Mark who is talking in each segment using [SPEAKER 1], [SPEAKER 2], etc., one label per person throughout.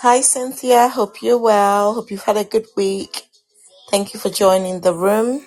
[SPEAKER 1] Hi, Cynthia. Hope you're well. Hope you've had a good week. Thank you for joining the room.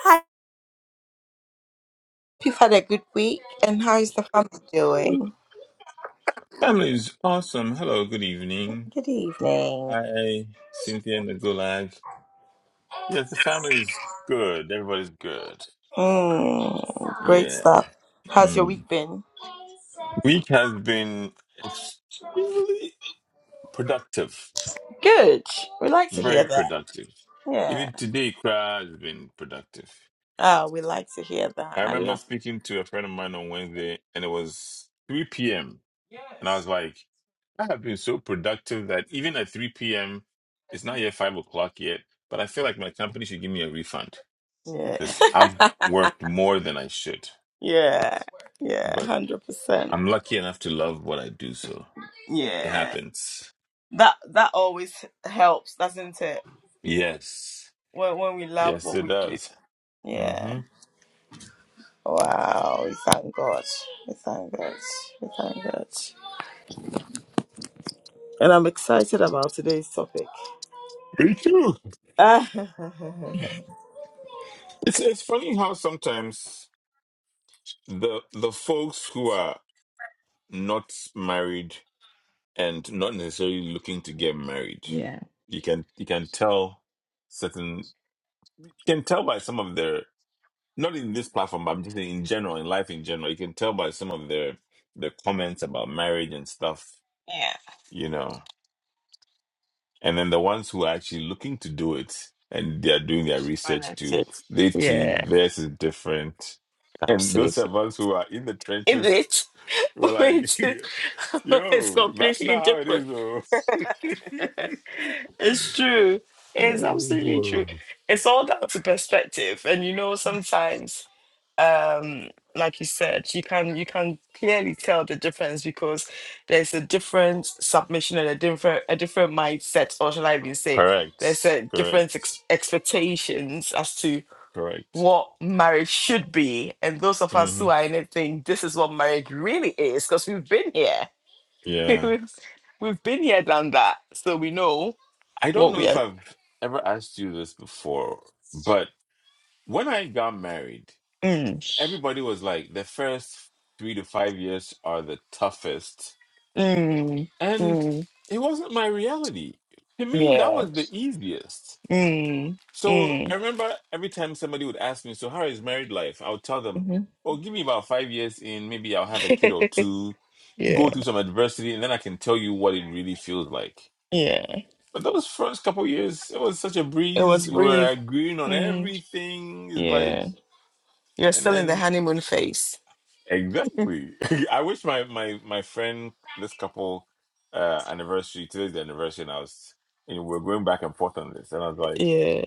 [SPEAKER 1] Hi. Hope you've had a good week. And how is the family doing?
[SPEAKER 2] Family is awesome. Hello, good evening.
[SPEAKER 1] Good evening.
[SPEAKER 2] Hi, Cynthia and the Gulag. Yes, the family is good. Everybody's good.
[SPEAKER 1] Mm, great
[SPEAKER 2] Yeah.
[SPEAKER 1] stuff. How's your
[SPEAKER 2] Mm.
[SPEAKER 1] week been?
[SPEAKER 2] Week has been extremely productive.
[SPEAKER 1] Good. We like to hear
[SPEAKER 2] Very
[SPEAKER 1] that.
[SPEAKER 2] productive.
[SPEAKER 1] Yeah.
[SPEAKER 2] Even today, crowd has been productive.
[SPEAKER 1] Oh, we like to hear that.
[SPEAKER 2] I
[SPEAKER 1] I
[SPEAKER 2] remember
[SPEAKER 1] love
[SPEAKER 2] speaking to a friend of mine on Wednesday, and it was 3 p.m. And I was like, I have been so productive that even at 3 p.m., it's not yet 5 o'clock yet, but I feel like my company should give me a refund
[SPEAKER 1] Yeah.
[SPEAKER 2] because I've worked more than I should.
[SPEAKER 1] yeah. Yeah.
[SPEAKER 2] But
[SPEAKER 1] 100%.
[SPEAKER 2] I'm lucky enough to love what I do, so it
[SPEAKER 1] Yeah.
[SPEAKER 2] happens.
[SPEAKER 1] That that always helps, doesn't it?
[SPEAKER 2] Yes.
[SPEAKER 1] When, when we love
[SPEAKER 2] Yes,
[SPEAKER 1] what
[SPEAKER 2] it
[SPEAKER 1] we do.
[SPEAKER 2] does.
[SPEAKER 1] Yeah.
[SPEAKER 2] hmm
[SPEAKER 1] Wow, we thank God. We thank God. We thank God. And I'm excited about today's topic.
[SPEAKER 2] Me too.
[SPEAKER 1] yeah,
[SPEAKER 2] It's, it's funny how sometimes the the folks who are not married and not necessarily looking to get married.
[SPEAKER 1] Yeah.
[SPEAKER 2] You can you can tell certain you can tell by some of their not in this platform, but I'm just saying in general, in life in general, you can tell by some of their their comments about marriage and stuff, you know. And then the ones who are actually looking to do it and they are doing their
[SPEAKER 1] when
[SPEAKER 2] research
[SPEAKER 1] I
[SPEAKER 2] too,
[SPEAKER 1] did.
[SPEAKER 2] they too,
[SPEAKER 1] Yeah,
[SPEAKER 2] theirs is different. And those
[SPEAKER 1] absolutely.
[SPEAKER 2] of us who are in the
[SPEAKER 1] Is
[SPEAKER 2] trenches,
[SPEAKER 1] it,
[SPEAKER 2] we're like,
[SPEAKER 1] which It's
[SPEAKER 2] yo, that's
[SPEAKER 1] completely
[SPEAKER 2] not how it
[SPEAKER 1] different.
[SPEAKER 2] is, though.
[SPEAKER 1] It's true. It's absolutely true.
[SPEAKER 2] Correct.
[SPEAKER 1] It's all down to perspective. And you know, sometimes. like you said, you can you can clearly tell the difference because there's a different submission and a different a different mindset, or shall I even say, there's a different
[SPEAKER 2] Correct.
[SPEAKER 1] ex- expectations as to
[SPEAKER 2] Correct.
[SPEAKER 1] what marriage should be, and those of us
[SPEAKER 2] hmm
[SPEAKER 1] who are in it think this is what marriage really is because we've been here,
[SPEAKER 2] Yeah.
[SPEAKER 1] we've, we've been here, done that, so we know
[SPEAKER 2] I don't
[SPEAKER 1] what
[SPEAKER 2] know
[SPEAKER 1] we
[SPEAKER 2] if
[SPEAKER 1] are.
[SPEAKER 2] I've ever asked you this before, but when I got married,
[SPEAKER 1] Mm,
[SPEAKER 2] everybody was like, the first three to five years are the toughest.
[SPEAKER 1] mm,
[SPEAKER 2] And
[SPEAKER 1] mm,
[SPEAKER 2] it wasn't my reality. To me, that
[SPEAKER 1] yeah.
[SPEAKER 2] was the easiest.
[SPEAKER 1] Mm,
[SPEAKER 2] So I
[SPEAKER 1] mm,
[SPEAKER 2] remember every time somebody would ask me, So, how is married life? I would tell them,
[SPEAKER 1] mhm,
[SPEAKER 2] Oh, give me about five years in, maybe I'll have a kid or two.
[SPEAKER 1] Yeah.
[SPEAKER 2] go through some adversity and then I can tell you what it really feels like.
[SPEAKER 1] Yeah.
[SPEAKER 2] But those first couple years, it was such a
[SPEAKER 1] It was
[SPEAKER 2] breeze. We were
[SPEAKER 1] brief.
[SPEAKER 2] agreeing on
[SPEAKER 1] Mm,
[SPEAKER 2] everything. It's Like,
[SPEAKER 1] yeah. You're
[SPEAKER 2] and
[SPEAKER 1] still in the
[SPEAKER 2] then
[SPEAKER 1] honeymoon phase.
[SPEAKER 2] exactly. I wish my my my friend this couple uh anniversary today's the anniversary, and I was you know we we're going back and forth on this, and I was like,
[SPEAKER 1] Yeah.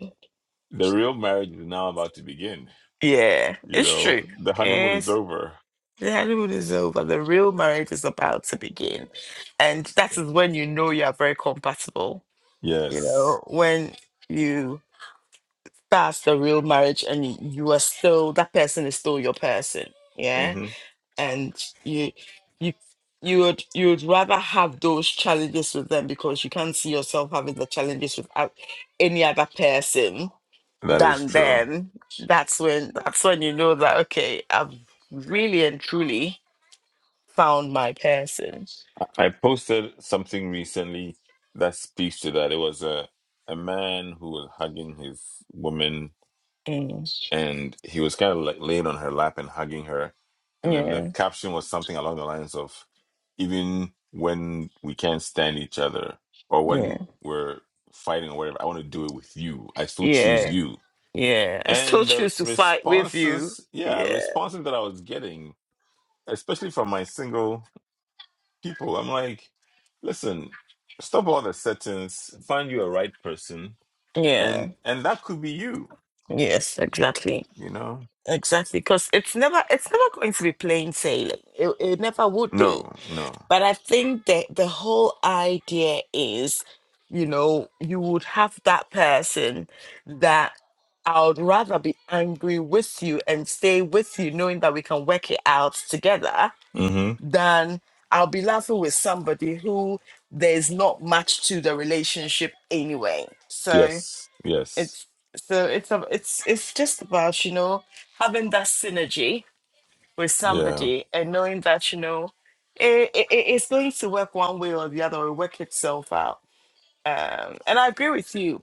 [SPEAKER 2] the real marriage is now about to begin.
[SPEAKER 1] Yeah.
[SPEAKER 2] You
[SPEAKER 1] It's
[SPEAKER 2] know,
[SPEAKER 1] true.
[SPEAKER 2] the honeymoon is
[SPEAKER 1] Yes,
[SPEAKER 2] over.
[SPEAKER 1] the honeymoon is over. The real marriage is about to begin. And that
[SPEAKER 2] Yeah.
[SPEAKER 1] is when you know you are very compatible. You
[SPEAKER 2] Yes,
[SPEAKER 1] know, when you start the real marriage and you are still that person is still your person. Yeah.
[SPEAKER 2] hmm
[SPEAKER 1] and you you you would you would rather have those challenges with them because you can't see yourself having the challenges with out- any other person
[SPEAKER 2] that is
[SPEAKER 1] than
[SPEAKER 2] true.
[SPEAKER 1] them that's when that's when you know that okay i've really and truly found my person
[SPEAKER 2] I posted something recently that speaks to that. It was a a man who was hugging his woman,
[SPEAKER 1] Mm.
[SPEAKER 2] and he was kind of like laying on her lap and hugging her. And then the
[SPEAKER 1] yeah
[SPEAKER 2] caption was something along the lines of, "Even when we can't stand each other, or
[SPEAKER 1] yeah
[SPEAKER 2] when we're fighting or whatever, I want to do it with you. I still choose
[SPEAKER 1] yeah
[SPEAKER 2] you."
[SPEAKER 1] yeah i still
[SPEAKER 2] And the
[SPEAKER 1] choose to fight with you
[SPEAKER 2] responses, yeah,
[SPEAKER 1] yeah
[SPEAKER 2] responses that I was getting, especially from my single people. I'm like, listen, stop all the settings, find you a right person,
[SPEAKER 1] yeah
[SPEAKER 2] and and that could be you,
[SPEAKER 1] yes exactly
[SPEAKER 2] you know?
[SPEAKER 1] Exactly, because it's never it's never going to be plain sailing. It, it never would be.
[SPEAKER 2] No, no.
[SPEAKER 1] But I think that the whole idea is, you know, you would have that person that I would rather be angry with you and stay with you, knowing that we can work it out together,
[SPEAKER 2] Mm-hmm.
[SPEAKER 1] than I'll be laughing with somebody who there's not much to the relationship anyway. So
[SPEAKER 2] Yes, yes.
[SPEAKER 1] it's so it's a, it's it's just about you know having that synergy with
[SPEAKER 2] Yeah.
[SPEAKER 1] somebody and knowing that you know it, it it's going to work one way or the other or work itself out and i agree with you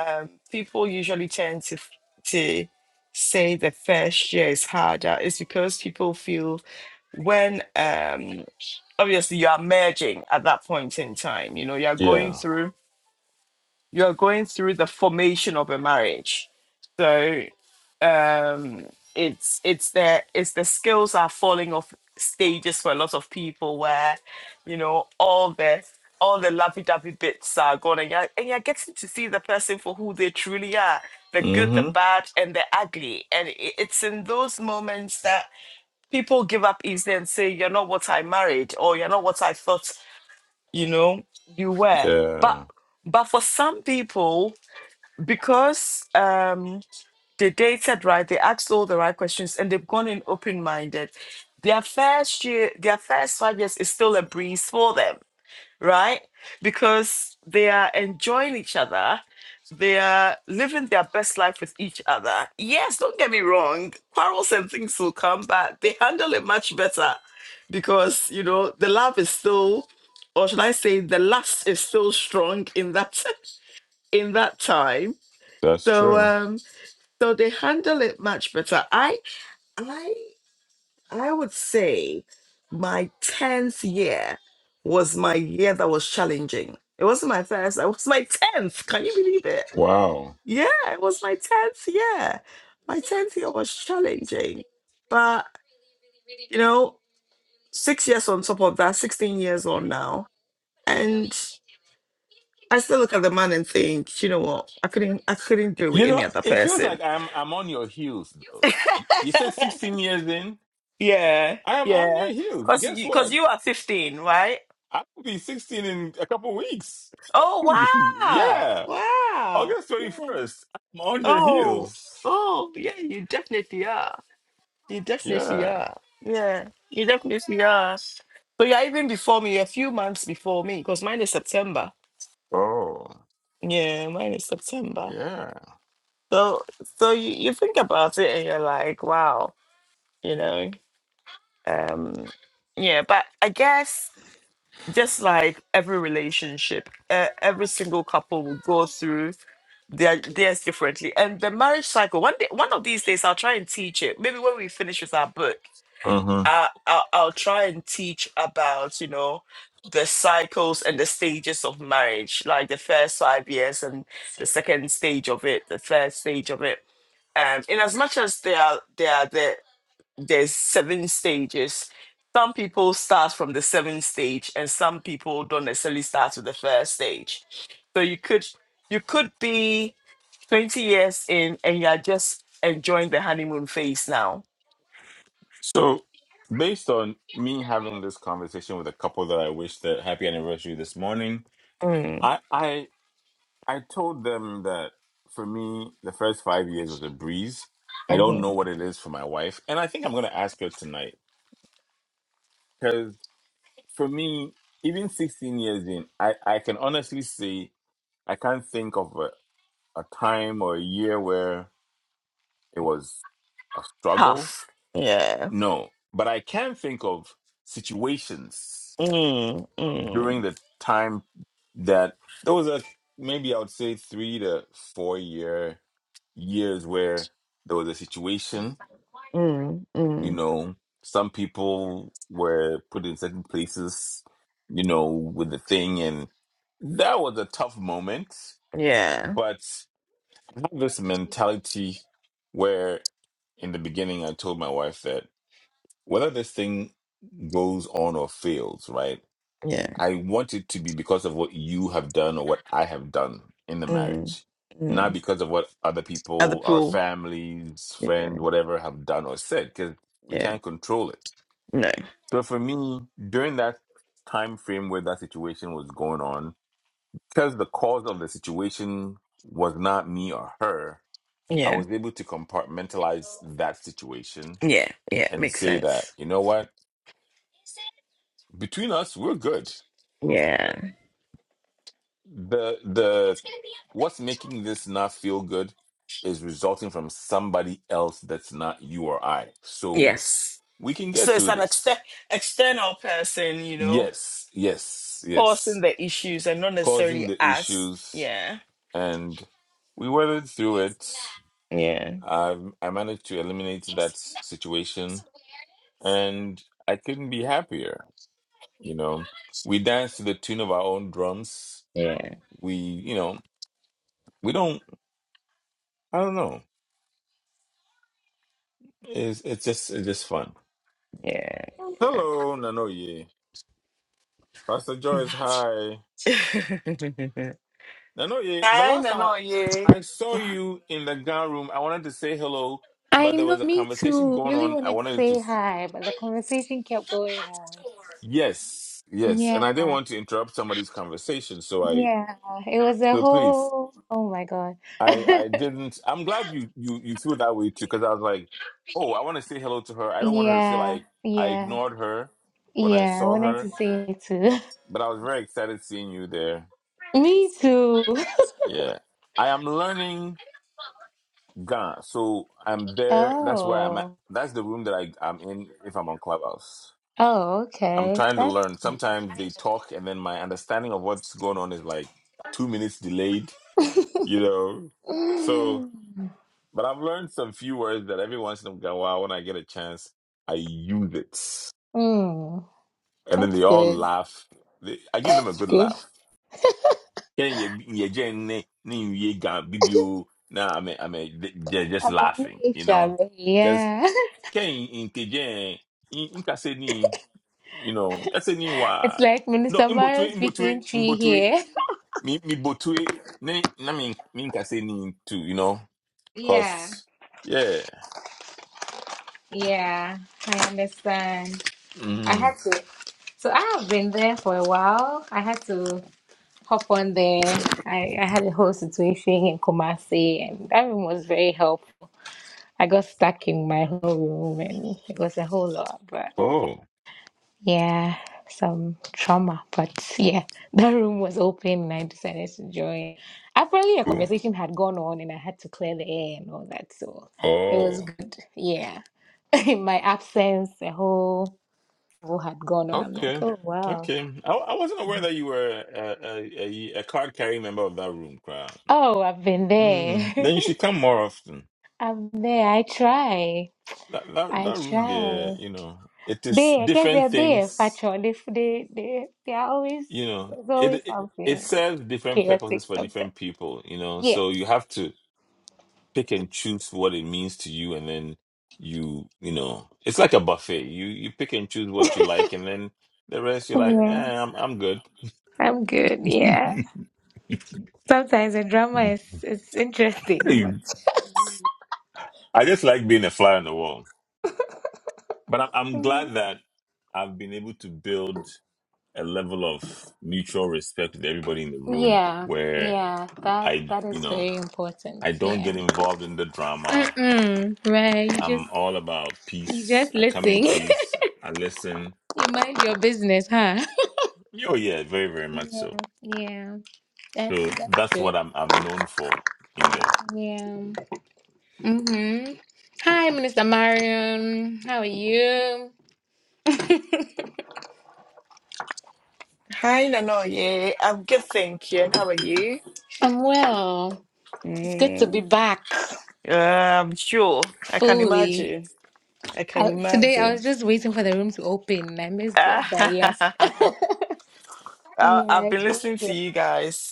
[SPEAKER 1] um people usually tend to to say the first year is harder it's because people feel when um obviously you are merging at that point in time you know you're going
[SPEAKER 2] Yeah.
[SPEAKER 1] through you're going through the formation of a marriage So. um it's it's the it's the skills are falling off stages for a lot of people where you know all the all the lovey-dovey bits are gone and you're, and you're getting to see the person for who they truly are the good the
[SPEAKER 2] Mm-hmm.
[SPEAKER 1] bad and the ugly and i- it's in those moments that people give up easily and say you're not what i married or you're not what i thought you know you were but
[SPEAKER 2] Yeah.
[SPEAKER 1] but because um they dated right they asked all the right questions and they've gone in open-minded their first year their first five years is still a breeze for them right because they are enjoying each other they are living their best life with each other yes don't get me wrong quarrels and things will come but they handle it much better because you know the love is still or should i say the lust is still strong in that in that time
[SPEAKER 2] That's
[SPEAKER 1] so
[SPEAKER 2] true.
[SPEAKER 1] um, so they handle it much better. I I I would say my 10th year was my year that was challenging. It wasn't my first, it was my 10th. Can you believe it?
[SPEAKER 2] Wow.
[SPEAKER 1] Yeah, it was my 10th year. My 10th year was challenging. But, you know, six years on top of that, 16 years on now. And I still look at the man and think, you know what? I couldn't I couldn't do it with
[SPEAKER 2] You
[SPEAKER 1] any
[SPEAKER 2] know,
[SPEAKER 1] other
[SPEAKER 2] it feels
[SPEAKER 1] person.
[SPEAKER 2] like I'm I'm on your heels though. You said 16 years in?
[SPEAKER 1] Yeah,
[SPEAKER 2] I am on
[SPEAKER 1] yeah.
[SPEAKER 2] your heels.
[SPEAKER 1] Cause
[SPEAKER 2] Guess
[SPEAKER 1] you, cause
[SPEAKER 2] what?
[SPEAKER 1] you are fifteen, right?
[SPEAKER 2] I will be 16 in a couple weeks.
[SPEAKER 1] Oh wow,
[SPEAKER 2] yeah.
[SPEAKER 1] wow.
[SPEAKER 2] August
[SPEAKER 1] Yeah.
[SPEAKER 2] 21st. I'm on your
[SPEAKER 1] Oh,
[SPEAKER 2] heels.
[SPEAKER 1] oh yeah. You definitely are. You definitely
[SPEAKER 2] Yeah.
[SPEAKER 1] are. Yeah, you definitely are. But you're even before me. You're a few months before me. Cause mine is September.
[SPEAKER 2] Oh,
[SPEAKER 1] Yeah, mine is September.
[SPEAKER 2] yeah.
[SPEAKER 1] So, so you, you think about it and you're like, wow, you know. Um, yeah. But I guess just like every relationship, uh, every single couple will go through their theirs differently, and the marriage cycle. One day, one of these days, I'll try and teach it. Maybe when we finish with our book,
[SPEAKER 2] hmm
[SPEAKER 1] I, I'll, I'll try and teach about you know the cycles and the stages of marriage, like the first five years and the second stage of it, the third stage of it. Um, in as much as they are, they are there there's seven stages. Some people start from the seventh stage, and some people don't necessarily start with the first stage. So you could you could be 20 years in, and you're just enjoying the honeymoon phase now.
[SPEAKER 2] So, based on me having this conversation with a couple that I wished the happy anniversary this morning,
[SPEAKER 1] Mm,
[SPEAKER 2] I, I, I told them that for me, the first five years was a breeze. I don't
[SPEAKER 1] hmm
[SPEAKER 2] know what it is for my wife. And I think I'm going to ask her tonight for me, even 16 years in, I, I can honestly say I can't think of a, a time or a year where it was a struggle.
[SPEAKER 1] Tough. Yeah.
[SPEAKER 2] No, but I can think of situations
[SPEAKER 1] Mm, mm,
[SPEAKER 2] during the time that there was a maybe I would say three to four year years where there was a situation
[SPEAKER 1] mm,
[SPEAKER 2] You
[SPEAKER 1] mm.
[SPEAKER 2] know, some people were put in certain places, you know, with the thing, and that was a tough moment.
[SPEAKER 1] Yeah.
[SPEAKER 2] But I have this mentality where, in the beginning, I told my wife that whether this thing goes on or fails, right,
[SPEAKER 1] Yeah.
[SPEAKER 2] I want it to be because of what you have done or what I have done in the
[SPEAKER 1] Mm,
[SPEAKER 2] marriage,
[SPEAKER 1] mm.
[SPEAKER 2] not because of what other
[SPEAKER 1] At the
[SPEAKER 2] people, our
[SPEAKER 1] pool.
[SPEAKER 2] families,
[SPEAKER 1] Yeah.
[SPEAKER 2] friends, whatever, have done or said, because we
[SPEAKER 1] Yeah.
[SPEAKER 2] can't control it
[SPEAKER 1] No.
[SPEAKER 2] so for me, during that time frame where that situation was going on, because the cause of the situation was not me or her, I
[SPEAKER 1] Yeah.
[SPEAKER 2] was able to compartmentalize that situation
[SPEAKER 1] Yeah. Yeah.
[SPEAKER 2] and
[SPEAKER 1] Makes
[SPEAKER 2] say that,
[SPEAKER 1] sense.
[SPEAKER 2] you know what, between us, we're good.
[SPEAKER 1] Yeah.
[SPEAKER 2] The the what's making this not feel good is resulting from somebody else that's not you or I. So
[SPEAKER 1] Yes.
[SPEAKER 2] we can get
[SPEAKER 1] So it's
[SPEAKER 2] through
[SPEAKER 1] an exter-
[SPEAKER 2] this.
[SPEAKER 1] external person, you know,
[SPEAKER 2] Yes, yes,
[SPEAKER 1] causing
[SPEAKER 2] yes.
[SPEAKER 1] the issues and not necessarily
[SPEAKER 2] Causing the
[SPEAKER 1] us.
[SPEAKER 2] issues
[SPEAKER 1] Yeah.
[SPEAKER 2] and we weathered through it.
[SPEAKER 1] Yeah.
[SPEAKER 2] I I managed to eliminate that s- situation, and I couldn't be happier. You know, we danced to the tune of our own drums.
[SPEAKER 1] Yeah.
[SPEAKER 2] We, you know, we don't. I don't know. It's it's just it's just fun.
[SPEAKER 1] Yeah.
[SPEAKER 2] Hello, Nanoye. Pastor Joyce, hi. Nanoye, the
[SPEAKER 1] Hi,
[SPEAKER 2] last time
[SPEAKER 1] Nanoye.
[SPEAKER 2] I, I saw you in the gun room, I wanted to say hello,
[SPEAKER 3] I
[SPEAKER 2] but there
[SPEAKER 3] know,
[SPEAKER 2] was a
[SPEAKER 3] me
[SPEAKER 2] conversation
[SPEAKER 3] too.
[SPEAKER 2] going
[SPEAKER 3] Really
[SPEAKER 2] on. I
[SPEAKER 3] wanted to
[SPEAKER 2] wanted
[SPEAKER 3] say
[SPEAKER 2] to
[SPEAKER 3] hi, but the conversation kept going on.
[SPEAKER 2] Yes, yes, and
[SPEAKER 3] Yeah,
[SPEAKER 2] I didn't want to interrupt somebody's conversation, so I
[SPEAKER 3] yeah. It was a
[SPEAKER 2] so please,
[SPEAKER 3] whole, oh my God.
[SPEAKER 2] I I didn't. I'm glad you you you feel that way too, because I was like, oh, I want to say hello to her. I don't want her to feel
[SPEAKER 3] Yeah,
[SPEAKER 2] like I
[SPEAKER 3] yeah,
[SPEAKER 2] ignored her when I
[SPEAKER 3] yeah. I
[SPEAKER 2] saw
[SPEAKER 3] wanted to
[SPEAKER 2] her,
[SPEAKER 3] say it too.
[SPEAKER 2] but I was very excited seeing you there.
[SPEAKER 3] Me too.
[SPEAKER 2] Yeah, I am learning Ghana, so I'm there. That's where I'm at.
[SPEAKER 3] Oh,
[SPEAKER 2] That's the room that I I'm in if I'm on Clubhouse.
[SPEAKER 3] oh,
[SPEAKER 2] I'm
[SPEAKER 3] okay.
[SPEAKER 2] trying to
[SPEAKER 3] That's,
[SPEAKER 2] learn. Sometimes they talk, and then my understanding of what's going on is like two minutes delayed you know. So,
[SPEAKER 3] mm,
[SPEAKER 2] but I've learned some few words that every once in a while, when I get a chance, I use it,
[SPEAKER 3] mm,
[SPEAKER 2] and then
[SPEAKER 3] that's
[SPEAKER 2] they all
[SPEAKER 3] good.
[SPEAKER 2] laugh. They, I give them a
[SPEAKER 3] That's
[SPEAKER 2] good
[SPEAKER 3] good.
[SPEAKER 2] laugh. Yeah, yeah, yeah, yeah, ne- ne- yeah, ga- bibio. Nah, I mean, I mean, they- they're just
[SPEAKER 3] I'm
[SPEAKER 2] laughing, you
[SPEAKER 3] amazed, I'm
[SPEAKER 2] know,
[SPEAKER 3] amazed.
[SPEAKER 2] because
[SPEAKER 3] Yeah.
[SPEAKER 2] can in Tijen, in in Kaseni, you know, Kaseni
[SPEAKER 3] It's
[SPEAKER 2] wa
[SPEAKER 3] like
[SPEAKER 2] no
[SPEAKER 3] Minister
[SPEAKER 2] in
[SPEAKER 3] Mario
[SPEAKER 2] Botue, in Botue,
[SPEAKER 3] speaking
[SPEAKER 2] in
[SPEAKER 3] tree
[SPEAKER 2] Botue,
[SPEAKER 3] here.
[SPEAKER 2] me me Botue, ne, na me, me in Kaseni too, you know,
[SPEAKER 3] Yeah,
[SPEAKER 2] cause yeah.
[SPEAKER 3] yeah. I understand. I
[SPEAKER 2] Mm.
[SPEAKER 3] had to. So I have been there for a while. I had to hop on there. I, I had a whole situation in Kumasi, and that room was very helpful. I got stuck in my whole room, and it was a whole lot. But
[SPEAKER 2] Oh,
[SPEAKER 3] yeah, some trauma. But yeah, that room was open, and I decided to join. Apparently, a
[SPEAKER 2] cool.
[SPEAKER 3] conversation had gone on, and I had to clear the air and all that. So it was
[SPEAKER 2] Oh,
[SPEAKER 3] good. Yeah, in my absence, the whole whole had gone on. I'm like,
[SPEAKER 2] okay.
[SPEAKER 3] oh wow.
[SPEAKER 2] Okay. I, I wasn't aware that you were a, a, a, a card carrying member of that room, crowd.
[SPEAKER 3] Oh, I've been there.
[SPEAKER 2] Mm. Then you should come more often.
[SPEAKER 3] I'm there. I try.
[SPEAKER 2] That, that
[SPEAKER 3] I
[SPEAKER 2] that room there,
[SPEAKER 3] try.
[SPEAKER 2] you know, it is
[SPEAKER 3] They, I guess
[SPEAKER 2] different
[SPEAKER 3] they're there,
[SPEAKER 2] things.
[SPEAKER 3] factual. They, they, they, they are always,
[SPEAKER 2] You know,
[SPEAKER 3] there's
[SPEAKER 2] it,
[SPEAKER 3] always
[SPEAKER 2] it it
[SPEAKER 3] something
[SPEAKER 2] serves different
[SPEAKER 3] chaotic
[SPEAKER 2] purposes for
[SPEAKER 3] sometimes.
[SPEAKER 2] different people. You know,
[SPEAKER 3] Yeah.
[SPEAKER 2] so you have to pick and choose what it means to you, and then you you know, it's like a buffet. You you pick and choose what you like, and then the rest you're like,
[SPEAKER 3] Yeah.
[SPEAKER 2] eh, I'm I'm good
[SPEAKER 3] I'm good. Yeah.
[SPEAKER 2] I
[SPEAKER 3] Sometimes the drama is, is interesting, but.
[SPEAKER 2] just like being a fly on the wall, but I'm, I'm glad that I've been able to build a level of mutual respect with everybody in the room
[SPEAKER 3] Yeah.
[SPEAKER 2] where
[SPEAKER 3] Yeah. That,
[SPEAKER 2] I,
[SPEAKER 3] that
[SPEAKER 2] you
[SPEAKER 3] is
[SPEAKER 2] know,
[SPEAKER 3] very important.
[SPEAKER 2] I don't
[SPEAKER 3] Yeah.
[SPEAKER 2] get involved in the drama.
[SPEAKER 3] Mm-mm. Right. You just,
[SPEAKER 2] I'm all about
[SPEAKER 3] you
[SPEAKER 2] peace.
[SPEAKER 3] just
[SPEAKER 2] I come in
[SPEAKER 3] listen. you
[SPEAKER 2] peace. I listen.
[SPEAKER 3] mind your business, huh?
[SPEAKER 2] Oh yeah, very, very much
[SPEAKER 3] Yeah.
[SPEAKER 2] so.
[SPEAKER 3] Yeah. That's
[SPEAKER 2] So
[SPEAKER 3] that's
[SPEAKER 2] that's
[SPEAKER 3] good.
[SPEAKER 2] what I'm I'm known for in there.
[SPEAKER 3] Yeah. Mm-hmm. Hi, Minister Marion. How are you?
[SPEAKER 1] Hi, Nanoye. I'm good, thank you. And how are you?
[SPEAKER 3] I'm well. It's good to be
[SPEAKER 1] Mm,
[SPEAKER 3] back
[SPEAKER 1] uh, I'm sure. I can
[SPEAKER 3] fully.
[SPEAKER 1] imagine. I can
[SPEAKER 3] I, today I
[SPEAKER 1] imagine.
[SPEAKER 3] was just waiting for the room to open and I missed it, but yeah.
[SPEAKER 1] I- I've
[SPEAKER 3] Yeah,
[SPEAKER 1] been
[SPEAKER 3] it's really
[SPEAKER 1] listening to
[SPEAKER 3] good.
[SPEAKER 1] you guys.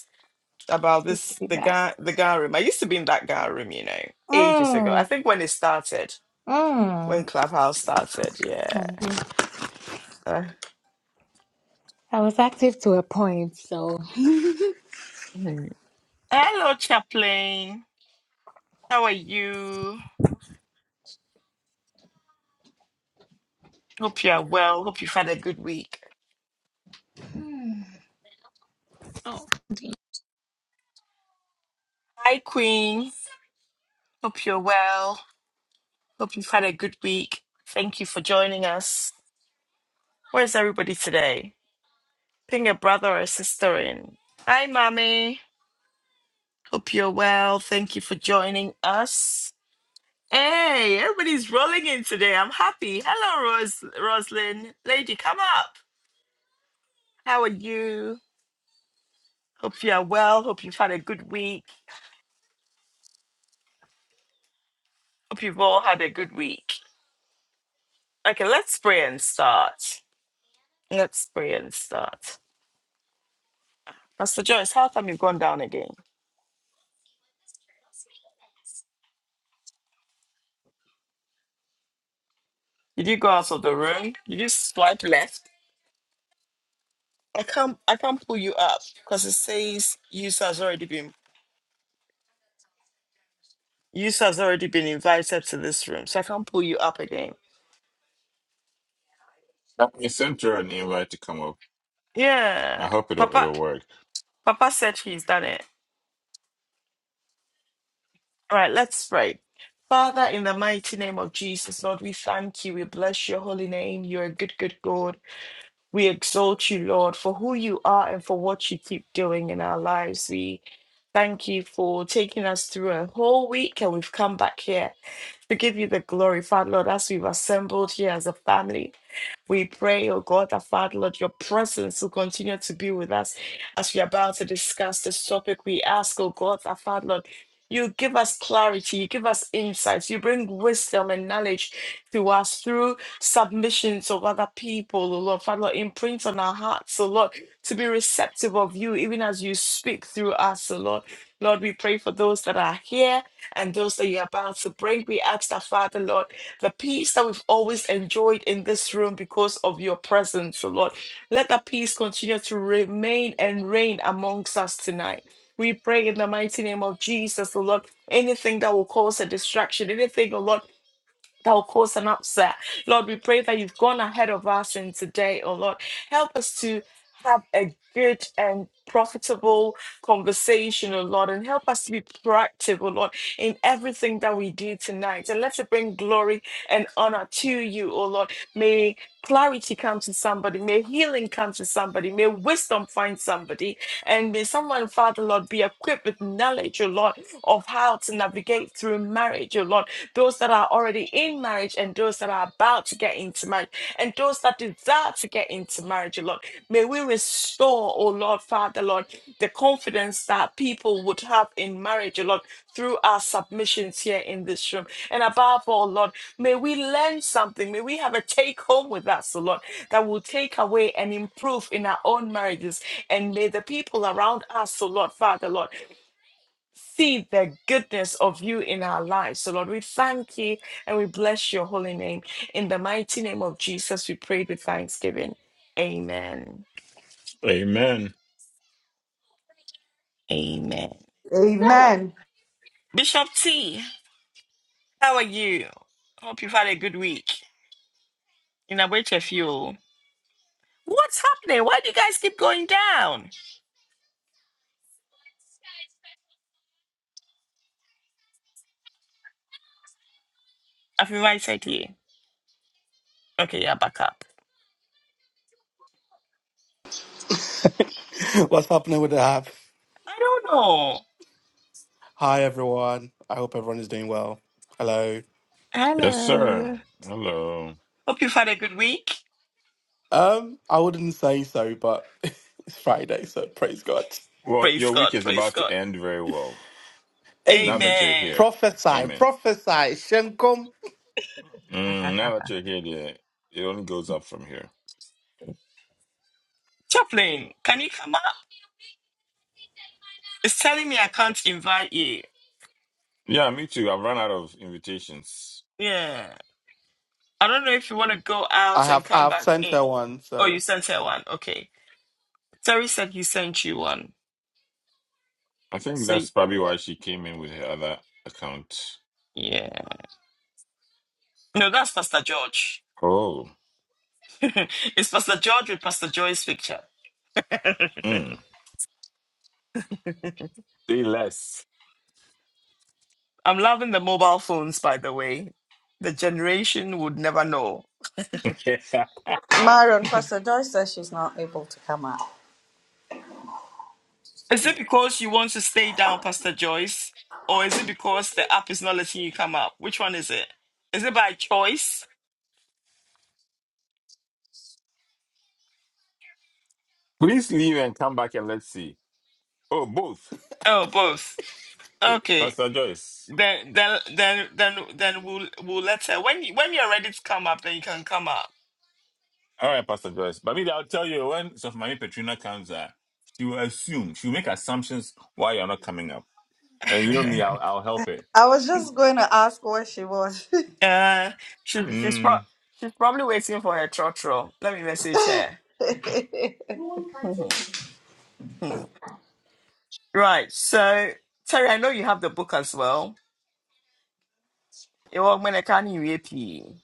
[SPEAKER 3] It's
[SPEAKER 1] about
[SPEAKER 3] good to
[SPEAKER 1] this
[SPEAKER 3] be
[SPEAKER 1] the
[SPEAKER 3] back.
[SPEAKER 1] guy the guy room. I used to be in that guy room, you know, ages ago. I
[SPEAKER 3] Mm,
[SPEAKER 1] think when it started, when
[SPEAKER 3] mm.
[SPEAKER 1] Clubhouse started, yeah.
[SPEAKER 3] Mm.
[SPEAKER 1] Uh,
[SPEAKER 3] I was active to a point, so.
[SPEAKER 1] mhm. Hello, Chaplain. How are you? Hope you are well. Hope you've had a good week.
[SPEAKER 3] Oh.
[SPEAKER 1] Hi, Queen. Hope you're well. Hope you've had a good week. Thank you for joining us. Where's everybody today? Ping a brother or a sister in. Hi, Mommy. Hope you're well. Thank you for joining us. Hey, everybody's rolling in today. I'm happy. Hello, Ros Roslyn. Lady, come up. How are you? Hope you are well. Hope you've had a good week. Hope you've all had a good week. Okay, let's pray and start. Let's pray and start. Pastor Joyce, how come you've gone down again? Did you go out of the room? Did you swipe left? I can't I can't pull you up because it says user has already been user has already been invited to this room. So I can't pull you up again.
[SPEAKER 2] I sent her an invite to come up. I
[SPEAKER 1] Yeah.
[SPEAKER 2] hope it'll
[SPEAKER 1] Papa
[SPEAKER 2] it'll work.
[SPEAKER 1] Papa said he's done it. All right, let's pray. Father, in the mighty name of Jesus, Lord, we thank you. We bless your holy name. You're a good, good God. We exalt you, Lord, for who you are and for what you keep doing in our lives. We thank you for taking us through a whole week and we've come back here to give you the glory, Father, Lord, as we've assembled here as a family. We pray, oh God, that Father, Lord, your presence will continue to be with us as we are about to discuss this topic. We ask, oh God, that Father, Lord, you give us clarity, you give us insights, you bring wisdom and knowledge to us through submissions of other people, oh Lord. Father, Lord, imprint on our hearts, oh Lord, to be receptive of you, even as you speak through us, oh Lord. Lord, we pray for those that are here and those that you're about to bring. We ask that, Father, Lord the peace that we've always enjoyed in this room because of your presence, O Lord. Let that peace continue to remain and reign amongst us tonight. We pray in the mighty name of Jesus, O Lord. Anything that will cause a distraction, anything, O Lord that will cause an upset. Lord, we pray that you've gone ahead of us in today, oh Lord. Help us to have a good and profitable conversation, oh Lord, and help us to be proactive, oh Lord, in everything that we do tonight. And let it bring glory and honor to you, oh Lord. May clarity come to somebody, may healing come to somebody, may wisdom find somebody, and may someone, Father, Lord, be equipped with knowledge, oh Lord, of how to navigate through marriage, oh Lord those that are already in marriage and those that are about to get into marriage and those that desire to get into marriage, oh Lord. May we restore, oh Lord, Father, Lord, the confidence that people would have in marriage, oh Lord, through our submissions here in this room. And above all, Lord, may we learn something. May we have a take home with us, oh Lord, that will take away and improve in our own marriages. And may the people around us, oh Lord, Father, Lord, see the goodness of you in our lives. So, Lord, we thank you and we bless your holy name. In the mighty name of Jesus, we pray with thanksgiving. Amen.
[SPEAKER 2] Amen.
[SPEAKER 1] Amen.
[SPEAKER 4] Amen.
[SPEAKER 1] Bishop T, how are you? Hope you've had a good week. In a wait a few. What's happening? Why do you guys keep going down? I've invited you. Okay, yeah, back up.
[SPEAKER 5] What's happening with the app?
[SPEAKER 1] I don't know.
[SPEAKER 5] Hi everyone. I hope everyone is doing well. Hello.
[SPEAKER 2] Yes, sir.
[SPEAKER 1] Hello.
[SPEAKER 2] Hello.
[SPEAKER 1] Hope you've had a good week.
[SPEAKER 5] Um, I wouldn't say so, but it's Friday, so praise God.
[SPEAKER 2] Well,
[SPEAKER 1] Praise
[SPEAKER 2] your
[SPEAKER 1] God.
[SPEAKER 2] week is
[SPEAKER 1] Praise
[SPEAKER 2] about to
[SPEAKER 1] God.
[SPEAKER 2] end very well. Now that
[SPEAKER 5] Hey,
[SPEAKER 2] you're
[SPEAKER 1] Amen.
[SPEAKER 2] here.
[SPEAKER 5] prophesy,
[SPEAKER 2] Amen.
[SPEAKER 5] prophesy, Shenkom.
[SPEAKER 2] Mm, now that you're here, the, it only goes up from here.
[SPEAKER 1] Chaplain, can you come up? It's telling me I can't invite you.
[SPEAKER 2] Yeah, me too. I've run out of invitations.
[SPEAKER 1] Yeah. I don't know if you want to go
[SPEAKER 5] I
[SPEAKER 1] out and
[SPEAKER 5] have I
[SPEAKER 1] come
[SPEAKER 5] have
[SPEAKER 1] back
[SPEAKER 5] sent her
[SPEAKER 1] in.
[SPEAKER 5] one,
[SPEAKER 1] Oh,
[SPEAKER 5] so
[SPEAKER 1] you sent her one. Okay. Terry said he sent you one.
[SPEAKER 2] I think
[SPEAKER 1] So,
[SPEAKER 2] that's probably why she came in with her other account.
[SPEAKER 1] yeah. No, that's Pastor George.
[SPEAKER 2] Oh.
[SPEAKER 1] it's Pastor George with Pastor Joy's picture.
[SPEAKER 2] Mm. Say less.
[SPEAKER 1] I'm loving the mobile phones, by the way. The generation would never know.
[SPEAKER 4] Marion, Pastor Joyce says she's not able to come out.
[SPEAKER 1] Is it because you want to stay down, Pastor Joyce? Or is it because the app is not letting you come up? Which one is it? Is it by choice?
[SPEAKER 2] Please leave and come back and let's see. Oh, both.
[SPEAKER 1] Oh, both.
[SPEAKER 2] Hey,
[SPEAKER 1] Okay.
[SPEAKER 2] Pastor Joyce.
[SPEAKER 1] Then, then, then, then, then we'll we'll let her. When you, when you're ready to come up, then you can come up.
[SPEAKER 2] All right, Pastor Joyce. But maybe I'll tell you when Sophie Mami Petrina comes, uh, she will assume, she will make assumptions why you're not coming up. And you know me, I'll, I'll help it.
[SPEAKER 4] I was just going to ask where she was.
[SPEAKER 1] Uh, she, she's pro-
[SPEAKER 2] Mm.
[SPEAKER 1] she's probably waiting for her trotro. Let me message her.
[SPEAKER 4] I
[SPEAKER 1] right. So Terry, I know you have the book as well. It was when I can't rape you.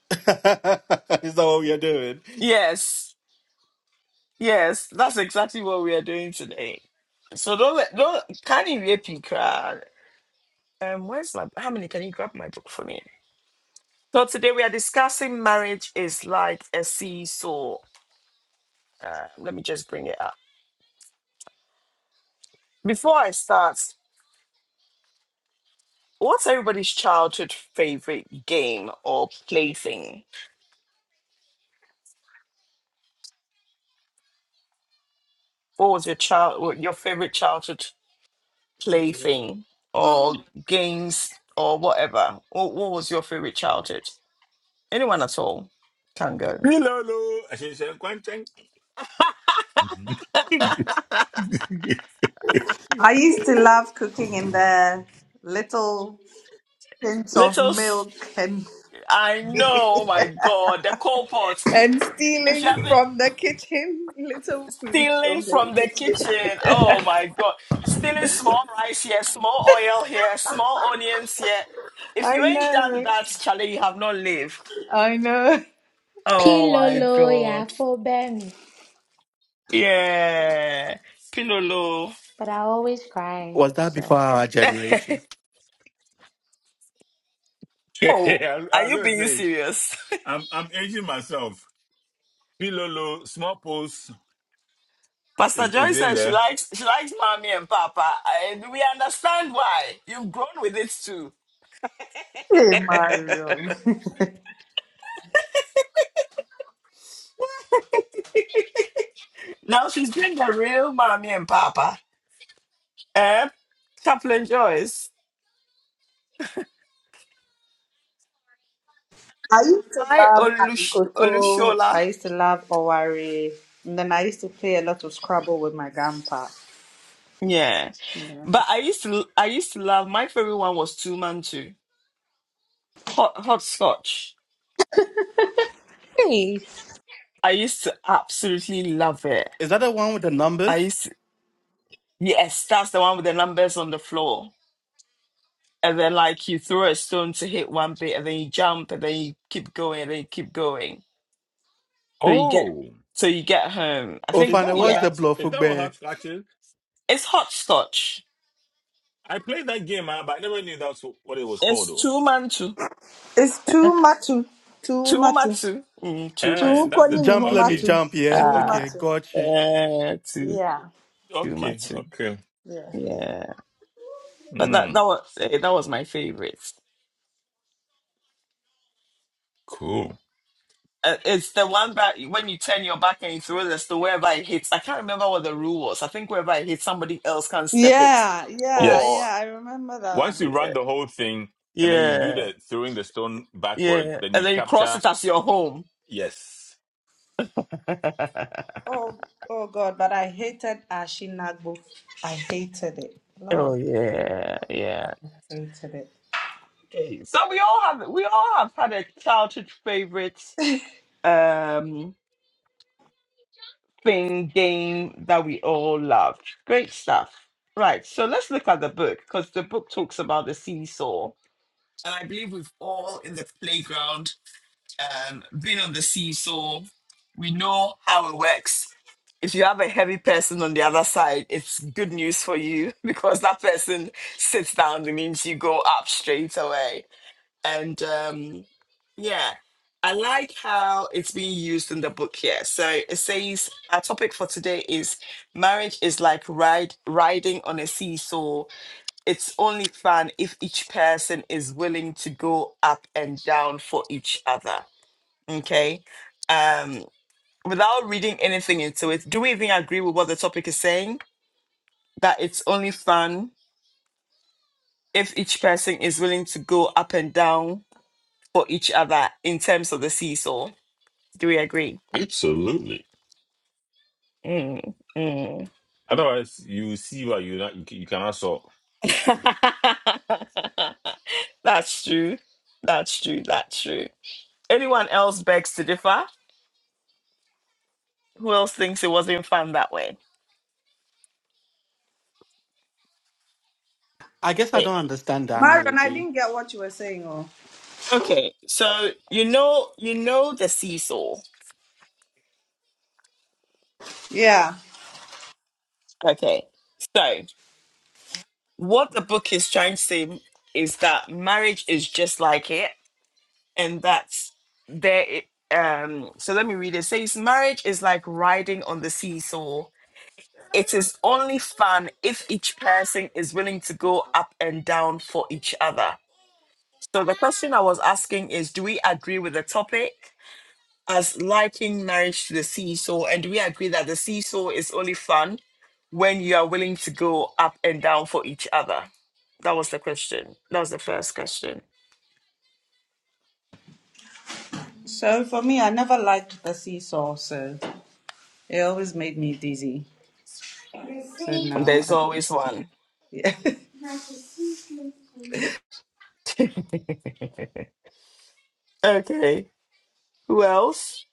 [SPEAKER 5] is that what we are doing?
[SPEAKER 1] Yes, yes, that's exactly what we are doing today. So don't let don't can you rape you, crowd. Um, where's my? How many can you grab my book for me? So today we are discussing marriage is like a seesaw. Uh, let me just bring it up. Before I start, what's everybody's childhood favorite game or plaything? What was your child what- your favorite childhood plaything or games or whatever? What, what was your favorite childhood? Anyone at all can go.
[SPEAKER 2] Hello, hello. I should say, "Kwan Cheng." I
[SPEAKER 4] used to love cooking in the little tins of
[SPEAKER 1] Let us.
[SPEAKER 4] milk and
[SPEAKER 1] I know. Oh my God, the coal pot.
[SPEAKER 4] and
[SPEAKER 1] If you
[SPEAKER 4] stealing
[SPEAKER 1] have
[SPEAKER 4] from the kitchen little food
[SPEAKER 1] Stealing
[SPEAKER 4] from the
[SPEAKER 1] from the
[SPEAKER 4] kitchen.
[SPEAKER 1] kitchen. Oh my God. Stealing small rice here, small oil here, small onions here. If you
[SPEAKER 4] I
[SPEAKER 1] ain't done
[SPEAKER 4] know.
[SPEAKER 1] that, Charlie, you have not lived.
[SPEAKER 4] I know.
[SPEAKER 1] Oh my
[SPEAKER 3] Pilolo, yeah,
[SPEAKER 1] God.
[SPEAKER 3] for Benny.
[SPEAKER 1] Yeah. Pinolo.
[SPEAKER 3] But I always cry,
[SPEAKER 5] Was that before
[SPEAKER 3] so.
[SPEAKER 5] our generation?
[SPEAKER 1] oh,
[SPEAKER 2] was
[SPEAKER 1] are
[SPEAKER 2] I was
[SPEAKER 1] you
[SPEAKER 2] gonna
[SPEAKER 1] being
[SPEAKER 2] say,
[SPEAKER 1] serious?
[SPEAKER 2] I'm I'm aging myself. Pilolo, small pulse is,
[SPEAKER 1] Pastor Joy
[SPEAKER 2] is in
[SPEAKER 1] says she
[SPEAKER 2] there.
[SPEAKER 1] likes she likes mommy and papa, and we understand why. You've grown with it too.
[SPEAKER 4] Hey Marion.
[SPEAKER 1] Now she's been the real mommy and papa. Eh? Chaplain Joyce.
[SPEAKER 4] I used to
[SPEAKER 1] I
[SPEAKER 4] love
[SPEAKER 1] Olush
[SPEAKER 4] alukoto.
[SPEAKER 1] Olushola.
[SPEAKER 4] I used to love Owari. And then I used to play a lot of Scrabble with my grandpa.
[SPEAKER 1] Yeah. But I used to I used to love my favorite one was two man two. Hot hot scotch.
[SPEAKER 3] Hey.
[SPEAKER 1] I used to absolutely love it.
[SPEAKER 5] Is that the one with the
[SPEAKER 1] I
[SPEAKER 5] numbers?
[SPEAKER 1] used to, yes, that's the one with the numbers on the floor. And then like you throw a stone to hit one bit and then you jump and then you keep going and then you keep going. So you get
[SPEAKER 2] Oh,
[SPEAKER 1] so you get home. I
[SPEAKER 5] Oh,
[SPEAKER 2] is
[SPEAKER 1] think
[SPEAKER 5] Fana,
[SPEAKER 2] that what
[SPEAKER 5] what's
[SPEAKER 1] yeah.
[SPEAKER 5] the
[SPEAKER 2] that's?
[SPEAKER 5] blow
[SPEAKER 2] Is
[SPEAKER 5] for
[SPEAKER 2] that what
[SPEAKER 5] bear?
[SPEAKER 2] hap scratch is?
[SPEAKER 1] It's hot scotch.
[SPEAKER 2] I played that game, uh, but I never knew that's what it was
[SPEAKER 1] It's
[SPEAKER 2] called.
[SPEAKER 1] two man two.
[SPEAKER 4] It's too matu, too
[SPEAKER 1] Two
[SPEAKER 4] matu,
[SPEAKER 1] matsu. Mm, two
[SPEAKER 2] Eh,
[SPEAKER 1] matsu.
[SPEAKER 4] too
[SPEAKER 2] that's the
[SPEAKER 4] koni mihu
[SPEAKER 5] Jump, let me
[SPEAKER 2] okay,
[SPEAKER 4] matu,
[SPEAKER 5] jump, yeah?
[SPEAKER 4] too
[SPEAKER 5] Okay,
[SPEAKER 1] Ah,
[SPEAKER 4] matu.
[SPEAKER 5] got you.
[SPEAKER 1] uh, too,
[SPEAKER 4] Yeah,
[SPEAKER 1] too
[SPEAKER 2] okay,
[SPEAKER 1] much.
[SPEAKER 2] okay.
[SPEAKER 4] yeah,
[SPEAKER 1] Yeah, but that that
[SPEAKER 2] Mm,
[SPEAKER 1] was eh, that was my favorite.
[SPEAKER 2] cool.
[SPEAKER 1] Uh, It's the one that when you turn your back and you throw this to wherever it hits. I can't remember what the rule was. I think wherever it hits, somebody else can step it,
[SPEAKER 4] yeah, yeah,
[SPEAKER 1] or
[SPEAKER 4] yeah.
[SPEAKER 2] Yes.
[SPEAKER 4] I remember that
[SPEAKER 2] Once
[SPEAKER 4] one.
[SPEAKER 2] you
[SPEAKER 1] yeah,
[SPEAKER 2] run the whole thing and then you do
[SPEAKER 1] yeah,
[SPEAKER 2] the throwing the stone backwards,
[SPEAKER 1] yeah,
[SPEAKER 2] then
[SPEAKER 1] and
[SPEAKER 2] you
[SPEAKER 1] then you cross
[SPEAKER 2] capture.
[SPEAKER 1] it as your home.
[SPEAKER 2] Yes,
[SPEAKER 4] Oh, oh God! But I hated Ashinagbo. I hated it.
[SPEAKER 1] oh
[SPEAKER 4] Lord,
[SPEAKER 1] yeah,
[SPEAKER 4] I
[SPEAKER 1] yeah.
[SPEAKER 4] hated it.
[SPEAKER 1] Okay, so we all have we all have had a childhood favorite. Um, thing game that we all loved. Great stuff. Right, so let's look at the book because the book talks about the seesaw, and I believe we've all in the playground um, been on the seesaw. We know how it works. If you have a heavy person on the other side, it's good news for you because that person sits down, it means you go up straight away and um, yeah, I like how it's being used in the book here. So it says our topic for today is marriage is like ride riding on a seesaw. It's only fun if each person is willing to go up and down for each other. Okay. Um, without reading anything into it, do we even agree with what the topic is saying? That it's only fun if each person is willing to go up and down for each other in terms of the seesaw. Do we agree?
[SPEAKER 2] absolutely.
[SPEAKER 1] Mm, mm.
[SPEAKER 2] Otherwise, you see what you not, you, ca- you cannot solve.
[SPEAKER 1] That's true. That's true. That's true. Anyone else begs to differ? Who else thinks it wasn't fun that way?
[SPEAKER 5] I guess I
[SPEAKER 1] Eh,
[SPEAKER 5] don't understand the
[SPEAKER 4] Marion, I
[SPEAKER 5] analogy.
[SPEAKER 4] didn't get what you were saying. Oh,
[SPEAKER 1] Okay, so you know, you know the seesaw.
[SPEAKER 4] yeah.
[SPEAKER 1] Okay, so what the book is trying to say is that marriage is just like it, and that's there. i- Um, so let me read it. it says marriage is like riding on the seesaw It is only fun if each person is willing to go up and down for each other. So the question I was asking is do we agree with the topic as liking marriage to the seesaw and do we agree that the seesaw is only fun when you are willing to go up and down for each other? That was the question. That was the first question.
[SPEAKER 4] So for me, I never liked the seesaw. So it always made me dizzy. So
[SPEAKER 1] And
[SPEAKER 4] now,
[SPEAKER 1] there's
[SPEAKER 4] I,
[SPEAKER 1] always one.
[SPEAKER 4] yeah.
[SPEAKER 1] Okay. Who else?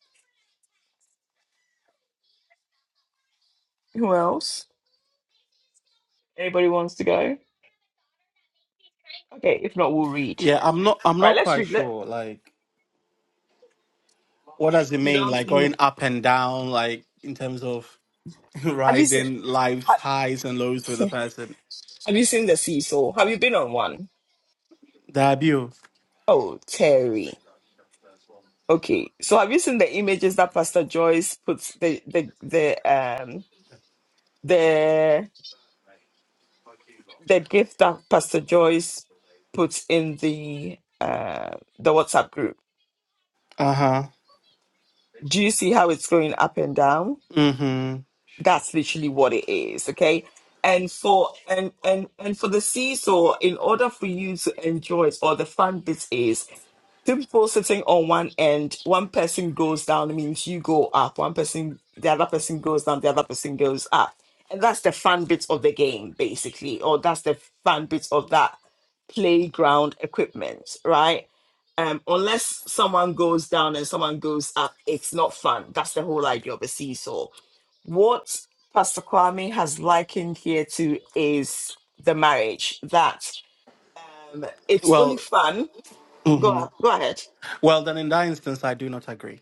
[SPEAKER 1] Who else? Anybody wants to go? Okay, if not, we'll read.
[SPEAKER 5] Yeah, I'm not. I'm
[SPEAKER 1] Right,
[SPEAKER 5] not
[SPEAKER 1] let's
[SPEAKER 5] quite
[SPEAKER 1] read. Let,
[SPEAKER 5] sure. Like, what does it
[SPEAKER 1] you
[SPEAKER 5] mean?
[SPEAKER 1] don't
[SPEAKER 5] Like
[SPEAKER 1] think.
[SPEAKER 5] going up and down, like in terms of
[SPEAKER 1] Have you seen
[SPEAKER 5] riding life's
[SPEAKER 1] ha,
[SPEAKER 5] highs and lows with a
[SPEAKER 1] Have
[SPEAKER 5] person.
[SPEAKER 1] you seen the seesaw? Have you been on one?
[SPEAKER 5] Debut.
[SPEAKER 1] Oh, Terry. Okay. So have you seen the images that Pastor Joyce puts the the the um the the gift that Pastor Joyce puts in the uh the WhatsApp group?
[SPEAKER 5] Uh huh.
[SPEAKER 1] Do you see how it's going up and down?
[SPEAKER 5] Mm-hmm.
[SPEAKER 1] That's literally what it is, okay? And for and and and for the seesaw, in order for you to enjoy it, or the fun bit is two people sitting on one end, one person goes down means you go up, one person, the other person goes down, the other person goes up. And that's the fun bit of the game, basically, or that's the fun bit of that playground equipment, right? Um, unless someone goes down and someone goes up, it's not fun. That's the whole idea of a seesaw. What Pastor Kwame has likened here to is the marriage that um, it's only
[SPEAKER 5] Well.
[SPEAKER 1] fun.
[SPEAKER 5] Mm-hmm.
[SPEAKER 1] Go, go ahead.
[SPEAKER 5] Well, then in that instance, I do not agree.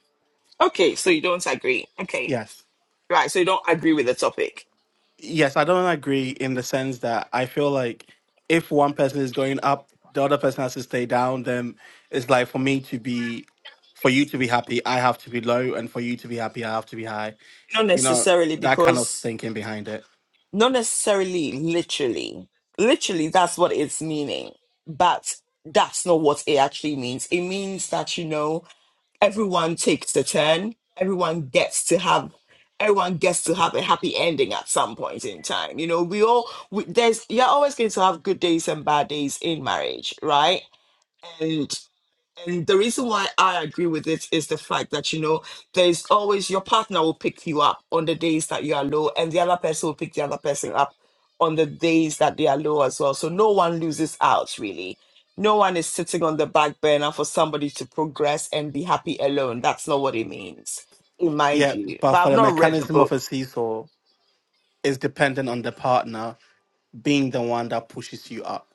[SPEAKER 1] Okay, so you don't agree. Okay,
[SPEAKER 5] Yes.
[SPEAKER 1] right. So you don't agree with the topic.
[SPEAKER 5] Yes, I don't agree in the sense that I feel like if one person is going up, the other person has to stay down. Then it's like for me to be, for you to be happy, I have to be low, and for you to be happy, I have to be high.
[SPEAKER 1] Not
[SPEAKER 5] you know,
[SPEAKER 1] necessarily
[SPEAKER 5] that kind of
[SPEAKER 1] because,
[SPEAKER 5] thinking behind it.
[SPEAKER 1] not necessarily literally. Literally, that's what it's meaning. But that's not what it actually means. It means that, you know, everyone takes a turn, everyone gets to have. Everyone gets to have a happy ending at some point in time. You know, we all, we, there's, you're always going to have good days and bad days in marriage, right? And And the reason why I agree with it is the fact that, you know, there's always your partner will pick you up on the days that you are low, and the other person will pick the other person up on the days that they are low as well. So no one loses out, really. No one is sitting on the back burner for somebody to progress and be happy alone. That's not what it means, in my
[SPEAKER 5] Yeah,
[SPEAKER 1] view.
[SPEAKER 5] but
[SPEAKER 1] But
[SPEAKER 5] for
[SPEAKER 1] I've
[SPEAKER 5] the
[SPEAKER 1] not read the
[SPEAKER 5] mechanism of
[SPEAKER 1] book.
[SPEAKER 5] a seesaw, it's dependent on the partner being the one that pushes you up.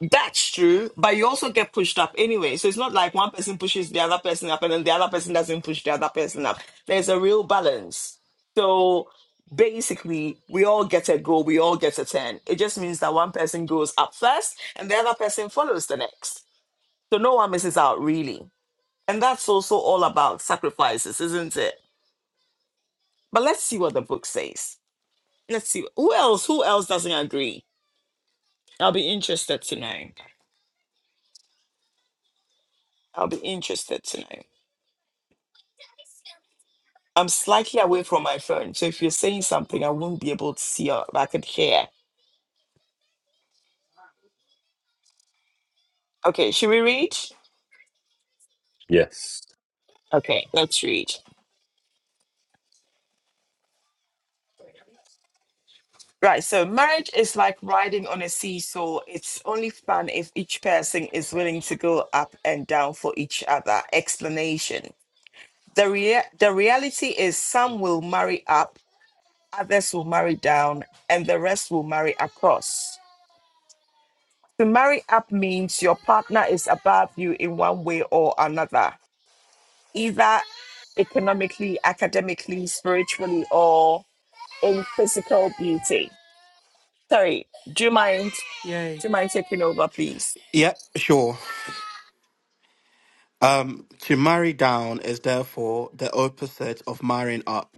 [SPEAKER 1] That's true, but you also get pushed up anyway. So it's not like one person pushes the other person up and then the other person doesn't push the other person up. There's a real balance. So basically, we all get a go, we all get a turn. It just means that one person goes up first and the other person follows the next. So no one misses out, really. And that's also all about sacrifices, isn't it? But let's see what the book says. Let's see who else, who else doesn't agree? I'll be interested to know. I'll be interested to know. I'm slightly away from my phone, so if you're saying something, I won't be able to see or I could hear. Okay, should we read?
[SPEAKER 2] Yes.
[SPEAKER 1] Okay, let's read. Right, so marriage is like riding on a seesaw. It's only fun if each person is willing to go up and down for each other. Explanation. The, rea- the reality is some will marry up, others will marry down, and the rest will marry across. To marry up means your partner is above you in one way or another. either economically, academically, spiritually, or in physical beauty. Sorry, do you mind?
[SPEAKER 5] Yay.
[SPEAKER 1] Do you mind taking over, please?
[SPEAKER 5] Yeah, sure. Um, to marry down is therefore the opposite of marrying up,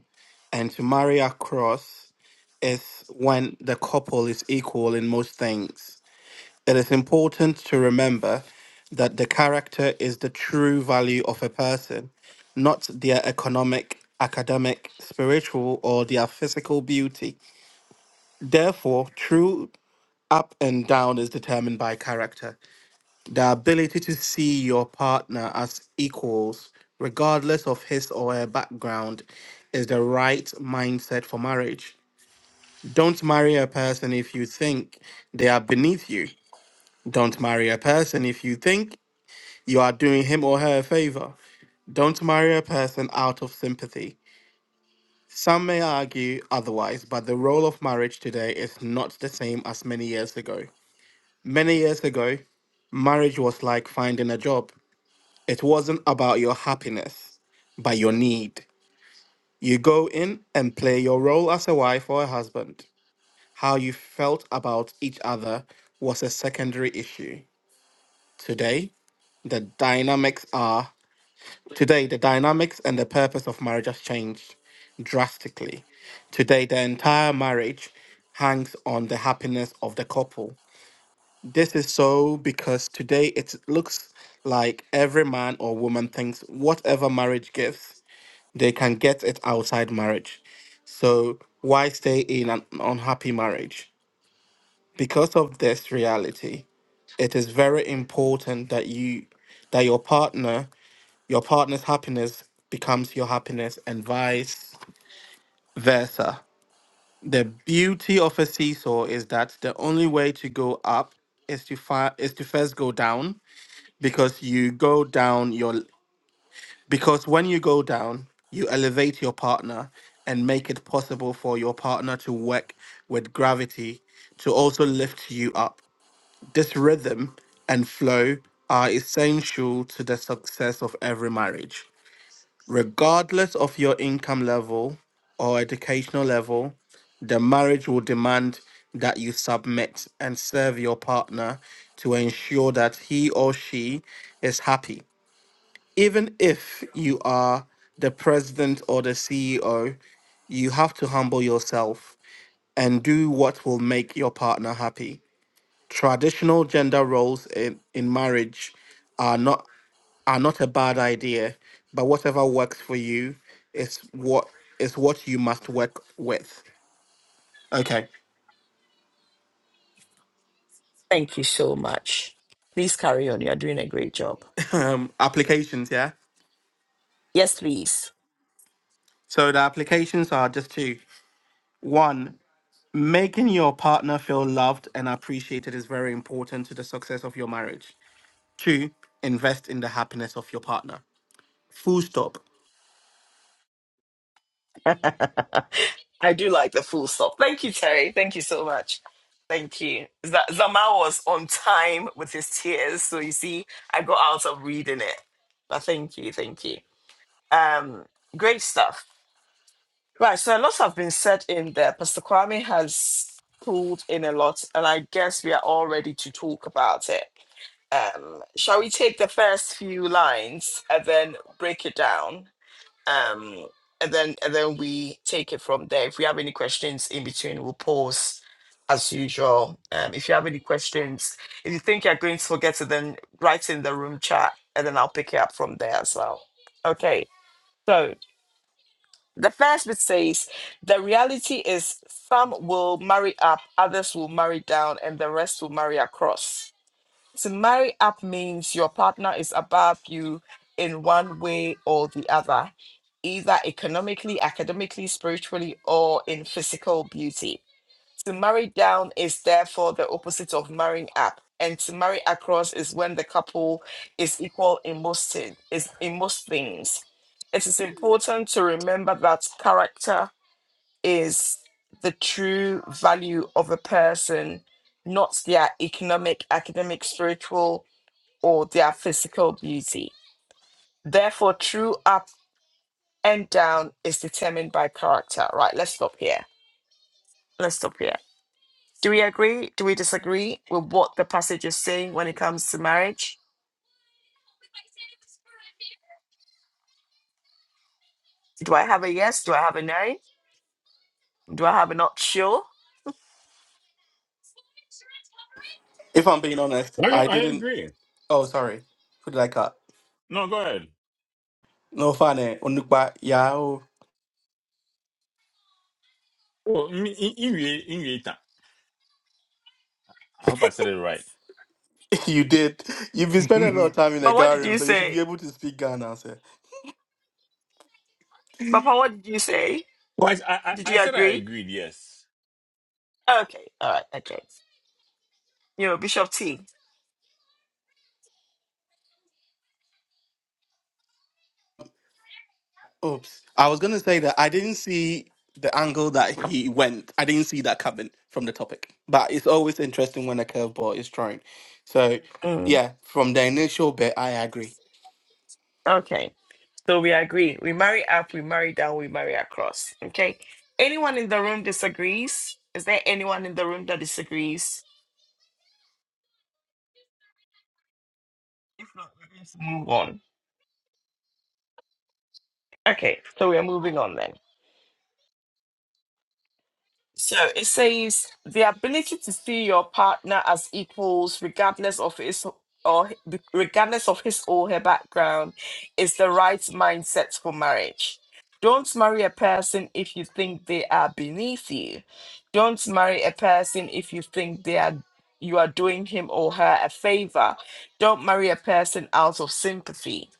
[SPEAKER 5] and to marry across is when the couple is equal in most things. It is important to remember that the character is the true value of a person, not their economic, academic, spiritual, or their physical beauty. Therefore, true up and down is determined by character. The ability to see your partner as equals, regardless of his or her background, is the right mindset for marriage. Don't marry a person if you think they are beneath you. Don't marry a person if you think You are doing him or her a favor. Don't marry a person out of sympathy. Some may argue otherwise, but the role of marriage today is not the same as many years ago. Many years ago, marriage was like finding a job. It wasn't about your happiness, but your need. You go in and play your role as a wife or a husband. How you felt about each other was a secondary issue. Today, the dynamics are Today, the dynamics and the purpose of marriage has changed drastically. Today, the entire marriage hangs on the happiness of the couple. This is so because today it looks like every man or woman thinks whatever marriage gives, they can get it outside marriage. So, why stay in an unhappy marriage? Because of this reality, it is very important that you that your partner your partner's happiness becomes your happiness, and vice versa. The beauty of a seesaw is that the only way to go up is to fi- is to first go down because you go down your because when you go down, you elevate your partner and make it possible for your partner to work with gravity to also lift you up. This rhythm and flow are essential to the success of every marriage. regardless of your income level or educational level, the marriage will demand that you submit and serve your partner to ensure that he or she is happy. Even if you are the president or the CEO, you have to humble yourself and do what will make your partner happy traditional gender roles in, in marriage are not are not a bad idea, but whatever works for you is what is what you must work with. Okay.
[SPEAKER 1] Thank you so much. Please carry on. You're doing a great job.
[SPEAKER 5] Um, applications, yeah.
[SPEAKER 1] Yes, please.
[SPEAKER 5] So the applications are just two. One, making your partner feel loved and appreciated is very important to the success of your marriage. Two, invest in the happiness of your partner. Full stop.
[SPEAKER 1] I do like the full stop. Thank you, Terry. Thank you so much. Thank you. Z- Zama was on time with his tears, so you see, I got out of reading it. But thank you, thank you. Um, great stuff. Right, so a lot have been said in there. Pastor Kwame has pulled in a lot, and I guess we are all ready to talk about it. Um, shall we take the first few lines and then break it down? Um, and then and then we take it from there. If we have any questions in between, we'll pause as usual. Um, if you have any questions, if you think you're going to forget it, then write in the room chat and then I'll pick it up from there as well. Okay. so. The first bit says the reality is some will marry up, others will marry down, and the rest will marry across. To marry up means your partner is above you in one way or the other, either economically, academically, spiritually, or in physical beauty. To marry down is therefore the opposite of marrying up, and to marry across is when the couple is equal in most thing- is in most things. It is important to remember that character is the true value of a person, not their economic, academic, spiritual, or their physical beauty. Therefore, true up and down is determined by character. Right, let's stop here. Let's stop here. Do we agree? Do we disagree with what the passage is saying when it comes to marriage? Do I have a yes? Do I have a no? Do I have a not sure?
[SPEAKER 5] If I'm being honest,
[SPEAKER 2] I
[SPEAKER 5] I
[SPEAKER 2] I
[SPEAKER 5] didn't.
[SPEAKER 2] agree.
[SPEAKER 5] Oh, sorry. Who did I cut?
[SPEAKER 2] No, go ahead.
[SPEAKER 5] No, Fane, Onukpa, yeah, oh,
[SPEAKER 2] Oh, in, in, in, in, I hope I said it right.
[SPEAKER 5] you did. You've been spending a lot of time in the
[SPEAKER 1] But what
[SPEAKER 5] guard
[SPEAKER 1] did
[SPEAKER 5] room,
[SPEAKER 1] you
[SPEAKER 5] so you should be
[SPEAKER 1] say?
[SPEAKER 5] able to speak Ghana, sir.
[SPEAKER 1] Papa, what did you say?
[SPEAKER 2] well, I, I,
[SPEAKER 1] Did
[SPEAKER 2] I
[SPEAKER 1] you
[SPEAKER 2] said I
[SPEAKER 1] agree?
[SPEAKER 2] agreed. Yes.
[SPEAKER 1] Okay, all right, okay. You know, Bishop T.
[SPEAKER 5] Oops. I was going to say that I didn't see the angle that he went. I didn't see that coming from the topic. But it's always interesting when a curveball is thrown. So,
[SPEAKER 1] Mm,
[SPEAKER 5] yeah, from the initial bit, I agree.
[SPEAKER 1] okay, so we agree. We marry up, we marry down, we marry across. Okay. Anyone in the room disagrees? Is there anyone in the room that disagrees? If not, we're move on. Okay, so we are moving on then. So it says the ability to see your partner as equals, regardless of his or h- regardless of his or her background, is the right mindset for marriage. Don't marry a person if you think they are beneath you. Don't marry a person if you think they are you are doing him or her a favor. Don't marry a person out of sympathy.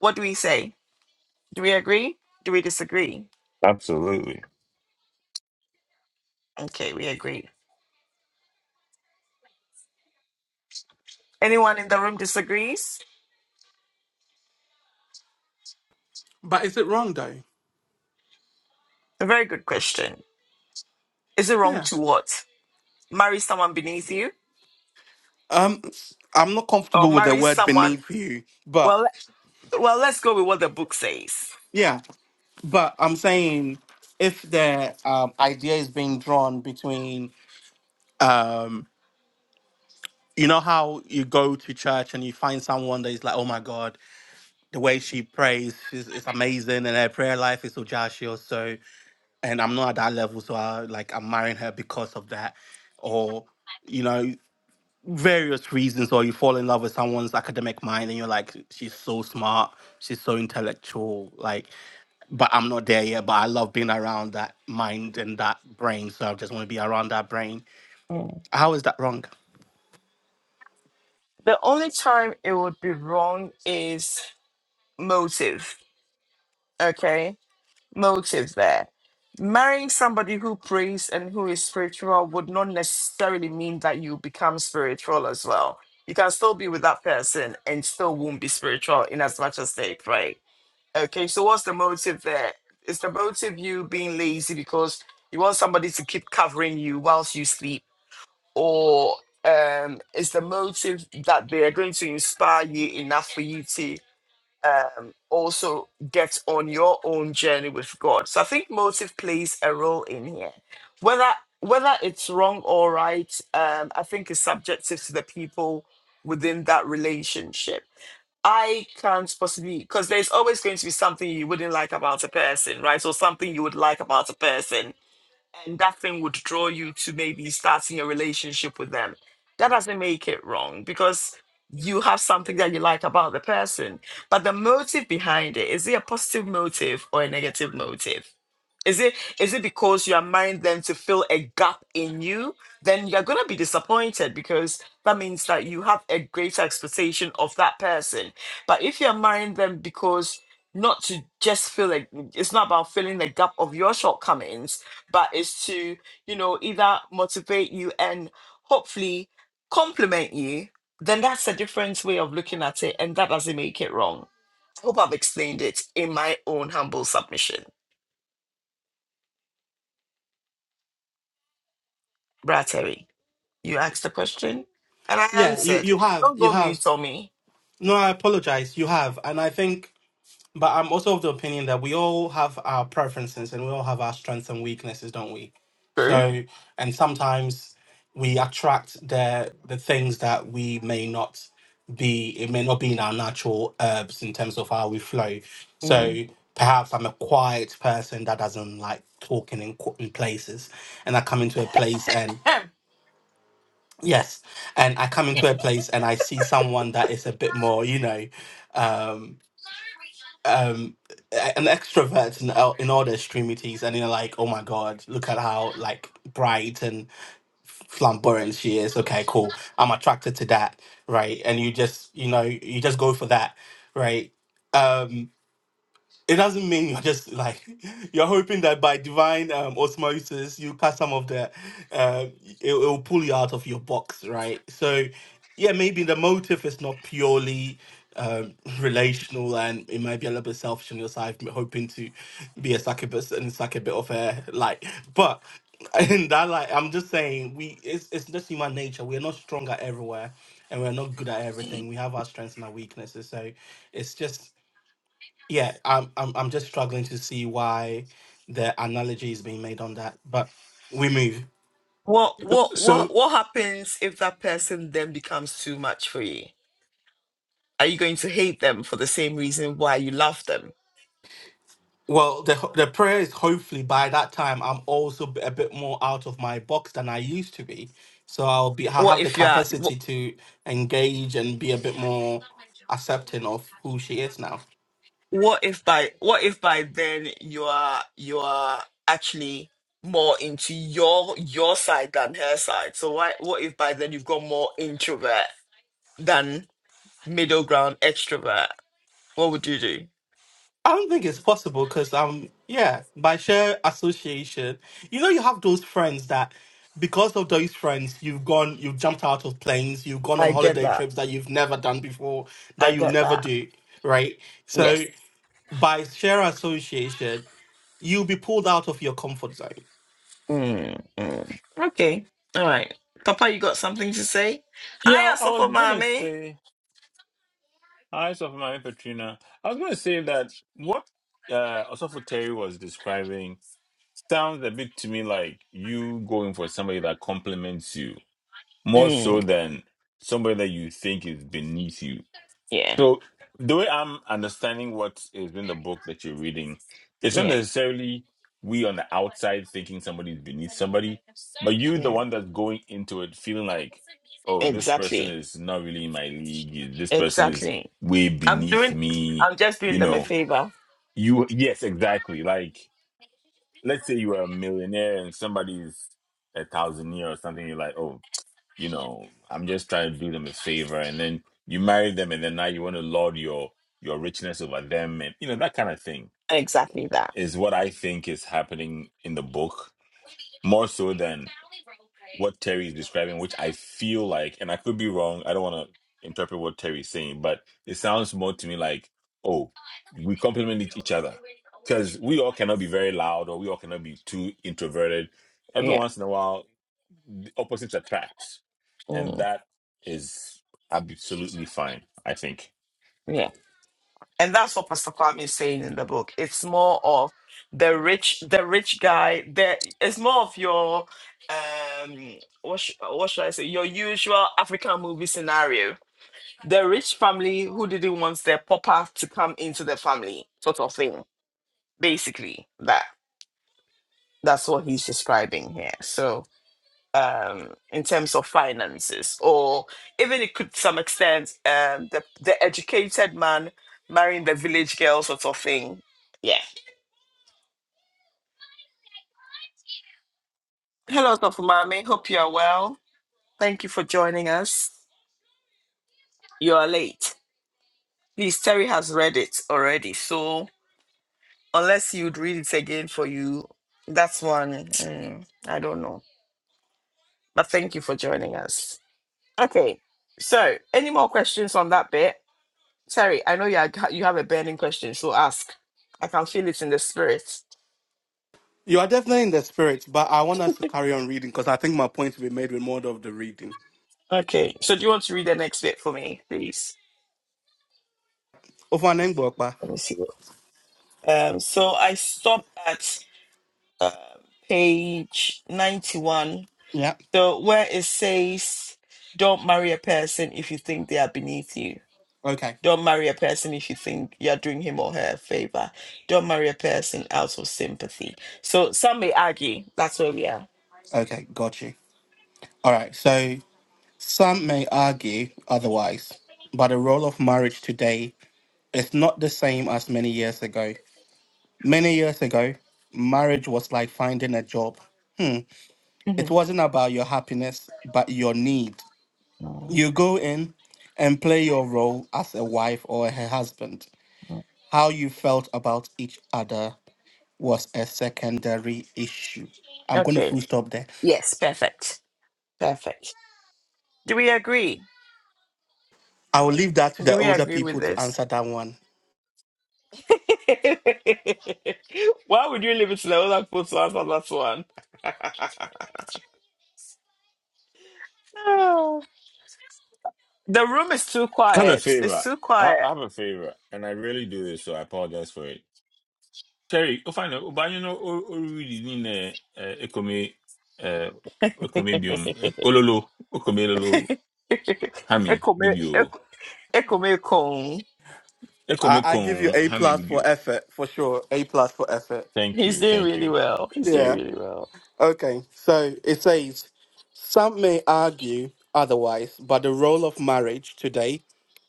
[SPEAKER 1] What do we say? Do we agree? Do we disagree?
[SPEAKER 2] Absolutely.
[SPEAKER 1] Okay, we agree. Anyone in the room disagrees?
[SPEAKER 5] But is it wrong, though?
[SPEAKER 1] A very good question. Is it wrong
[SPEAKER 5] Yeah.
[SPEAKER 1] to what? Marry someone beneath you?
[SPEAKER 5] Um, I'm not
[SPEAKER 1] Or
[SPEAKER 5] comfortable with the
[SPEAKER 1] marry
[SPEAKER 5] word
[SPEAKER 1] someone
[SPEAKER 5] beneath you,
[SPEAKER 1] well
[SPEAKER 5] but
[SPEAKER 1] le- well let's go with what the book says.
[SPEAKER 5] yeah. But I'm saying if the um, idea is being drawn between, um, you know, how you go to church and you find someone that is like, oh my God, the way she prays she's, is amazing and her prayer life is so joshua or so, and I'm not at that level, so I like I'm marrying her because of that. Or, you know, various reasons or you fall in love with someone's academic mind and you're like she's so smart she's so intellectual like but i'm not there yet but i love being around that mind and that brain so i just want to be around that brain
[SPEAKER 1] Mm.
[SPEAKER 5] how is that wrong
[SPEAKER 1] The only time it would be wrong is motive. Okay? Motive there. Marrying somebody who prays and who is spiritual would not necessarily mean that you become spiritual as well. You can still be with that person and still won't be spiritual in as much as they pray. Okay, so what's the motive there? Is the motive you being lazy because you want somebody to keep covering you whilst you sleep? Or um, is the motive that they are going to inspire you enough for you to um, also get on your own journey with God? So I think motive plays a role in here. Whether whether it's wrong or right, um, I think is subjective to the people within that relationship I can't possibly because there's always going to be something you wouldn't like about a person, right? Or something you would like about a person and that thing would draw you to maybe starting a relationship with them. That doesn't make it wrong because you have something that you like about the person. But the motive behind it, is it a positive motive or a negative motive? Is it is it because you are mind them to fill a gap in you? Then you're gonna be disappointed because that means that you have a greater expectation of that person. But if you're mind them because not to just fill a it's not about filling the gap of your shortcomings, but is to you know either motivate you and hopefully compliment you then that's a different way of looking at it and that doesn't make it wrong i hope i've explained it in my own humble submission brad terry you asked the question and i
[SPEAKER 5] Yeah, you,
[SPEAKER 1] answered
[SPEAKER 5] you have,
[SPEAKER 1] don't
[SPEAKER 5] you
[SPEAKER 1] go
[SPEAKER 5] have.
[SPEAKER 1] mute on me
[SPEAKER 5] No, I apologize. You have, and I think But I'm also of the opinion that we all have our preferences and we all have our strengths and weaknesses, don't we?
[SPEAKER 1] true
[SPEAKER 5] So, and sometimes we attract the the things that we may not be. It may not be in our natural herbs in terms of how we flow.
[SPEAKER 1] Mm.
[SPEAKER 5] So perhaps I'm a quiet person that doesn't like talking in qu- in places, and I come into a place and
[SPEAKER 1] Ahem.
[SPEAKER 5] yes, and I come into a place and I see someone that is a bit more, you know. Um, um a- an extrovert in all, in all their extremities and you're like oh my god look at how like bright and flamboyant she is okay cool i'm attracted to that right and you just you know you just go for that right Um, it doesn't mean you're just like you're hoping that by divine um, osmosis you cut some of the uh, it, it will pull you out of your box, right? So yeah, maybe the motive is not purely um, relational, and it might be a little bit selfish on your side, m- hoping to be a succubus and suck a bit of air, like. But in that, like, I'm just saying, we it's it's just human nature. We're not strong at everywhere, and we're not good at everything. We have our strengths and our weaknesses. So it's just yeah, I'm I'm I'm just struggling to see why the analogy is being made on that, but we move.
[SPEAKER 1] what what
[SPEAKER 2] So
[SPEAKER 1] what what happens if that person then becomes too much for you are you going to hate them for the same reason why you love them
[SPEAKER 5] Well, the ho- the prayer is hopefully by that time I'm also b- a bit more out of my box than I used to be, so I'll be I'll
[SPEAKER 1] what
[SPEAKER 5] have the
[SPEAKER 1] if you are?
[SPEAKER 5] capacity to engage and be a bit more accepting of who she is now.
[SPEAKER 1] what if by what if by then you are you are actually more into your your side than her side so why what if by then you've got more introvert than middle ground extrovert what would you do
[SPEAKER 5] I don't think it's possible because um yeah by sheer association you know you have those friends that because of those friends you've gone you've jumped out of planes you've gone on
[SPEAKER 1] i get
[SPEAKER 5] holiday
[SPEAKER 1] that
[SPEAKER 5] trips that you've never done before
[SPEAKER 1] i
[SPEAKER 5] that you'll
[SPEAKER 1] get
[SPEAKER 5] never
[SPEAKER 1] that
[SPEAKER 5] do right so
[SPEAKER 1] yes
[SPEAKER 5] by sheer association you'll be pulled out of your comfort zone
[SPEAKER 1] mm, mm. okay all right papa you got something to say
[SPEAKER 2] yeah,
[SPEAKER 1] hi
[SPEAKER 2] I was
[SPEAKER 1] for
[SPEAKER 2] gonna
[SPEAKER 1] mommy
[SPEAKER 2] say. Hi, Sophie Mami Petrina. I was going to say that what uh, Osofo Terry was describing sounds a bit to me like you going for somebody that compliments you more so
[SPEAKER 1] mm,
[SPEAKER 2] than somebody that you think is beneath you. So the way I'm understanding what is in the book that you're reading, it's not
[SPEAKER 1] yeah
[SPEAKER 2] necessarily we on the outside thinking somebody's beneath somebody, but you, the one that's going into it, feeling like, oh, this person
[SPEAKER 1] exactly
[SPEAKER 2] is not really in my league. This person is
[SPEAKER 1] exactly
[SPEAKER 2] way
[SPEAKER 1] i'm
[SPEAKER 2] beneath
[SPEAKER 1] doing
[SPEAKER 2] me.
[SPEAKER 1] i'm just doing
[SPEAKER 2] You
[SPEAKER 1] them a
[SPEAKER 2] know,
[SPEAKER 1] favor
[SPEAKER 2] you yes, exactly. Like, let's say you are a millionaire and somebody's a thousandaire or something. You're like, oh, you know, I'm just trying to do them a favor. And then you marry them, and then now you want to lord your your richness over them, and you know that kind of thing
[SPEAKER 1] exactly that
[SPEAKER 2] is what I think is happening in the book more so than what Terry is describing, which I feel like, and I could be wrong. I don't want to interpret what Terry's saying, but it sounds more to me like, oh, we complement each each other because we all cannot be very loud or we all cannot be too introverted. Every
[SPEAKER 1] yeah
[SPEAKER 2] once in a while the opposites attract, and that is absolutely fine. I think.
[SPEAKER 1] Yeah. And that's what Pastor Kwame is saying in the book. It's more of the rich, the rich guy. The, it's more of your um what, sh- what should I say? Your usual African movie scenario. A rich family who didn't want their papa to come into the family, sort of thing. Basically, that that's what he's describing here. So um, in terms of finances, or even it could to some extent um, the the educated man marrying the village girl sort of thing. Yeah. Hello, Dr. Mami. Hope you are well. Thank you for joining us. You are late. Please, Terry has read it already, so unless you'd read it again for you, that's one. mm, I don't know, but thank you for joining us. Okay. So, any more questions on that bit? Sorry, I know you had, you have a burning question, so ask. I can feel it in the spirit.
[SPEAKER 5] you are definitely in the spirit but I want us to carry on reading because I think my point will be made with more of the reading
[SPEAKER 1] Okay, so do you want to read the next bit for me, please?
[SPEAKER 5] over and
[SPEAKER 1] Let me see. Um, so I stop at uh, page ninety-one.
[SPEAKER 5] yeah
[SPEAKER 1] So where it says, "Don't marry a person if you think they are beneath you."
[SPEAKER 5] okay
[SPEAKER 1] Don't marry a person if you think you're doing him or her a favor. Don't marry a person out of sympathy. So some may argue that's where we are.
[SPEAKER 5] okay got you all right so Some may argue otherwise, but the role of marriage today is not the same as many years ago. Many years ago, marriage was like finding a job. Hmm. It
[SPEAKER 1] Mhm.
[SPEAKER 5] wasn't about your happiness, but your need. You go in and play your role as a wife or a husband. How you felt about each other was a secondary issue. I'm going to
[SPEAKER 1] Okay.
[SPEAKER 5] full stop there.
[SPEAKER 1] Yes, perfect. Perfect. Do we agree?
[SPEAKER 5] I will leave that to the
[SPEAKER 1] Do we
[SPEAKER 5] older
[SPEAKER 1] agree with
[SPEAKER 5] people to
[SPEAKER 1] this?
[SPEAKER 5] answer that one.
[SPEAKER 1] Why would you leave it to the other people to answer that one? No. The room is too
[SPEAKER 2] I have a
[SPEAKER 1] quiet. It's
[SPEAKER 2] favor.
[SPEAKER 1] too
[SPEAKER 2] I I
[SPEAKER 1] quiet.
[SPEAKER 2] have a favor, and I really do this, so I apologize for it. Terry, oh fine, oh but you know, oh oh really need a ekome, eh ekome biom, eh, ololo, ekome lolo, hami
[SPEAKER 1] Ekome-
[SPEAKER 2] bibio,
[SPEAKER 1] Ek- Ekomekong.
[SPEAKER 5] I,
[SPEAKER 2] ekome
[SPEAKER 5] I give you
[SPEAKER 2] kon
[SPEAKER 5] A
[SPEAKER 2] hami
[SPEAKER 5] plus for
[SPEAKER 2] bibio.
[SPEAKER 5] effort for sure. A plus for effort.
[SPEAKER 2] Thank
[SPEAKER 1] He's
[SPEAKER 2] you,
[SPEAKER 1] doing
[SPEAKER 2] thank
[SPEAKER 1] really
[SPEAKER 2] you.
[SPEAKER 1] well. He's doing
[SPEAKER 5] Yeah.
[SPEAKER 1] really well.
[SPEAKER 5] Okay. So it says some may argue otherwise, but the role of marriage today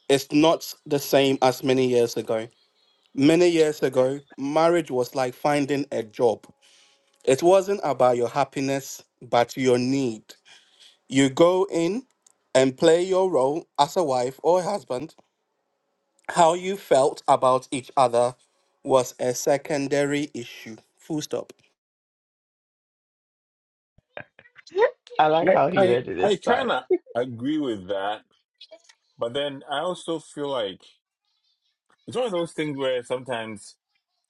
[SPEAKER 5] is not the same as many years ago. Many years ago, marriage was like finding a job. It wasn't about your happiness, but your need. You go in and play your role as a wife or husband How you felt about each other was a secondary issue. Full stop.
[SPEAKER 1] I like
[SPEAKER 2] I
[SPEAKER 1] how he
[SPEAKER 2] I,
[SPEAKER 1] read it
[SPEAKER 2] I
[SPEAKER 1] this time.
[SPEAKER 2] kind of agree with that, but then I also feel like it's one of those things where sometimes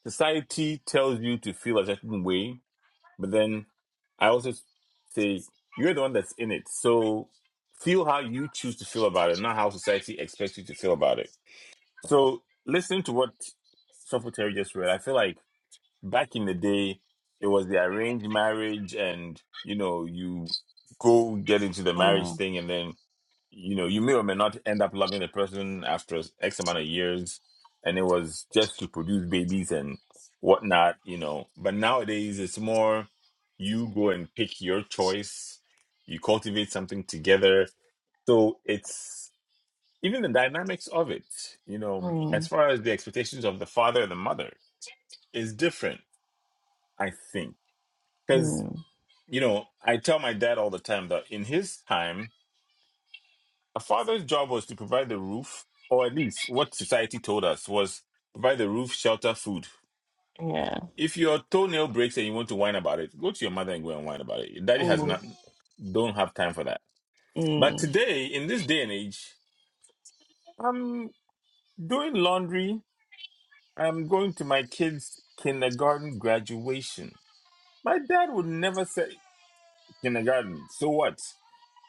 [SPEAKER 2] society tells you to feel a certain way, but then I also say you're the one that's in it. So feel how you choose to feel about it, not how society expects you to feel about it. So listening to what Sophie Terry just read, I feel like back in the day, it was the arranged marriage and, you know, you go get into the marriage
[SPEAKER 1] Mm,
[SPEAKER 2] thing and then you know, you may or may not end up loving the person after X amount of years, and it was just to produce babies and whatnot, you know. But nowadays, it's more you go and pick your choice, you cultivate something together. So it's even the dynamics of it, you know, as
[SPEAKER 1] mm,
[SPEAKER 2] far as the expectations of the father and the mother is different, I think. Because,
[SPEAKER 1] mm,
[SPEAKER 2] you know, I tell my dad all the time that in his time, A father's job was to provide the roof, or at least what society told us was provide the roof, shelter, food.
[SPEAKER 1] yeah.
[SPEAKER 2] If your toenail breaks and you want to whine about it, go to your mother and go and whine about it. Your daddy has
[SPEAKER 1] Mm,
[SPEAKER 2] not don't have time for that. But
[SPEAKER 1] mm,
[SPEAKER 2] today, in this day and age, I'm doing laundry. I'm going to my kids' kindergarten graduation. My dad would never say kindergarten. So what?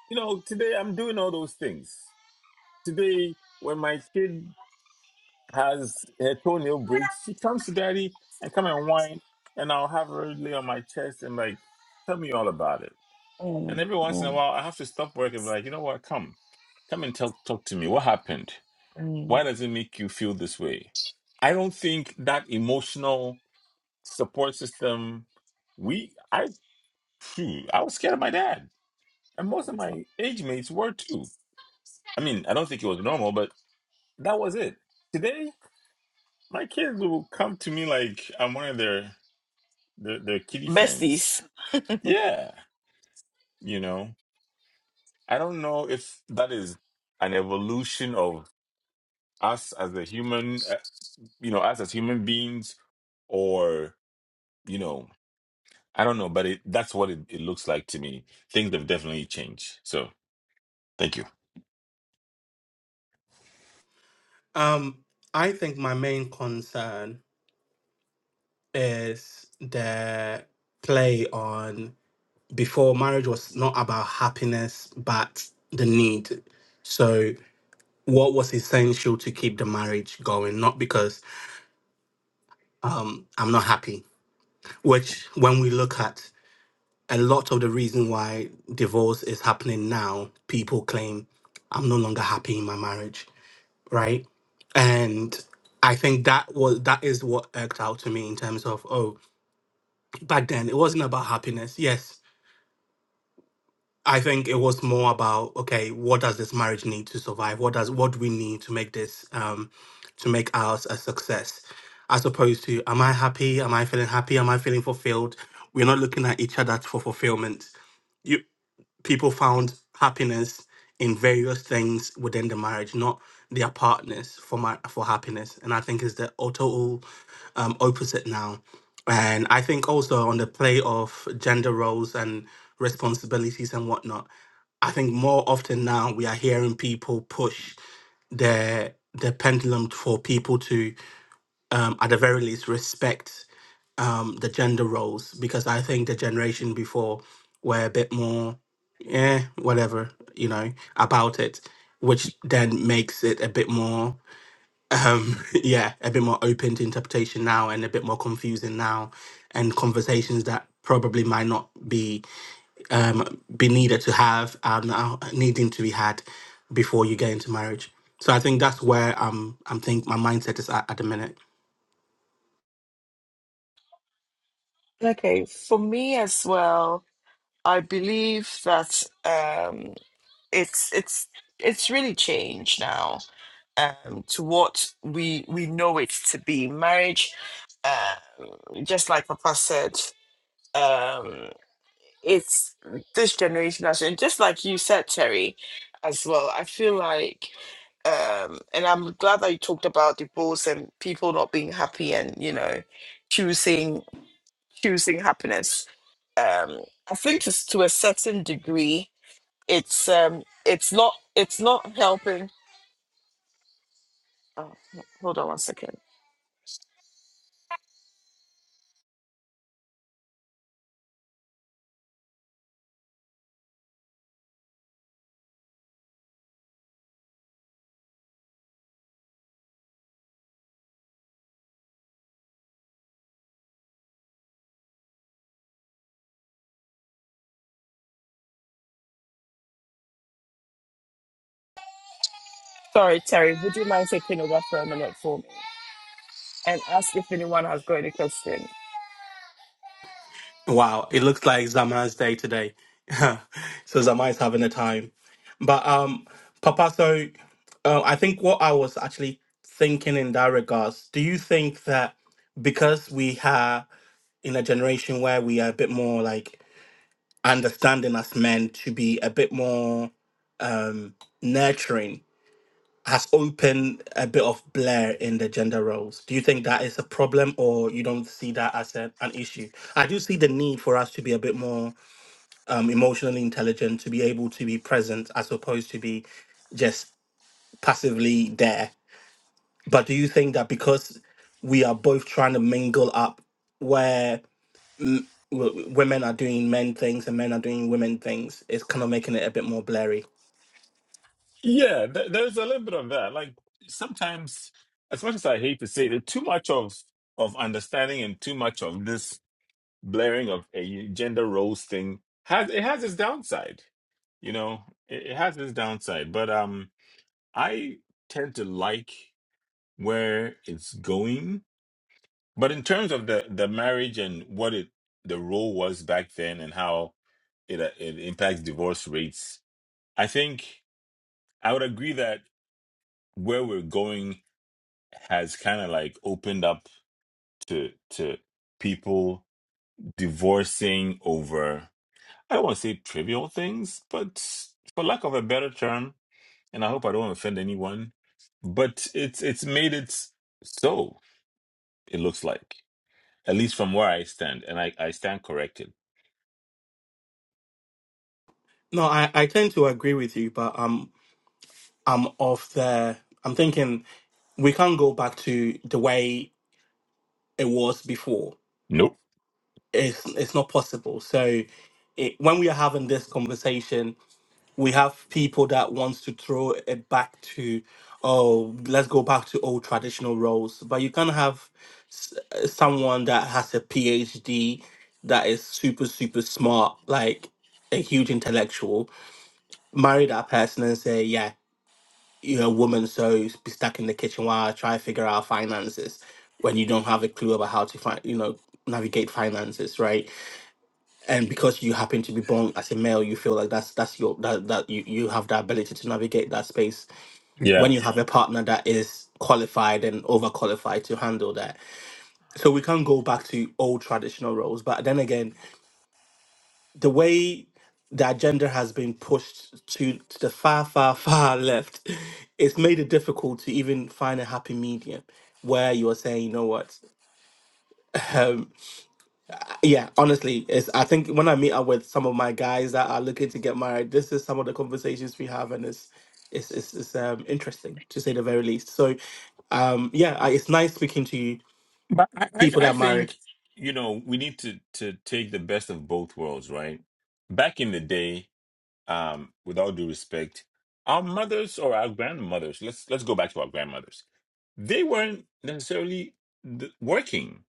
[SPEAKER 2] You know, today I'm doing all those things. Today, when my kid has her toenail breaks, she comes to daddy and come and whine, and I'll have her lay on my chest and like, tell me all about it. And
[SPEAKER 1] mm,
[SPEAKER 2] every once in a
[SPEAKER 1] mm,
[SPEAKER 2] while, I have to stop work and be like, you know what? Come, come and talk talk to me. What happened? Why
[SPEAKER 1] mm.
[SPEAKER 2] does it make you feel this way? I don't think that emotional support system. We, I, phew, I was scared of my dad, and most of my age mates were too. I mean, I don't think it was normal, but that was it. Today, My kids will come to me like I'm one of their their, their kitty friends.
[SPEAKER 1] Besties.
[SPEAKER 2] Yeah, you know. I don't know if that is an evolution of us as a human, uh, you know, us as human beings, or you know, I don't know, but it, that's what it, it looks like to me. Things have definitely changed. So thank you.
[SPEAKER 5] Um, I think my main concern is the play on before marriage was not about happiness, but the need. So, what was essential to keep the marriage going? Not because um, I'm not happy, which when we look at a lot of the reason why divorce is happening now, people claim I'm no longer happy in my marriage right? And I think that was that is what irked out to me in terms of oh, back then it wasn't about happiness. Yes, I think it was more about okay, what does this marriage need to survive? What does what do we need to make this um to make ours a success? As opposed to am I happy? Am I feeling happy? Am I feeling fulfilled? We're not looking at each other for fulfillment people found happiness in various things within the marriage, not their partners for my for happiness. And I think it's the total um, opposite now. And I think also on the play of gender roles and responsibilities and whatnot, I think more often now we are hearing people push the the pendulum for people to um, at the very least, respect um, the gender roles because I think the generation before were a bit more, yeah, whatever, you know, about it, which then makes it a bit more, um, yeah, a bit more open to interpretation now and a bit more confusing now, and conversations that probably might not be um, be needed to have are now needing to be had before you get into marriage. So I think that's where um, I'm think my mindset is at at the minute.
[SPEAKER 1] Okay, for me as well, I believe that um, it's it's it's really changed now um, to what we we know it to be. Marriage, um, just like Papa said, um, it's this generation has, and just like you said, Terry, as well. I feel like, um, and I'm glad that you talked about divorce and people not being happy, and you know, choosing choosing happiness. Um, I think to, s- to a certain degree, it's um, it's not it's not helping. Oh, hold on one second. Sorry, Terry. Would you mind taking over for a minute for me and ask if anyone has got any question?
[SPEAKER 5] Wow, it looks like Zama's day today. so Zama is having a time. But um Papa, so uh, I think what I was actually thinking in that regards, do you think that because we are in a generation where we are a bit more like understanding as men to be a bit more um nurturing has opened a bit of blur in the gender roles. Do you think that is a problem or you don't see that as a, an issue? I do see the need for us to be a bit more um, emotionally intelligent, to be able to be present as opposed to be just passively there. But do you think that because we are both trying to mingle up where mm, w- women are doing men things and men are doing women things, it's kind of making it a bit more blurry?
[SPEAKER 2] Yeah, th- there's a little bit of that. Like sometimes, as much as I hate to say it, too much of of understanding and too much of this blaring of a gender roles thing has it has its downside you know it, it has its downside but um i tend to like where it's going but in terms of the the marriage and what it the role was back then and how it uh, it impacts divorce rates i think i would agree that where we're going has kind of like opened up to to people divorcing over I don't want to say trivial things, but for lack of a better term, and I hope I don't offend anyone, but it's it's made it so it looks like at least from where I stand, and I I stand corrected.
[SPEAKER 5] No, I, I tend to agree with you, but um, I'm off the. I'm thinking we can't go back to the way it was before.
[SPEAKER 2] Nope.
[SPEAKER 5] It's it's not possible. So, it, when we are having this conversation, we have people that wants to throw it back to oh let's go back to old traditional roles but you can have s- uh, someone that has a phd that is super super smart like a huge intellectual marry that person and say yeah you're a woman so s- be stuck in the kitchen while i try to figure out finances when you don't have a clue about how to find you know navigate finances right and because you happen to be born as a male you feel like that's that's your that that you, you have the ability to navigate that space when
[SPEAKER 2] Yeah,
[SPEAKER 5] you have a partner that is qualified and overqualified to handle that so we can not go back to old traditional roles but then again the way that gender has been pushed to, to the far far far left it's made it difficult to even find a happy medium where you are saying you know what Yeah, honestly, it's I think when I meet up with some of my guys that are looking to get married, this is some of the conversations we have, and it's it's it's, it's um interesting to say the very least. So, um, yeah, I, it's nice speaking to you,
[SPEAKER 2] but I I,
[SPEAKER 5] people
[SPEAKER 2] I
[SPEAKER 5] that are married.
[SPEAKER 2] think you know we need to to take the best of both worlds, right? Back in the day. um, with all due respect, our mothers or our grandmothers, let's let's go back to our grandmothers. They weren't necessarily th- working.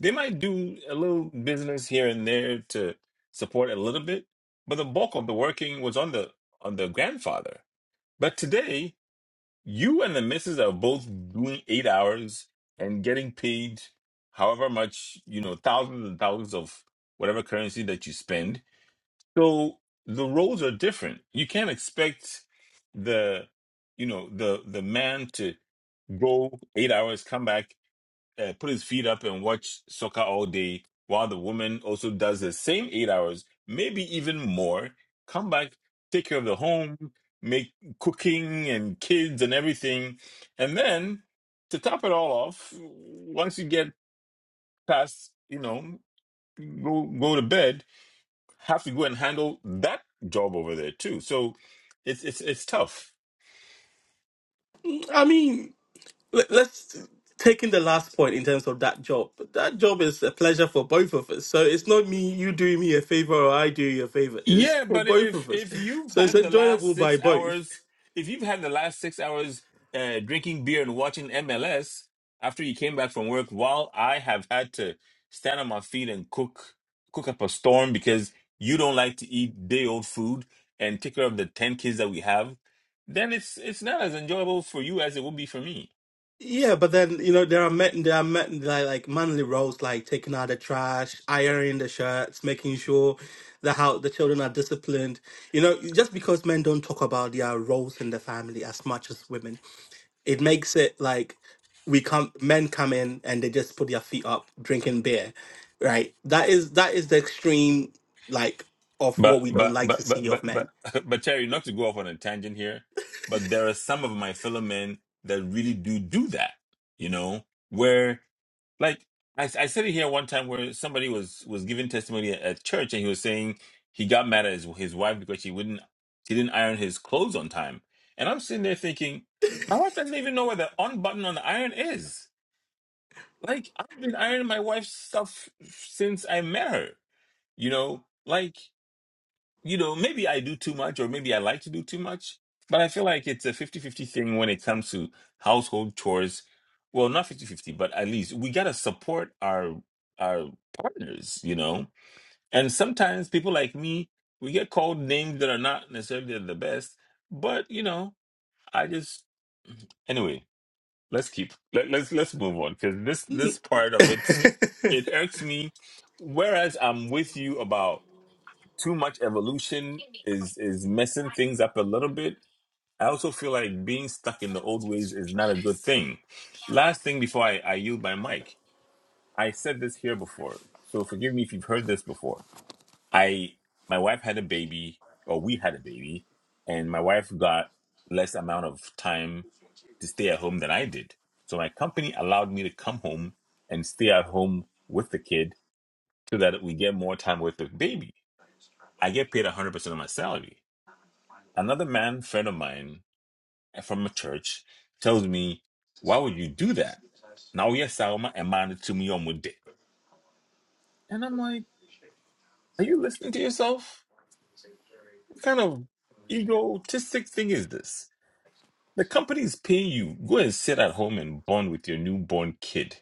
[SPEAKER 2] They might do a little business here and there to support a little bit, but the bulk of the working was on the on the grandfather. But today, you and the missus are both doing eight hours and getting paid however much, you know, thousands and thousands of whatever currency that you spend so the roles are different. You can't expect the you know the the man to go eight hours, come back, uh, put his feet up, and watch soccer all day, while the woman also does the same eight hours, maybe even more. Come back, take care of the home, make cooking and kids and everything, and then to top it all off, once you get past, you know, go go to bed have to go and handle that job over there too. So it's it's it's tough.
[SPEAKER 5] Mm, I mean, let, let's take in the last point in terms of that job. That job is a pleasure for both of us. So it's not me, you doing me a favor, or I do you a favor. It's
[SPEAKER 2] Yeah,
[SPEAKER 5] for
[SPEAKER 2] but
[SPEAKER 5] both
[SPEAKER 2] if
[SPEAKER 5] of us.
[SPEAKER 2] if you've
[SPEAKER 5] So it's
[SPEAKER 2] had the
[SPEAKER 5] enjoyable
[SPEAKER 2] last
[SPEAKER 5] by
[SPEAKER 2] six
[SPEAKER 5] both.
[SPEAKER 2] hours, if you've had the last six hours uh, drinking beer and watching MLS after you came back from work, while I have had to stand on my feet and cook cook up a storm because you don't like to eat day old food and take care of the ten kids that we have, then it's it's not as enjoyable for you as it would be for me.
[SPEAKER 5] Yeah, but then you know there are men, there are men, like like manly roles like taking out the trash, ironing the shirts, making sure the how the children are disciplined. You know, just because men don't talk about their roles in the family as much as women, it makes it like we come men come in and they just put their feet up drinking beer, right? That is that is the extreme like of what
[SPEAKER 2] But
[SPEAKER 5] we don't
[SPEAKER 2] but
[SPEAKER 5] like to
[SPEAKER 2] but
[SPEAKER 5] see
[SPEAKER 2] but but
[SPEAKER 5] of men.
[SPEAKER 2] but but Terry, not to go off on a tangent here, but there are some of my fellow men that really do do that. You know, where like I, I said it here one time where somebody was was giving testimony at, at church and he was saying he got mad at his, his wife because she wouldn't she didn't iron his clothes on time, and I'm sitting there thinking my wife doesn't even know where the on button on the iron is. Like I've been ironing my wife's stuff since I met her. You know, like you know, maybe I do too much or maybe I like to do too much, but I feel like it's a fifty-fifty thing when it comes to household chores. Well, not fifty-fifty, but at least we got to support our our partners, you know. And sometimes people like me, we get called names that are not necessarily the best, but you know, I just anyway, let's keep let, let's let's move on because this this part of it it irks me whereas I'm with you about too much evolution is is messing things up a little bit. I also feel like being stuck in the old ways is not a good thing. Last thing before I, I yield my mic, I said this here before, so forgive me if you've heard this before. I my wife had a baby, or we had a baby, and my wife got less amount of time to stay at home than I did. So my company allowed me to come home and stay at home with the kid so that we get more time with the baby. I get paid 100% of my salary Another man friend of mine uh, from a church tells me, Why would you do that? Now yes, I'm a man to me on day. And I'm like, Are you listening to yourself? What kind of egotistic thing is this? The company is paying you. Go and sit at home and bond with your newborn kid.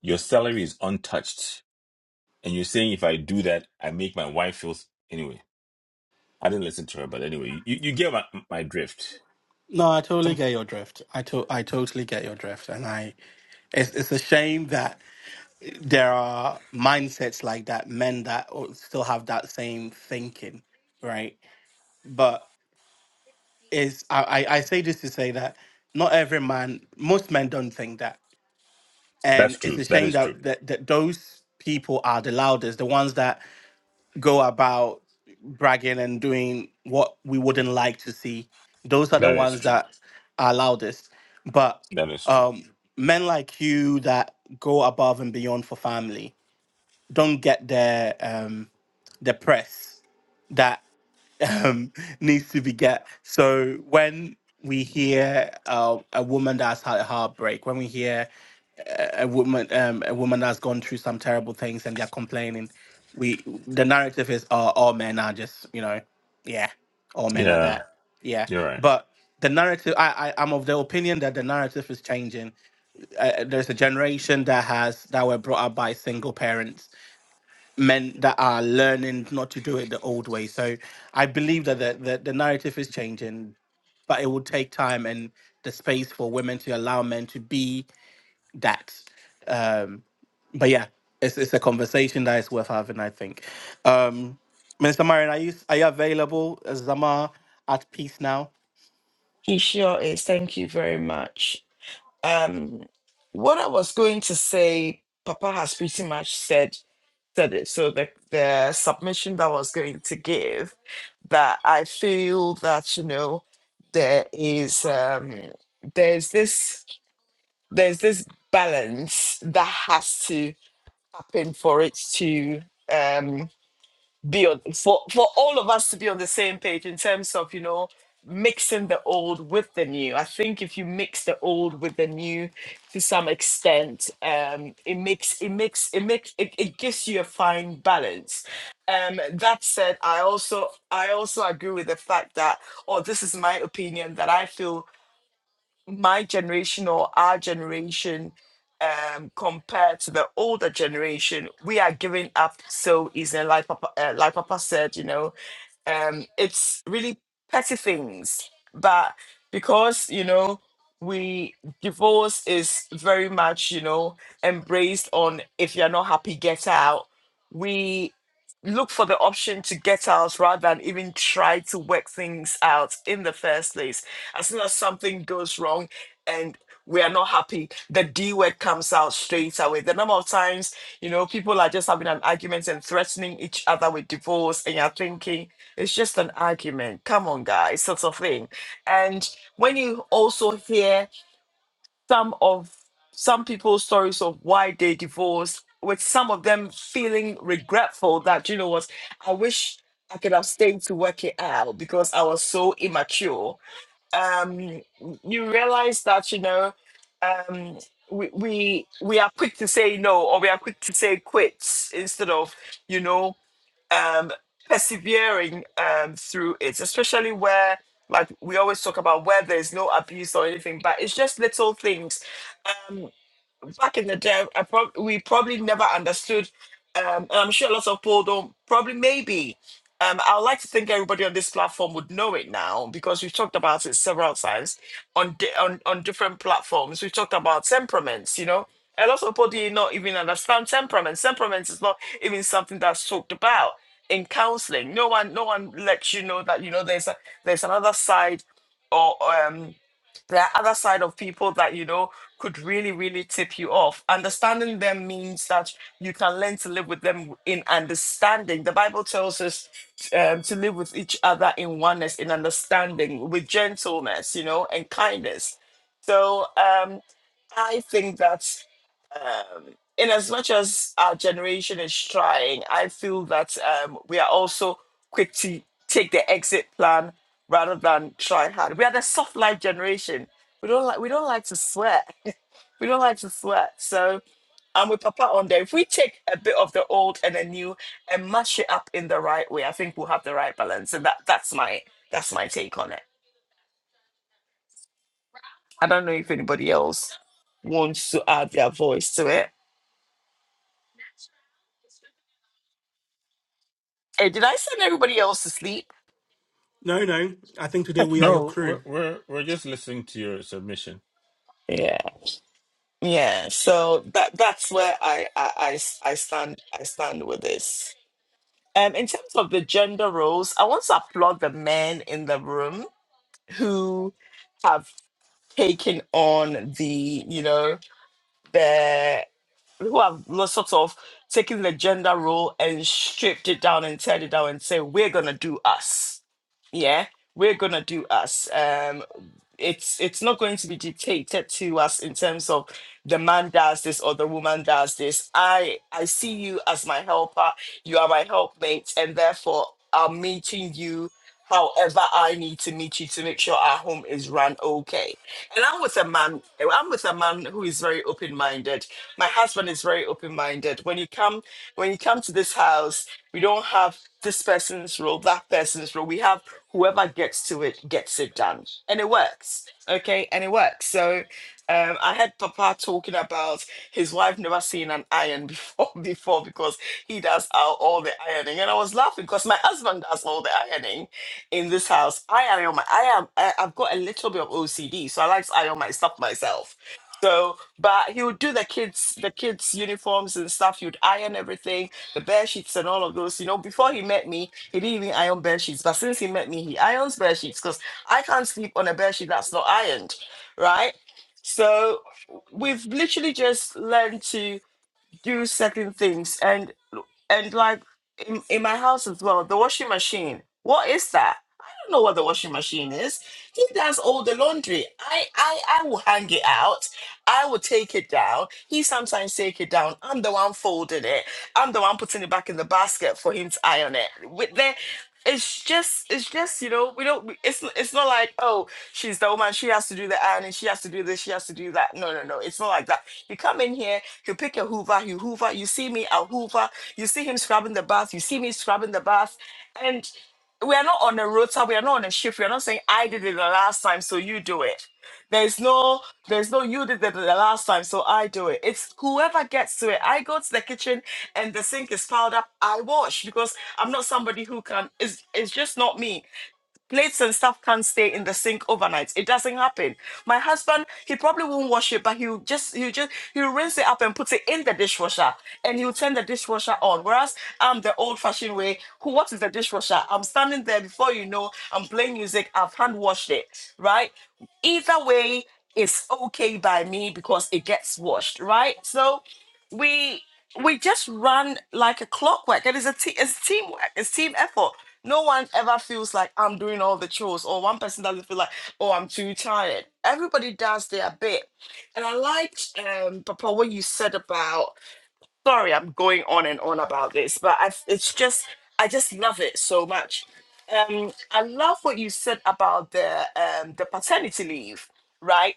[SPEAKER 2] Your salary is untouched. And you're saying if I do that, I make my wife feel s- anyway. I didn't listen to her, but anyway, you, you get my, my drift.
[SPEAKER 5] No, I totally
[SPEAKER 2] Some
[SPEAKER 5] get your drift. I to- I totally get your drift, and I, it's it's a shame that there are mindsets like that, men that o- still have that same thinking, right? But is I I I say this to say that not every man, most men don't think that, and
[SPEAKER 2] that's
[SPEAKER 5] it's
[SPEAKER 2] true.
[SPEAKER 5] a
[SPEAKER 2] That
[SPEAKER 5] shame
[SPEAKER 2] is true.
[SPEAKER 5] that that, that those people are the loudest, the ones that go about bragging and doing what we wouldn't like to see. Those are the
[SPEAKER 2] That is
[SPEAKER 5] ones
[SPEAKER 2] true.
[SPEAKER 5] that are loudest. But
[SPEAKER 2] That is true.
[SPEAKER 5] um, men like you that go above and beyond for family don't get their um, the press that um, needs to be get. So when we hear uh, a woman that's had a heartbreak, when we hear a woman um, a woman that's gone through some terrible things and they're complaining we the narrative is oh, all men are just you know yeah all men are
[SPEAKER 2] Yeah.
[SPEAKER 5] that yeah
[SPEAKER 2] You're right.
[SPEAKER 5] but the narrative i, I i'm of the opinion that the narrative is changing uh, there's a generation that has that were brought up by single parents men that are learning not to do it the old way so i believe that the, the, the narrative is changing but it will take time and the space for women to allow men to be that Um, but yeah, it's it's a conversation that is worth having, I think. Um, Minister Marion, are you are you available? Is Zama at peace now?
[SPEAKER 1] He sure is. Thank you very much. Um, what I was going to say, Papa has pretty much said said it. So the the submission that I was going to give, that I feel that you know there is um there's this there's this balance that has to happen for it to um be on for for all of us to be on the same page in terms of you know mixing the old with the new i think if you mix the old with the new to some extent um it makes it makes it makes it, it gives you a fine balance um that said i also i also agree with the fact that or this is my opinion that i feel my generation or our generation um compared to the older generation we are giving up so easily like papa uh, like papa said you know um, it's really petty things, but because you know we divorce is very much you know embraced on if you're not happy, get out. We look for the option to get out rather than even try to work things out in the first place. As soon as something goes wrong and we are not happy, the D word comes out straight away. The number of times, you know, people are just having an argument and threatening each other with divorce, and you're thinking, it's just an argument. Come on, guys, sort of thing. And when you also hear some of some people's stories of why they divorced, with some of them feeling regretful that you know what, I wish I could have stayed to work it out because I was so immature. Um, you realize that you know, um, we we we are quick to say no or we are quick to say quits instead of you know um, persevering um, through it, especially where, like, we always talk about where there's no abuse or anything, but it's just little things. Um, back in the day, I prob- we probably never understood, um, and I'm sure lots of people don't, probably maybe. Um, I would like to think everybody on this platform would know it now because we've talked about it several times on di- on, on different platforms. We've talked about temperaments, you know. A lot of people do not even understand temperaments. Temperaments is not even something that's talked about in counseling. No one no one lets you know that, you know, there's a, there's another side or um there are other side of people that you know could really really tip you off understanding them means that you can learn to live with them in understanding the bible tells us um, to live with each other in oneness in understanding with gentleness you know and kindness so um i think that um, in as much as our generation is trying, I feel that um, we are also quick to take the exit plan rather than try hard. We are the soft life generation. We don't like we don't like to sweat. we don't like to sweat. So I'm with Papa on there. If we take a bit of the old and the new and mash it up in the right way, I think we'll have the right balance. And that that's my that's my take on it. I don't know if anybody else wants to add their voice to it. Hey, did I send everybody else to sleep?
[SPEAKER 5] No, no. I think today we are your
[SPEAKER 2] No,
[SPEAKER 5] crew.
[SPEAKER 2] we're we're we're just listening to your submission.
[SPEAKER 1] Yeah, yeah. So that that's where I I I s- I stand I stand with this. Um, in terms of the gender roles, I want to applaud the men in the room who have taken on the you know the who have lo- sort of taken the gender role and stripped it down and teared it down and say we're gonna do us yeah we're gonna do us um it's it's not going to be dictated to us in terms of the man does this or the woman does this i i see you as my helper you are my helpmate and therefore i'm meeting you however i need to meet you to make sure our home is run okay and i'm with a man i'm with a man who is very open-minded my husband is very open-minded when you come when you come to this house we don't have this person's role that person's role we have whoever gets to it gets it done and it works okay and it works so um, I heard Papa talking about his wife never seen an iron before before because he does all, all the ironing, and I was laughing because my husband does all the ironing in this house. I iron my I am I, I've got a little bit of OCD, so I like to iron my stuff myself. So but he would do the kids, the kids' uniforms and stuff. He would iron everything, the bed sheets and all of those. You know, before he met me, he didn't even iron bed sheets. But since he met me, he irons bed sheets because I can't sleep on a bed sheet that's not ironed, right? So we've literally just learned to do certain things and and like in, in my house as well the washing machine what is that i don't know what the washing machine is he does all the laundry i i i will hang it out i will take it down he sometimes take it down i'm the one folding it i'm the one putting it back in the basket for him to iron it with there it's just it's just you know we don't we- it's it's not like oh she's the woman she has to do the ironing she has to do this she has to do that no no no it's not like that you come in here, you pick a hoover, you hoover, you see me, I hoover, you see him scrubbing the bath, you see me scrubbing the bath. And we are not on a rota, we are not on a shift, we are not saying I did it the last time, so you do it. There's no, there's no you did it the last time, so I do it. It's whoever gets to it. I go to the kitchen and the sink is piled up, I wash because I'm not somebody who can. It's it's just not me. Plates and stuff can't stay in the sink overnight. It doesn't happen. My husband, he probably won't wash it, but he'll just he'll just he'll rinse it up and put it in the dishwasher and he'll turn the dishwasher on. Whereas I'm the old-fashioned way. Who what is the dishwasher? I'm standing there before you know, I'm playing music, I've hand washed it, right? Either way, it's okay by me because it gets washed, right? So we we just run like a clockwork. It is a te- it's teamwork. It's team effort. No one ever feels like I'm doing all the chores, or one person doesn't feel like, oh, I'm too tired. Everybody does their bit, and I liked, um, Papa, what you said about. Sorry, I'm going on and on about this, but I, it's just I just love it so much. Um, I love what you said about the um, the paternity leave, right?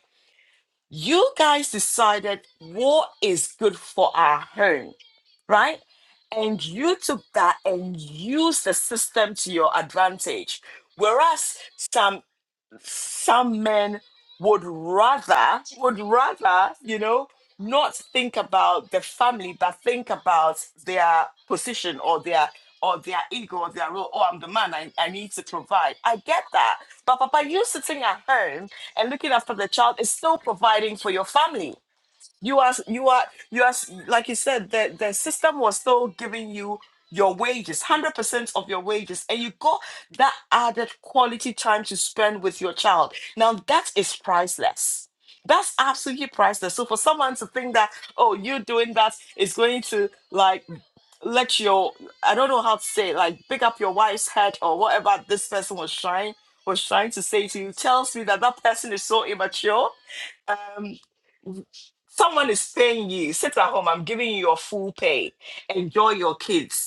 [SPEAKER 1] You guys decided what is good for our home right? And you took that and used the system to your advantage. Whereas some some men would rather would rather, you know, not think about the family, but think about their position or their or their ego or their role. Oh, I'm the man, I, I need to provide. I get that. But Papa, you sitting at home and looking after the child is still providing for your family you are you are you are like you said the the system was still giving you your wages, hundred percent of your wages, and you got that added quality time to spend with your child. Now that is priceless. That's absolutely priceless. So for someone to think that oh you doing that is going to like let your I don't know how to say it, like pick up your wife's head or whatever this person was trying was trying to say to you tells me that that person is so immature Um. Someone is paying you. Sit at home. I'm giving you your full pay. Enjoy your kids.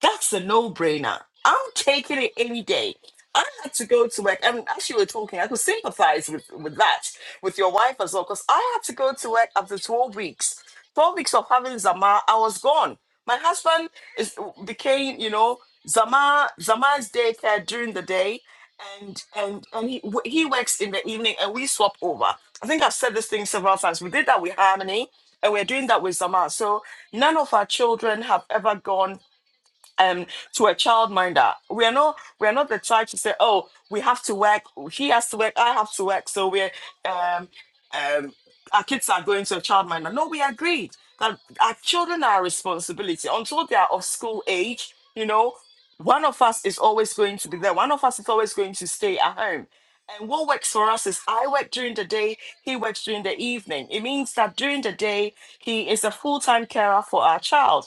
[SPEAKER 1] That's a no-brainer. I'm taking it any day. I had to go to work, and as you were talking, I could sympathize with, with that, with your wife as well, because I had to go to work after 12 weeks. 12 weeks of having Zama, I was gone. My husband is became, you know, Zama Zama's daycare during the day, and and and he he works in the evening, and we swap over. I think I've said this thing several times. We did that with Harmony, and we're doing that with Zama. So none of our children have ever gone um to a child minder. We are not we are not the church to say, oh, we have to work, he has to work, I have to work, so we're um um our kids are going to a child minder. No, we agreed that our children are our responsibility until they are of school age, you know. One of us is always going to be there. One of us is always going to stay at home. And what works for us is I work during the day, he works during the evening. It means that during the day, he is a full time carer for our child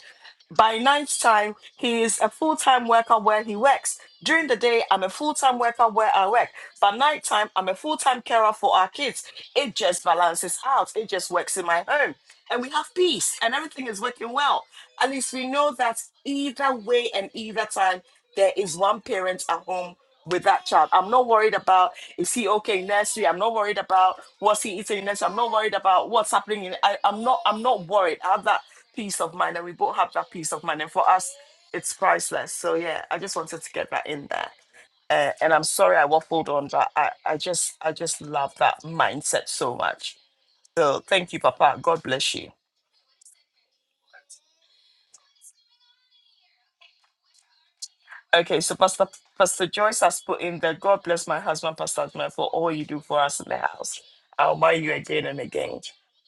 [SPEAKER 1] by night time, he is a full time worker where he works. During the day, I'm a full time worker where I work. By night time, I'm a full time carer for our kids. It just balances out, it just works in my home. And we have peace, and everything is working well. At least we know that either way and either time, there is one parent at home with that child. I'm not worried about is he okay in nursery. I'm not worried about what's he eating in nursery. I'm not worried about what's happening in. I, I'm not. I'm not worried. I have that peace of mind and we both have that peace of mind and for us it's priceless so yeah i just wanted to get that in there uh, and i'm sorry i waffled on but i i just i just love that mindset so much so thank you papa god bless you okay so pastor pastor joyce has put in there god bless my husband pastor Adman, for all you do for us in the house i'll mind you again and again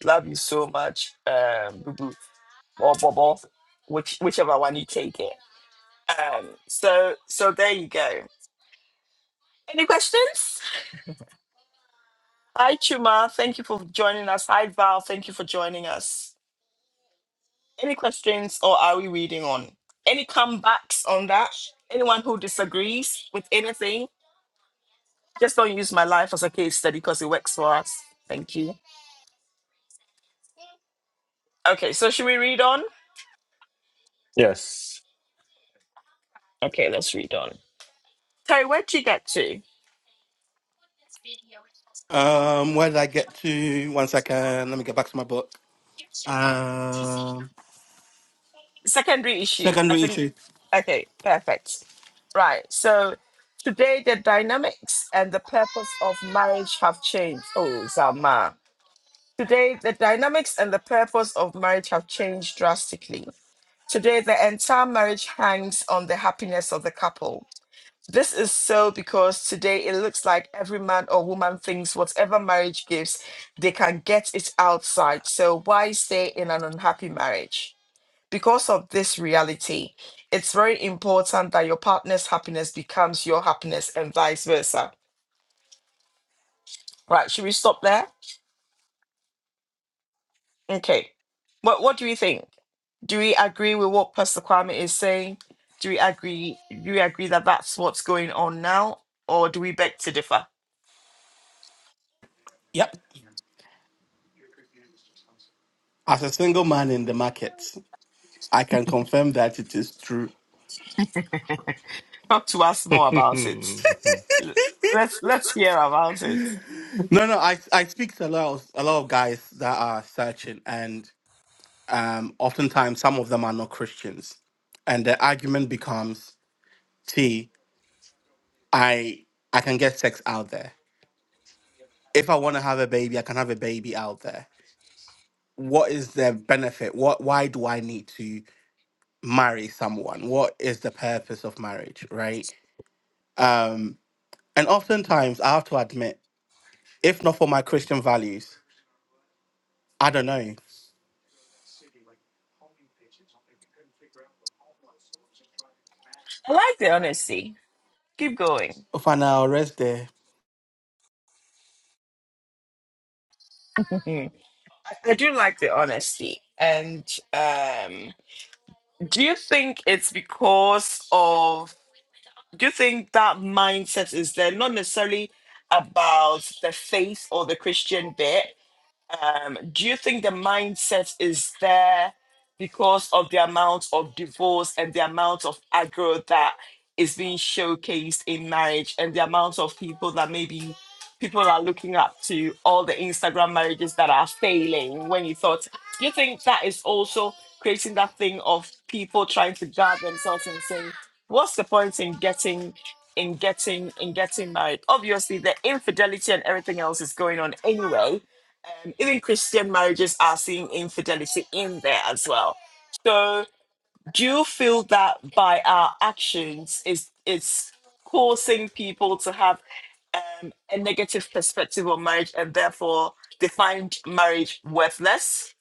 [SPEAKER 1] love you so much um boo boo or bobo which whichever one you take it um so so there you go Any questions? Hi, Chuma. Thank you for joining us. Hi, Val. Thank you for joining us. Any questions or are we reading on? Any comebacks on that? Anyone who disagrees with anything? Just don't use my life as a case study because it works for us. Thank you. Okay, so should we read on?
[SPEAKER 2] Yes.
[SPEAKER 1] Okay, let's read on. Terry, where'd you get to?
[SPEAKER 5] Um, where did I get to? One second, let me get back to my book. Um,
[SPEAKER 1] Secondary issue. I
[SPEAKER 5] secondary
[SPEAKER 1] think.
[SPEAKER 5] issue.
[SPEAKER 1] Okay, perfect. Right, so today the dynamics and the purpose of marriage have changed. Oh, Zama. Today, the dynamics and the purpose of marriage have changed drastically. Today, the entire marriage hangs on the happiness of the couple. This is so because today it looks like every man or woman thinks whatever marriage gives, they can get it outside. So, why stay in an unhappy marriage? Because of this reality, it's very important that your partner's happiness becomes your happiness and vice versa. Right, should we stop there? Okay. What, what do you think? Do we agree with what Pastor Kwame is saying? Do we agree? Do we agree that that's what's going on now, or do we beg to differ?
[SPEAKER 5] Yep. As a single man in the market, I can confirm that it is true.
[SPEAKER 1] Talk to us more about it.
[SPEAKER 2] no,
[SPEAKER 1] L- Let's let's hear about it.
[SPEAKER 5] No, no, I I speak to a lot of a lot of guys that are searching, and um, oftentimes some of them are not Christians, and the argument becomes, "See, I I can get sex out there. If I want to have a baby, I can have a baby out there. What is the benefit? What why do I need to marry someone? What is the purpose of marriage, right? Um, and oftentimes I have to admit, if not for my Christian values, I don't know.
[SPEAKER 1] I like the honesty. Keep going.
[SPEAKER 5] If I now rest there,
[SPEAKER 1] Mhm. I I do like the honesty. And um, do you think it's because of? Do you think that mindset is there? Not necessarily about the faith or the Christian bit, um, do you think the mindset is there because of the amount of divorce and the amount of aggro that is being showcased in marriage and the amount of people that maybe people are looking up to all the Instagram marriages that are failing when you thought do you think that is also creating that thing of people trying to guard themselves and saying what's the point in getting in getting in getting married obviously the infidelity and everything else is going on anyway um, even Christian marriages are seeing infidelity in there as well. So, do you feel that by our actions is it's causing people to have um, a negative perspective on marriage and therefore they find marriage worthless?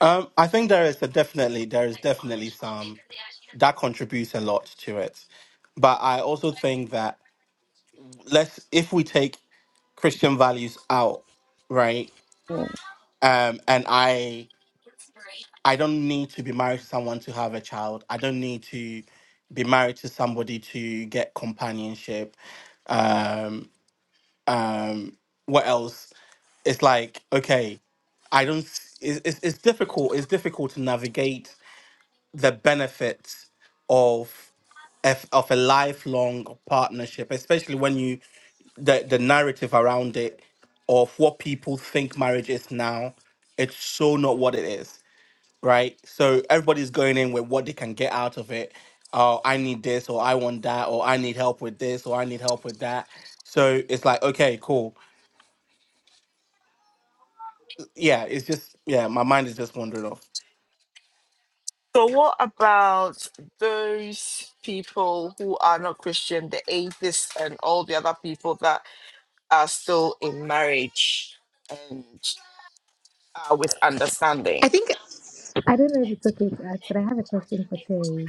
[SPEAKER 5] um, I think there is a definitely there is definitely some. that contributes a lot to it. But I also think that let's if we take Christian values out, right?
[SPEAKER 1] Mm.
[SPEAKER 5] Um, and I I don't need to be married to someone to have a child. I don't need to be married to somebody to get companionship. Um, um, what else? It's like okay, I don't. s- It's, it's it's difficult. It's difficult to navigate the benefits of of of a lifelong partnership, especially when you the the narrative around it of what people think marriage is now, it's so not what it is, right? So everybody's going in with what they can get out of it. Oh, I need this, or I want that, or I need help with this, or I need help with that. So it's like, okay, cool. Yeah, it's just yeah, my mind is just wandering off.
[SPEAKER 1] So, what about those people who are not Christian, the atheists, and all the other people that are still in marriage and are with
[SPEAKER 3] I
[SPEAKER 1] understanding?
[SPEAKER 3] think I don't know if it's okay to ask, but I have a question for Terry.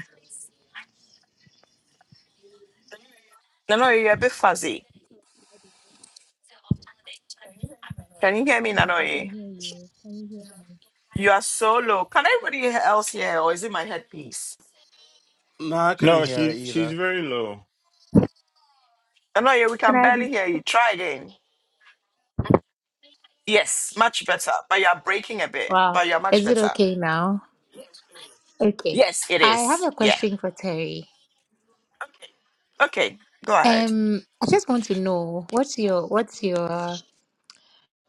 [SPEAKER 1] Nanoye, you're a bit fuzzy. Can you hear me,
[SPEAKER 3] Yes, I can
[SPEAKER 1] Nanoye?
[SPEAKER 3] hear you. Can you hear me?
[SPEAKER 1] You are so low. Can everybody else hear, or is it my headpiece?
[SPEAKER 5] No, I couldn't hear it
[SPEAKER 2] she she's
[SPEAKER 5] either.
[SPEAKER 2] very low.
[SPEAKER 1] Nanoye, we
[SPEAKER 3] Can
[SPEAKER 1] can
[SPEAKER 3] I
[SPEAKER 1] barely
[SPEAKER 3] be?
[SPEAKER 1] hear you. Try again. Yes, much better. But you are breaking a bit,
[SPEAKER 3] Wow.
[SPEAKER 1] but you're much
[SPEAKER 3] Is it
[SPEAKER 1] better.
[SPEAKER 3] okay now? Okay.
[SPEAKER 1] Yes, it
[SPEAKER 3] I
[SPEAKER 1] is.
[SPEAKER 3] have a
[SPEAKER 1] Yeah.
[SPEAKER 3] question for Terry.
[SPEAKER 1] Okay, go ahead.
[SPEAKER 3] Um, I just want to know what's your what's your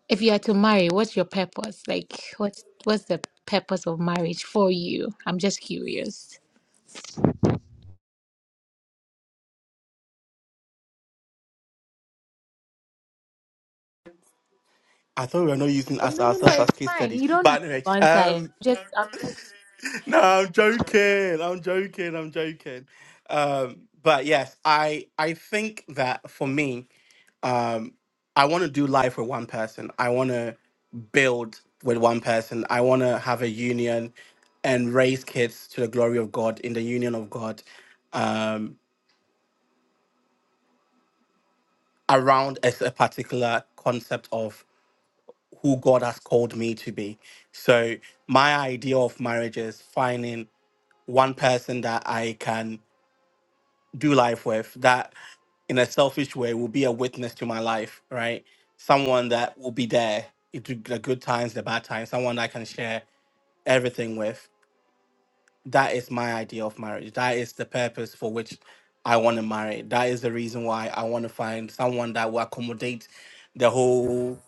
[SPEAKER 3] if you are to marry, what's your purpose? Like, what's what's the purpose of marriage for you? I'm just curious.
[SPEAKER 5] I thought we were not using
[SPEAKER 3] Oh,
[SPEAKER 5] us
[SPEAKER 3] No, no, no.
[SPEAKER 5] ourselves as
[SPEAKER 3] It's
[SPEAKER 5] case
[SPEAKER 3] fine.
[SPEAKER 5] studies.
[SPEAKER 3] You don't have
[SPEAKER 5] But anyway,
[SPEAKER 3] to answer. it.
[SPEAKER 5] um,
[SPEAKER 3] Just, I'm just.
[SPEAKER 5] No, I'm joking. I'm joking. I'm joking. Um, but yes, I I think that for me, um, I want to do life with one person. I want to build with one person. I want to have a union and raise kids to the glory of God in the union of God um, around a, s- a particular concept of who God has called me to be. So my idea of marriage is finding one person that I can do life with that in a selfish way will be a witness to my life, right? Someone that will be there through the good times, the bad times, someone I can share everything with. That is my idea of marriage. That is the purpose for which I want to marry. That is the reason why I want to find someone that will accommodate the whole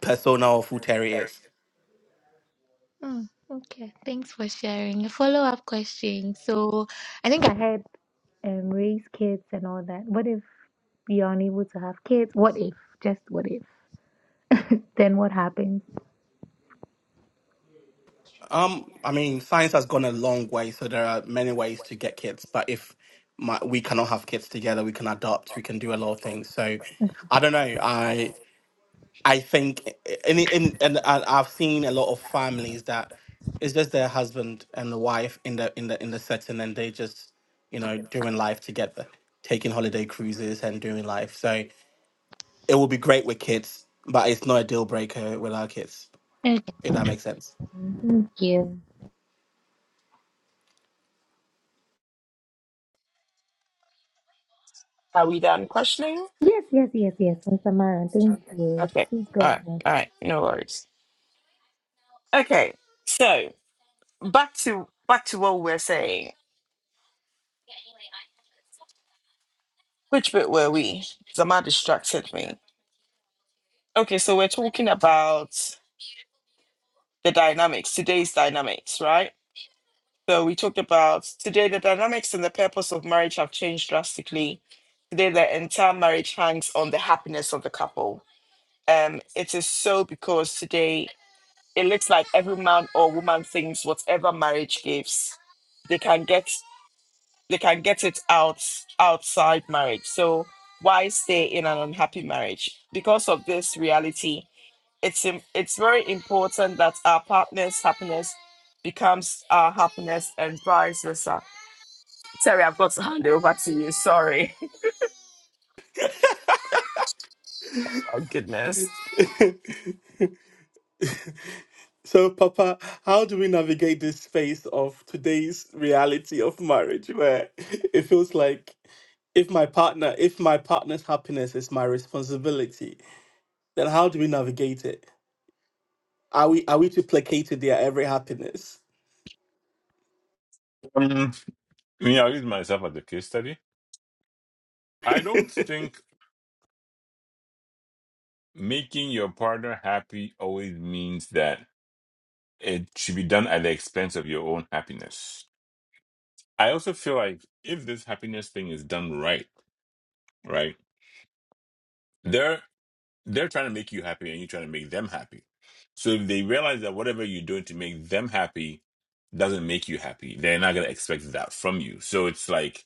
[SPEAKER 5] persona of who Terry is.
[SPEAKER 3] Mm, okay, thanks for sharing. A follow-up question. So, I think I had um, raise kids and all that. What if you're unable to have kids? What if? Just what if? then what happens?
[SPEAKER 5] Um, I mean, science has gone a long way, so there are many ways to get kids. But if my, we cannot have kids together, we can adopt, we can do a lot of things. So, I don't know. I I think, and in and I- I've seen a lot of families that it's just their husband and the wife in the in the in the setting, and they just you know doing life together, taking holiday cruises and doing life. So it will be great with kids, but it's not a deal breaker with our kids.
[SPEAKER 3] Okay,
[SPEAKER 5] If that makes sense.
[SPEAKER 3] thank you.
[SPEAKER 1] Are we done questioning?
[SPEAKER 3] Yes, yes, yes, yes. Miss Amara, thank you.
[SPEAKER 1] Okay.
[SPEAKER 3] Please go
[SPEAKER 1] All right.
[SPEAKER 3] ahead.
[SPEAKER 1] All right. No worries. Okay. So back to back to what we are saying. Which bit were we? Zama distracted me. Okay, so we're talking about the dynamics, today's dynamics, right? So we talked about today the dynamics and the purpose of marriage have changed drastically. Today the entire marriage hangs on the happiness of the couple. Um, it is so because today it looks like every man or woman thinks whatever marriage gives, they can get they can get it out outside marriage. So why stay in an unhappy marriage? Because of this reality, it's im- it's very important that our partner's happiness becomes our happiness and vice versa. Terry, I've got to hand it over to you. Sorry. Oh goodness.
[SPEAKER 5] So, Papa, how do we navigate this space of today's reality of marriage where it feels like if my partner, if my partner's happiness is my responsibility, then how do we navigate it? Are we are we to placate to their every happiness?
[SPEAKER 2] Um, yeah, I'll use myself as a case study. I don't think making your partner happy always means that it should be done at the expense of your own happiness. I also feel like if this happiness thing is done right, right? they're trying to make you happy and you're trying to make them happy. So if they realize that whatever you're doing to make them happy doesn't make you happy, they're not going to expect that from you. So it's like,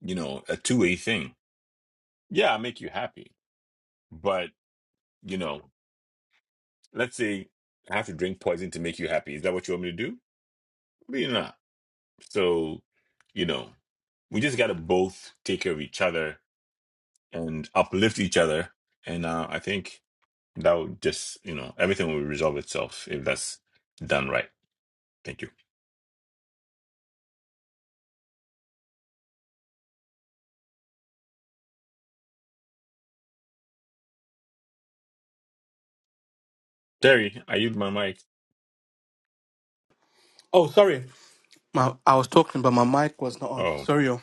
[SPEAKER 2] you know, a two way thing. Yeah, I make you happy. But, you know, let's say I have to drink poison to make you happy. Is that what you want me to do? Maybe not. So, you know, we just got to both take care of each other and uplift each other. And uh, I think That would just, you know, everything will resolve itself if that's done right. Thank you. Terry, I used my mic.
[SPEAKER 5] Oh, sorry. My, I was talking, but my mic was not on.
[SPEAKER 2] Oh,
[SPEAKER 5] Sorry. oh.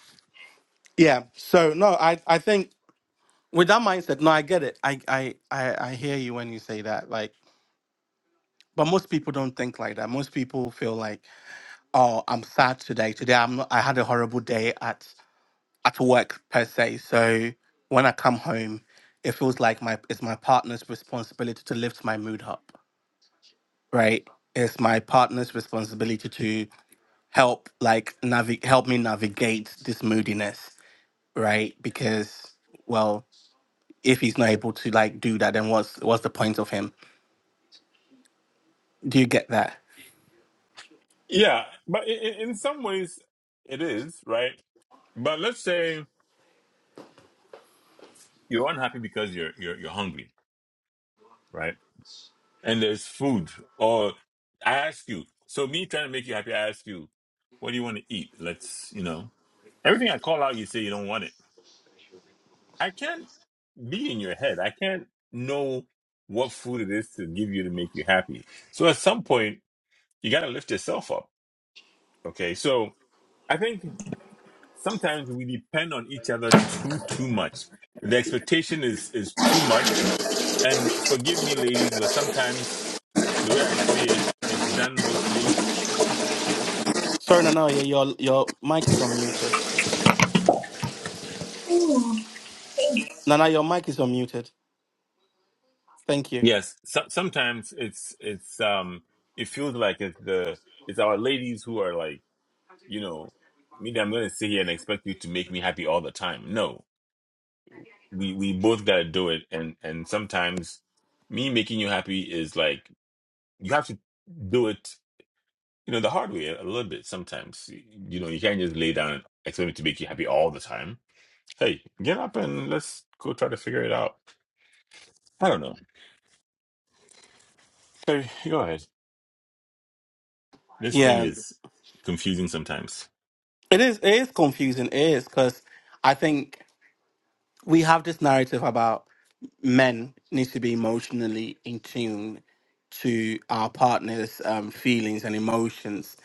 [SPEAKER 5] Yeah. So no, I I think with that mindset, no, I get it. I I I, I hear you when you say that. Like, but most people don't think like that. Most people feel like Oh, I'm sad today. Today I'm not, I had a horrible day at at work per se. So when I come home, it feels like my it's my partner's responsibility to lift my mood up, right? It's my partner's responsibility to help like navigate help me navigate this moodiness, right? Because well, if he's not able to like do that, then what's what's the point of him? Do you get that?
[SPEAKER 2] yeah, but in, in some ways it is, right? But let's say you're unhappy because you're you're you're hungry, right? And there's food. Or I ask you, so me trying to make you happy, I ask you, what do you want to eat? Let's, you know, everything I call out, you say you don't want it. I can't be in your head. I can't know what food it is to give you to make you happy. So at some point, you got to lift yourself up. Okay. So I think sometimes we depend on each other too, too much. The expectation is, is too much. And forgive me, ladies, but sometimes the way I see it, it's done mostly.
[SPEAKER 5] Sorry, Nana, yeah, your your mic is unmuted. Nana, your mic is unmuted. Thank you.
[SPEAKER 2] Yes. So, sometimes it's, it's, um, it feels like it's the, it's our ladies who are like, you know, maybe I'm gonna sit here and expect you to make me happy all the time. No, we we both gotta do it, and and sometimes me making you happy is like you have to do it, you know, the hard way a little bit. Sometimes you know you can't just lay down and expect me to make you happy all the time. Hey, get up and let's go try to figure it out. I don't know. Hey, go ahead. This thing
[SPEAKER 5] Yeah,
[SPEAKER 2] is confusing sometimes.
[SPEAKER 5] It is it is confusing. It is because I think we have this narrative about men need to be emotionally in tune to our partner's um, feelings and emotions,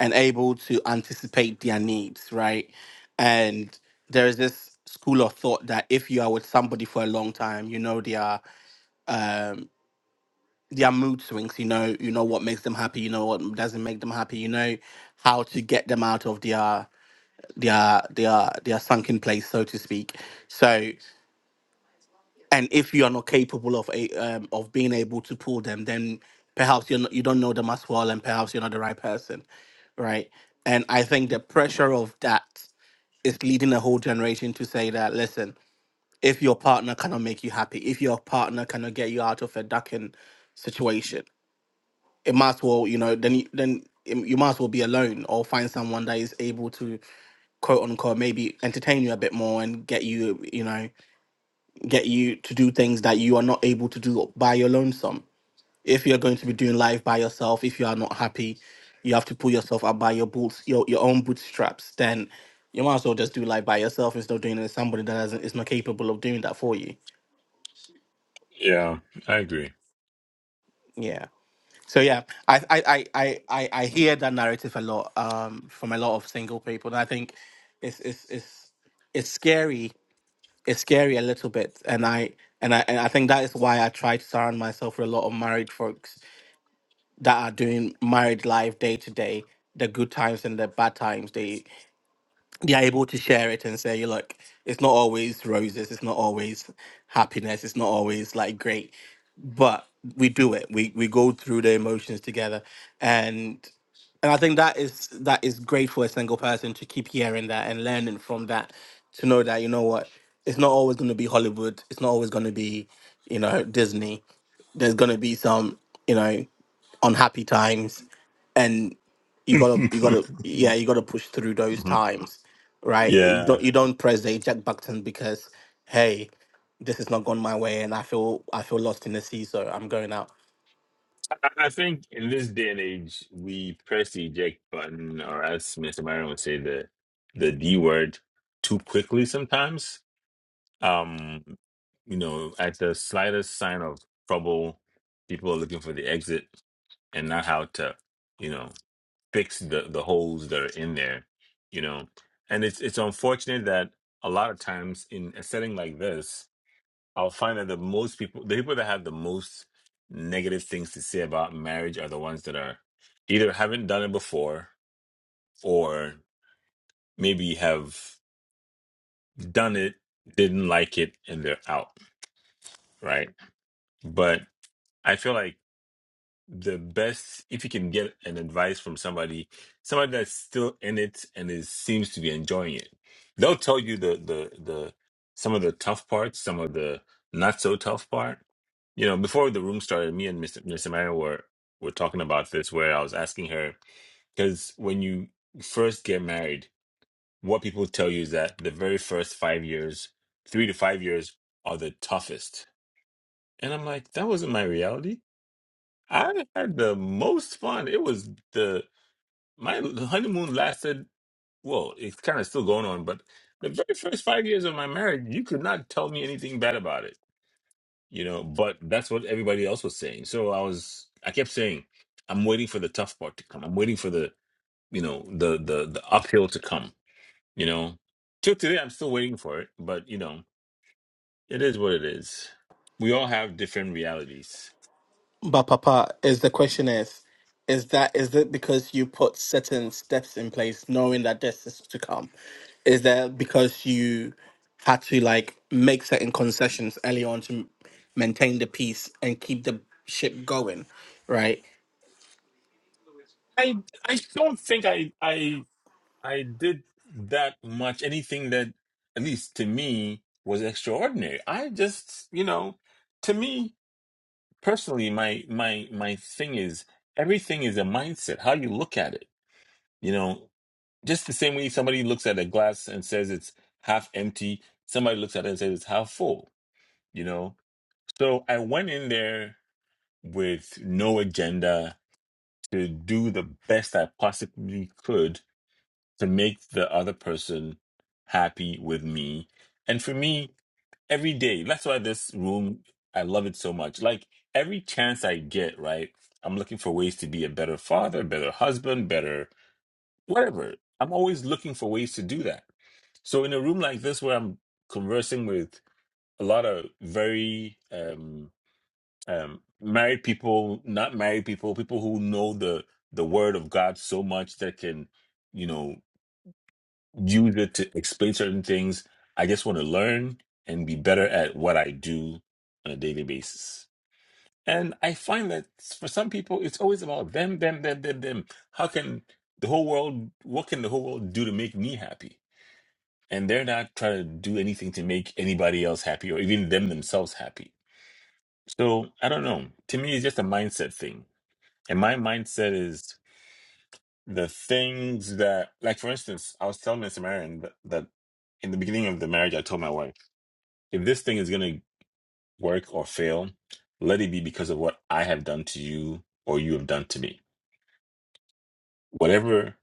[SPEAKER 5] and able to anticipate their needs, right? And there is this school of thought that if you are with somebody for a long time, you know their um, their mood swings. You know, you know what makes them happy. You know what doesn't make them happy. You know how to get them out of their their their their sunken place, so to speak. So, and if you are not capable of a um, of being able to pull them, then perhaps you're not, you don't know them as well, and perhaps you're not the right person, right? And I think the pressure of that is leading a whole generation to say that listen, if your partner cannot make you happy, if your partner cannot get you out of a ducking situation, it might as well you know then you- then you might as well be alone or find someone that is able to quote unquote maybe entertain you a bit more and get you you know get you to do things that you are not able to do by your lonesome if you're going to be doing life by yourself if you are not happy you have to pull yourself up by your boots your, your own bootstraps then you might as well just do life by yourself instead of doing it with somebody that doesn't is not capable of doing that for you
[SPEAKER 2] Yeah, I agree.
[SPEAKER 5] yeah so yeah i i i i, I I hear that narrative a lot um from a lot of single people and i think it's it's it's it's scary it's scary a little bit and i and i and i think that is why i try to surround myself with a lot of married folks that are doing married life day to day the good times and the bad times they they're able to share it and say, look, it's not always roses, it's not always happiness, it's not always like great, but we do it. We we go through the emotions together, and and I think that is that is great for a single person to keep hearing that and learning from that, to know that you know what, it's not always going to be Hollywood, it's not always going to be, you know, Disney. There's going to be some, you know, unhappy times, you gotta you gotta yeah you gotta push through those
[SPEAKER 2] Mhm.
[SPEAKER 5] times right you
[SPEAKER 2] Yeah.
[SPEAKER 5] don't you don't press the eject button because hey this has not gone my way and i feel i feel lost in the sea so i'm going out
[SPEAKER 2] I I think in this day and age, we press the eject button, or as Mr. Myron would say, the the D word too quickly sometimes. Um, you know, at the slightest sign of trouble, people are looking for the exit and not how to, you know, fix the the holes that are in there. You know, and it's it's unfortunate that a lot of times in a setting like this. I'll find that the most people, the people that have the most negative things to say about marriage are the ones that are either haven't done it before or maybe have done it, didn't like it, and they're out, right? But I feel like the best if you can get an advice from somebody somebody that's still in it and is seems to be enjoying it they'll tell you the the the some of the tough parts some of the not so tough part you know before the room started me and mr Miss Marion were were talking about this where i was asking her because when you first get married what people tell you is that the very first five years three to five years are the toughest and i'm like that wasn't my reality I had the most fun. It was the my honeymoon lasted, well, it's kind of still going on, but the very first five years of my marriage, you could not tell me anything bad about it, you know, but that's what everybody else was saying. So I was I kept saying, I'm waiting for the tough part to come. I'm waiting for the, you know, the the the uphill to come, you know. Till today I'm still waiting for it, but you know, it is what it is. We all have different realities.
[SPEAKER 5] but papa is the question is is that is it because you put certain steps in place knowing that this is to come is that because you had to like make certain concessions early on to m- maintain the peace and keep the ship going right
[SPEAKER 2] I I don't think I I I did that much anything that at least to me was extraordinary. I just, you know, to me personally my my my thing is everything is a mindset, how you look at it. You know, just the same way somebody looks at a glass and says it's half empty, somebody looks at it and says it's half full, you know. So I went in there with no agenda to do the best I possibly could to make the other person happy with me. And for me, every day, that's why this room, I love it so much. Like every chance I get, right? I'm looking for ways to be a better father, better husband, better whatever. I'm always looking for ways to do that. So in a room like this where I'm conversing with a lot of very um um married people, not married people, people who know the the word of God so much that can, you know, user to explain certain things. I just want to learn and be better at what I do on a daily basis. And I find that for some people, it's always about them, them, them, them, them. How can the whole world, what can the whole world do to make me happy? And they're not trying to do anything to make anybody else happy or even them themselves happy. So I don't know. To me, it's just a mindset thing. And my mindset is the things that, like, for instance, I was telling Miss Marion that, that in the beginning of the marriage, I told my wife, if this thing is going to work or fail, let it be because of what I have done to you or you have done to me. Whatever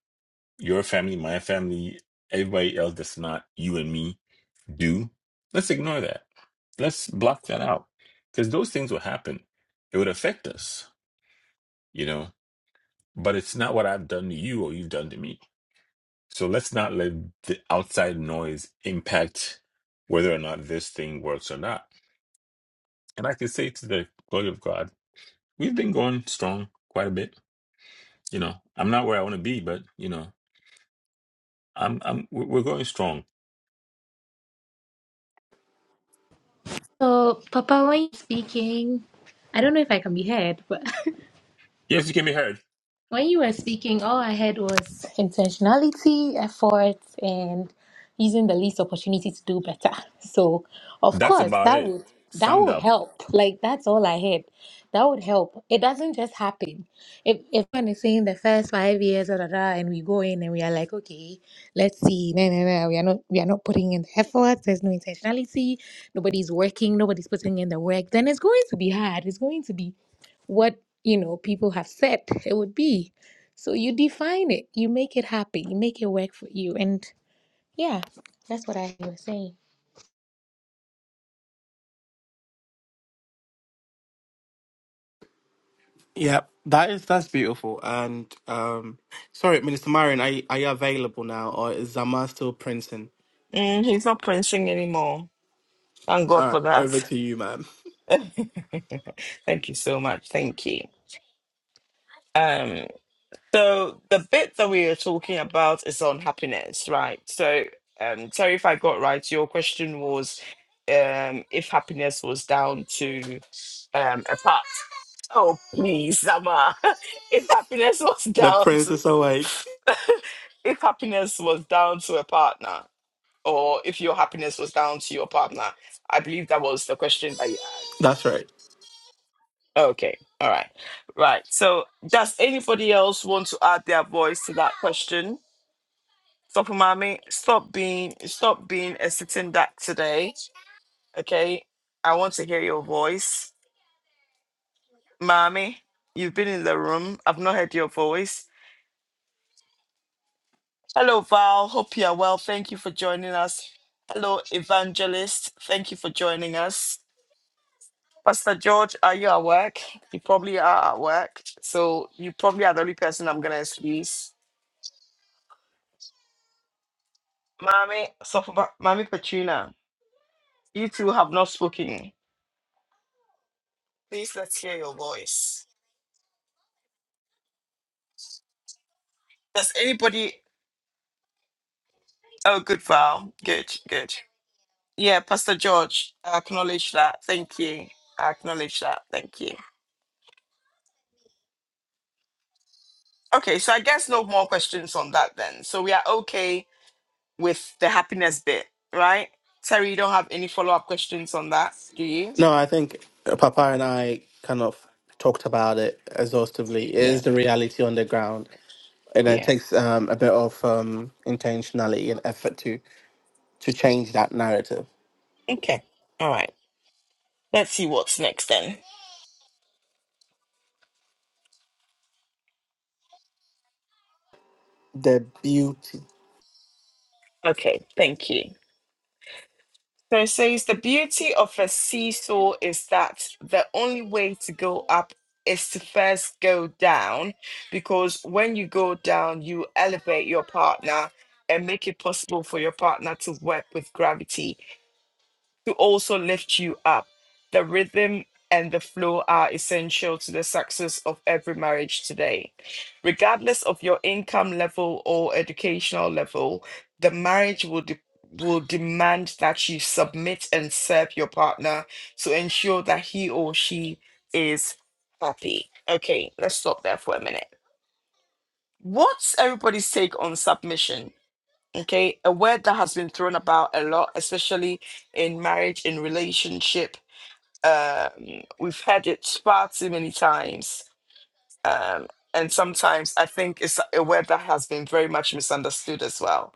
[SPEAKER 2] your family, my family, everybody else that's not you and me do, let's ignore that. Let's block that out because those things will happen. It would affect us, you know, but it's not what I've done to you or you've done to me So let's not let the outside noise impact whether or not this thing works or not. And I can say to the glory of God, we've been going strong quite a bit. You know, I'm not where I want to be, but you know, I'm I'm we're we're going strong.
[SPEAKER 3] So, Papa, when you're speaking, I don't know if I can be heard, but
[SPEAKER 2] Yes, you can be heard.
[SPEAKER 3] When you were speaking, all I had was intentionality, effort, and using the least opportunity to do better. So, of
[SPEAKER 2] That's
[SPEAKER 3] course,
[SPEAKER 2] about
[SPEAKER 3] that
[SPEAKER 2] it.
[SPEAKER 3] would that
[SPEAKER 2] Summed
[SPEAKER 3] would
[SPEAKER 2] up.
[SPEAKER 3] help. Like that's all I had. That would help. It doesn't just happen. If if one is saying the first five years, da, da, da, and we go in and we are like, okay, let's see, no, no, no, we are not we are not putting in the effort. There's no intentionality. Nobody's working. Nobody's putting in the work. Then it's going to be hard. It's going to be what you know people have said it would be so you define it you make it happen you make it work for you and yeah that's what i was saying
[SPEAKER 5] Yeah, that is that's beautiful. And um sorry, Minister Marion, are you, are you available now or is Zama still printing?
[SPEAKER 1] Mm, he's not prancing anymore. Thank God
[SPEAKER 5] All right,
[SPEAKER 1] for
[SPEAKER 5] over
[SPEAKER 1] that.
[SPEAKER 5] to you, ma'am.
[SPEAKER 1] Thank you so much. Thank you. Um, so the bit that we are talking about is on happiness, right? So um Terry, if I got right, your question was um if happiness was down to um a partner Oh, please, Sama. If happiness was
[SPEAKER 5] The
[SPEAKER 1] down
[SPEAKER 5] prince
[SPEAKER 1] to
[SPEAKER 5] is awake.
[SPEAKER 1] if happiness was down to a partner, or if your happiness was down to your partner, I believe that was the question that you asked.
[SPEAKER 5] That's right.
[SPEAKER 1] Okay. All right. Right. So does anybody else want to add their voice to that question? Stop mommy. Stop being stop being a sitting duck today. Okay. I want to hear your voice. Mommy, you've been in the room. I've not heard your voice Hello, Val. Hope you are well. Thank you for joining us. Hello, Evangelist. Thank you for joining us. Pastor George, are you at work? You probably are at work. So you probably are the only person I'm going to excuse. Mommy, so Mommy Petrina, you two have not spoken. Please let's hear your voice. Does anybody? Oh, good, Val. Good, good. Yeah, Pastor George, I acknowledge that. Thank you. I acknowledge that. Thank you. Okay, so I guess no more questions on that then. So we are okay with the happiness bit, right? Terry, you don't have any follow up questions on that, do you?
[SPEAKER 5] No, I think Papa and I kind of talked about it exhaustively. It
[SPEAKER 1] Yeah,
[SPEAKER 5] is the reality on the ground. And it
[SPEAKER 1] yeah.
[SPEAKER 5] takes um, a bit of um, intentionality and effort to to change that narrative.
[SPEAKER 1] Okay, all right. Let's see what's next then.
[SPEAKER 5] The beauty.
[SPEAKER 1] Okay, thank you. So it says the beauty of a seesaw is that the only way to go up is to first go down because when you go down, you elevate your partner and make it possible for your partner to work with gravity to also lift you up. The rhythm and the flow are essential to the success of every marriage today. Regardless of your income level or educational level, the marriage will de- will demand that you submit and serve your partner to ensure that he or she is happy. Okay, let's stop there for a minute. What's everybody's take on submission? Okay, a word that has been thrown about a lot, especially in marriage, in relationship. Um, we've heard it far too many times. Um, and sometimes I think it's a word that has been very much misunderstood as well.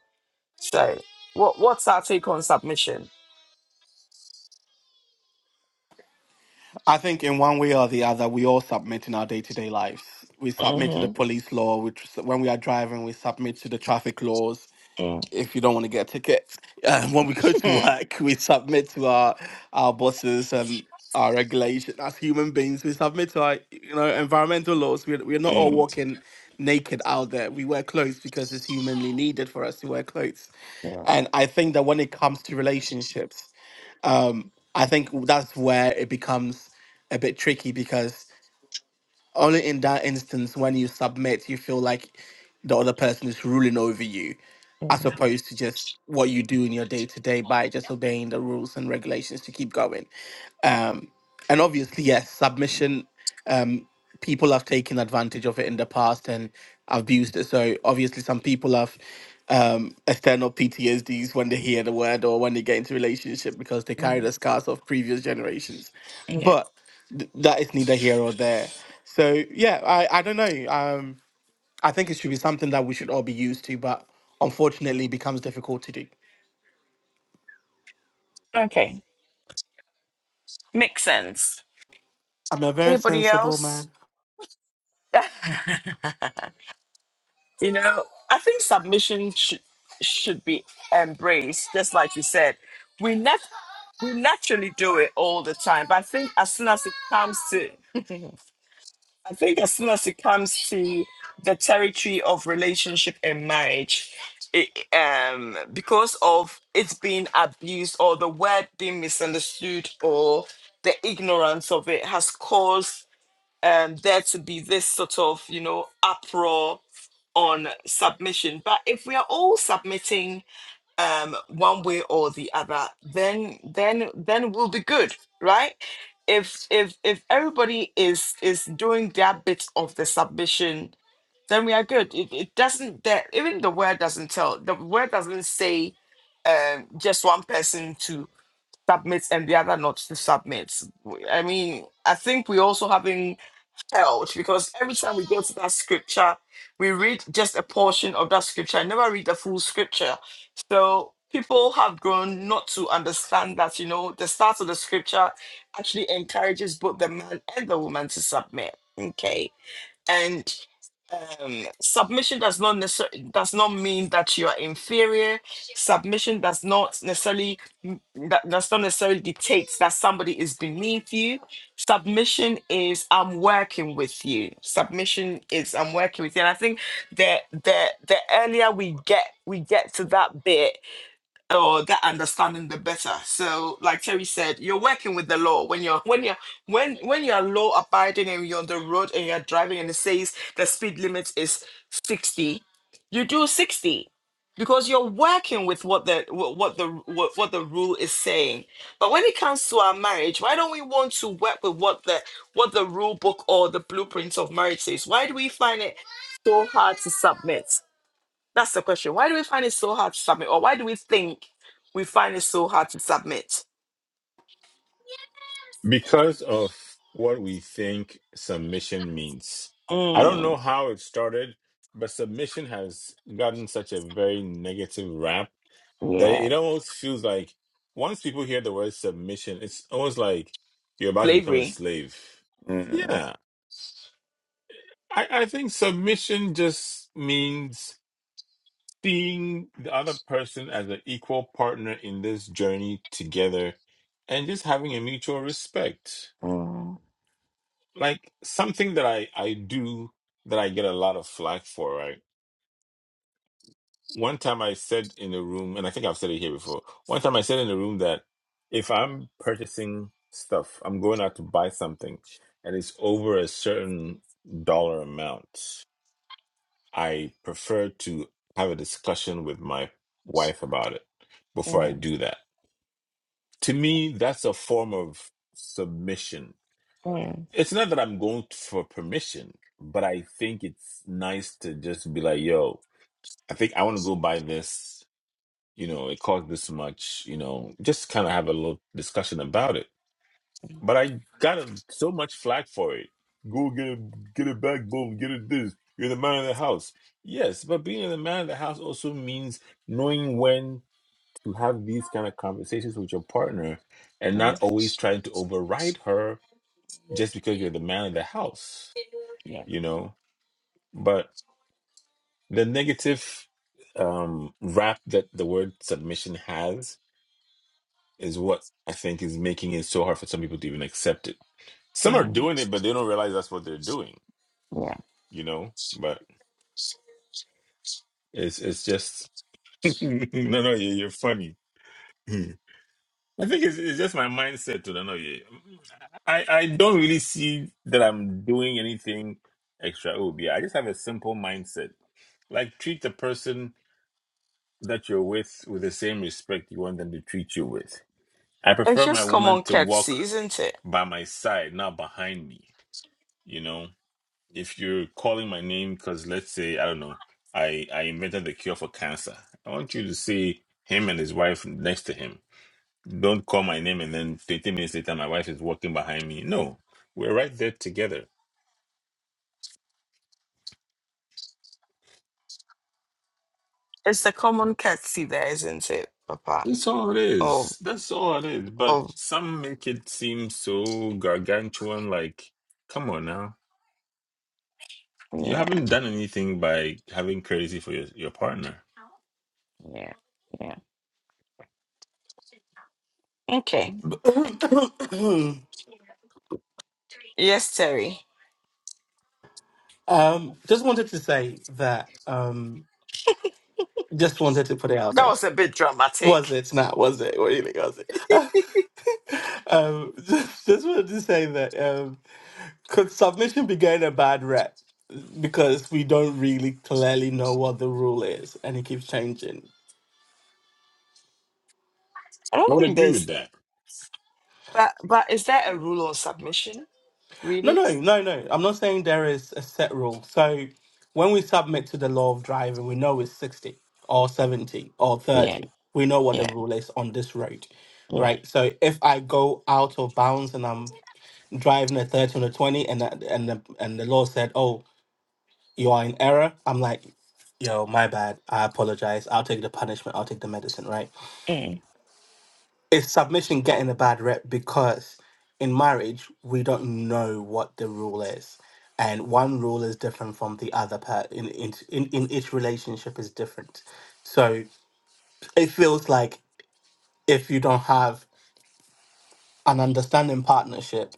[SPEAKER 1] So, what what's our take on submission?
[SPEAKER 5] I think in one way or the other, we all submit in our day to day lives. We
[SPEAKER 1] hmm
[SPEAKER 5] submit to the police law. We tr- when we are driving, we submit to the traffic laws
[SPEAKER 1] mm
[SPEAKER 5] if you don't want to get a ticket. Uh, when we go to
[SPEAKER 1] mm
[SPEAKER 5] work, we submit to our our bosses and our regulation. As human beings, we submit to our you know environmental laws. We're we're not all
[SPEAKER 1] mm
[SPEAKER 5] walking naked out there. We wear clothes because it's humanly needed for us to wear clothes.
[SPEAKER 1] mm,
[SPEAKER 5] And I think that when it comes to relationships, um, I think that's where it becomes a bit tricky because only in that instance when you submit you feel like the other person is ruling over you
[SPEAKER 1] mm,
[SPEAKER 5] as opposed to just what you do in your day to day by just obeying the rules and regulations to keep going um and obviously yes submission um people have taken advantage of it in the past and abused it so obviously some people have um external ptsds when they hear the word or when they get into relationship because they carry
[SPEAKER 1] mm.
[SPEAKER 5] the scars of previous generations
[SPEAKER 1] Yeah.
[SPEAKER 5] but th- that is neither here or there. So yeah, I I don't know. Um, I think it should be something that we should all be used to, but unfortunately, it becomes difficult to do.
[SPEAKER 1] Okay. Makes sense.
[SPEAKER 5] I'm a very
[SPEAKER 1] Anybody
[SPEAKER 5] sensible
[SPEAKER 1] else?
[SPEAKER 5] man.
[SPEAKER 1] You know, I think submission should should be embraced, just like you said. We nat- we naturally do it all the time, but I think as soon as it comes to, I think as soon as it comes to the territory of relationship and marriage, it, um, because of it's being abused or the word being misunderstood or the ignorance of it has caused um, there to be this sort of, you know, uproar on submission. But if we are all submitting um, one way or the other, then then then we'll be good, right? If if if everybody is is doing their bit of the submission, then we are good. It, it doesn't that even the word doesn't tell. The word doesn't say um, just one person to submit and the other not to submit. I mean, I think we also having out because every time we go to that scripture, we read just a portion of that scripture. I never read the full scripture. So people have grown not to understand that, you know, the start of the scripture actually encourages both the man and the woman to submit. Okay. And um, submission does not necessarily does not mean that you are inferior submission does not necessarily m- that does not necessarily dictate that somebody is beneath you submission is i'm working with you submission is i'm working with you and i think that the the earlier we get we get to that bit or that understanding the better so like terry said you're working with the law when you're when you're when when you're law abiding and you're on the road and you're driving and it says the speed limit is 60 you do 60 because you're working with what the wh- what the what, what the rule is saying but when it comes to our marriage why don't we want to work with what the what the rule book or the blueprints of marriage says why do we find it so hard to submit that's the question. Why do we find it so hard to submit? Or why do we think we find it so hard to submit?
[SPEAKER 2] Because of what we think submission means. I don't
[SPEAKER 1] Mm,
[SPEAKER 2] know how it started, but submission has gotten such a very negative rap That
[SPEAKER 1] Yeah.
[SPEAKER 2] it almost feels like once people hear the word submission, it's almost like you're about to become a
[SPEAKER 1] slavery.
[SPEAKER 2] slave.
[SPEAKER 1] Mm.
[SPEAKER 2] Yeah, I, I think submission just means seeing the other person as an equal partner in this journey together and just having a mutual respect. Like something that I, I do that I get a lot of flack for, right? One time I said in a room, and I think I've said it here before. One time I said in a room that if I'm purchasing stuff, I'm going out to buy something, and it's over a certain dollar amount, I prefer to have a discussion with my wife about it before I do that. To me, that's a form of submission. It's not that I'm going for permission, but I think it's nice to just be like, yo, I think I want to go buy this. you know, it cost this much, you know, just kind of have a little discussion about it. But I got a- so much flack for it. Go get it, get it back, boom, get it this. You're the man of the house. Yes, but being the man of the house also means knowing when to have these kind of conversations with your partner and not always trying to override her just because you're the man of the house,
[SPEAKER 1] Yeah.
[SPEAKER 2] you know. But the negative um wrap that the word submission has is what I think is making it so hard for some people to even accept it. Some are
[SPEAKER 1] Yeah.
[SPEAKER 2] doing it, but they don't realize that's what they're doing,
[SPEAKER 1] Yeah.
[SPEAKER 2] you know? But it's it's just no, no, you- you're funny. Hmm. I think it's, it's just my mindset to no, yeah. I I don't really see that I'm doing anything extra. Oh, yeah, I just have a simple mindset. Like treat the person that you're with with the same respect you want them to treat you with. I
[SPEAKER 1] It's
[SPEAKER 2] prefer my
[SPEAKER 1] just
[SPEAKER 2] woman
[SPEAKER 1] common
[SPEAKER 2] to
[SPEAKER 1] courtesy,
[SPEAKER 2] walk
[SPEAKER 1] isn't it?
[SPEAKER 2] by my side, not behind me. You know, if you're calling my name because let's say i don't know i i invented the cure for cancer i want you to see him and his wife next to him don't call my name and then 30 minutes later my wife is walking behind me no we're right there together
[SPEAKER 1] It's the common courtesy there, isn't it, Papa?
[SPEAKER 2] that's all it
[SPEAKER 1] Oh,
[SPEAKER 2] is that's all it is but
[SPEAKER 1] oh,
[SPEAKER 2] some make it seem so gargantuan like come on now you
[SPEAKER 1] Yeah.
[SPEAKER 2] haven't done anything by having crazy for your, your partner
[SPEAKER 1] Yeah. Yeah. Okay. yes, Terry.
[SPEAKER 5] um, just wanted to say that. Um, just wanted to put it out
[SPEAKER 1] That
[SPEAKER 5] there.
[SPEAKER 1] was a bit dramatic.
[SPEAKER 5] Was it not? Was it really? Was it? um, just, just wanted to say that. Um, Could submission be getting a bad rep because we don't really clearly know what the rule is and it keeps changing?
[SPEAKER 1] I
[SPEAKER 2] i
[SPEAKER 1] don't
[SPEAKER 2] would
[SPEAKER 1] think
[SPEAKER 2] agree with
[SPEAKER 1] there's,
[SPEAKER 2] that
[SPEAKER 1] but but is there a rule on submission?
[SPEAKER 5] No,
[SPEAKER 1] Really?
[SPEAKER 5] no, no, no. I'm not saying there is a set rule. So when we submit to the law of driving, we know it's 60 or 70 or
[SPEAKER 1] Yeah.
[SPEAKER 5] 30. We know what the
[SPEAKER 1] Yeah.
[SPEAKER 5] rule is on this road,
[SPEAKER 1] Yeah.
[SPEAKER 5] right? So if I go out of bounds and I'm driving a 30 on a 20 and that- and the, and the law said, "Oh, you are in error." I'm like, "Yo, my bad. I apologize. I'll take the punishment. I'll take the medicine, right?"
[SPEAKER 1] Mm.
[SPEAKER 5] is submission getting a bad rep because in marriage we don't know what the rule is and one rule is different from the other part in, in in in each relationship is different so it feels like if you don't have an understanding partnership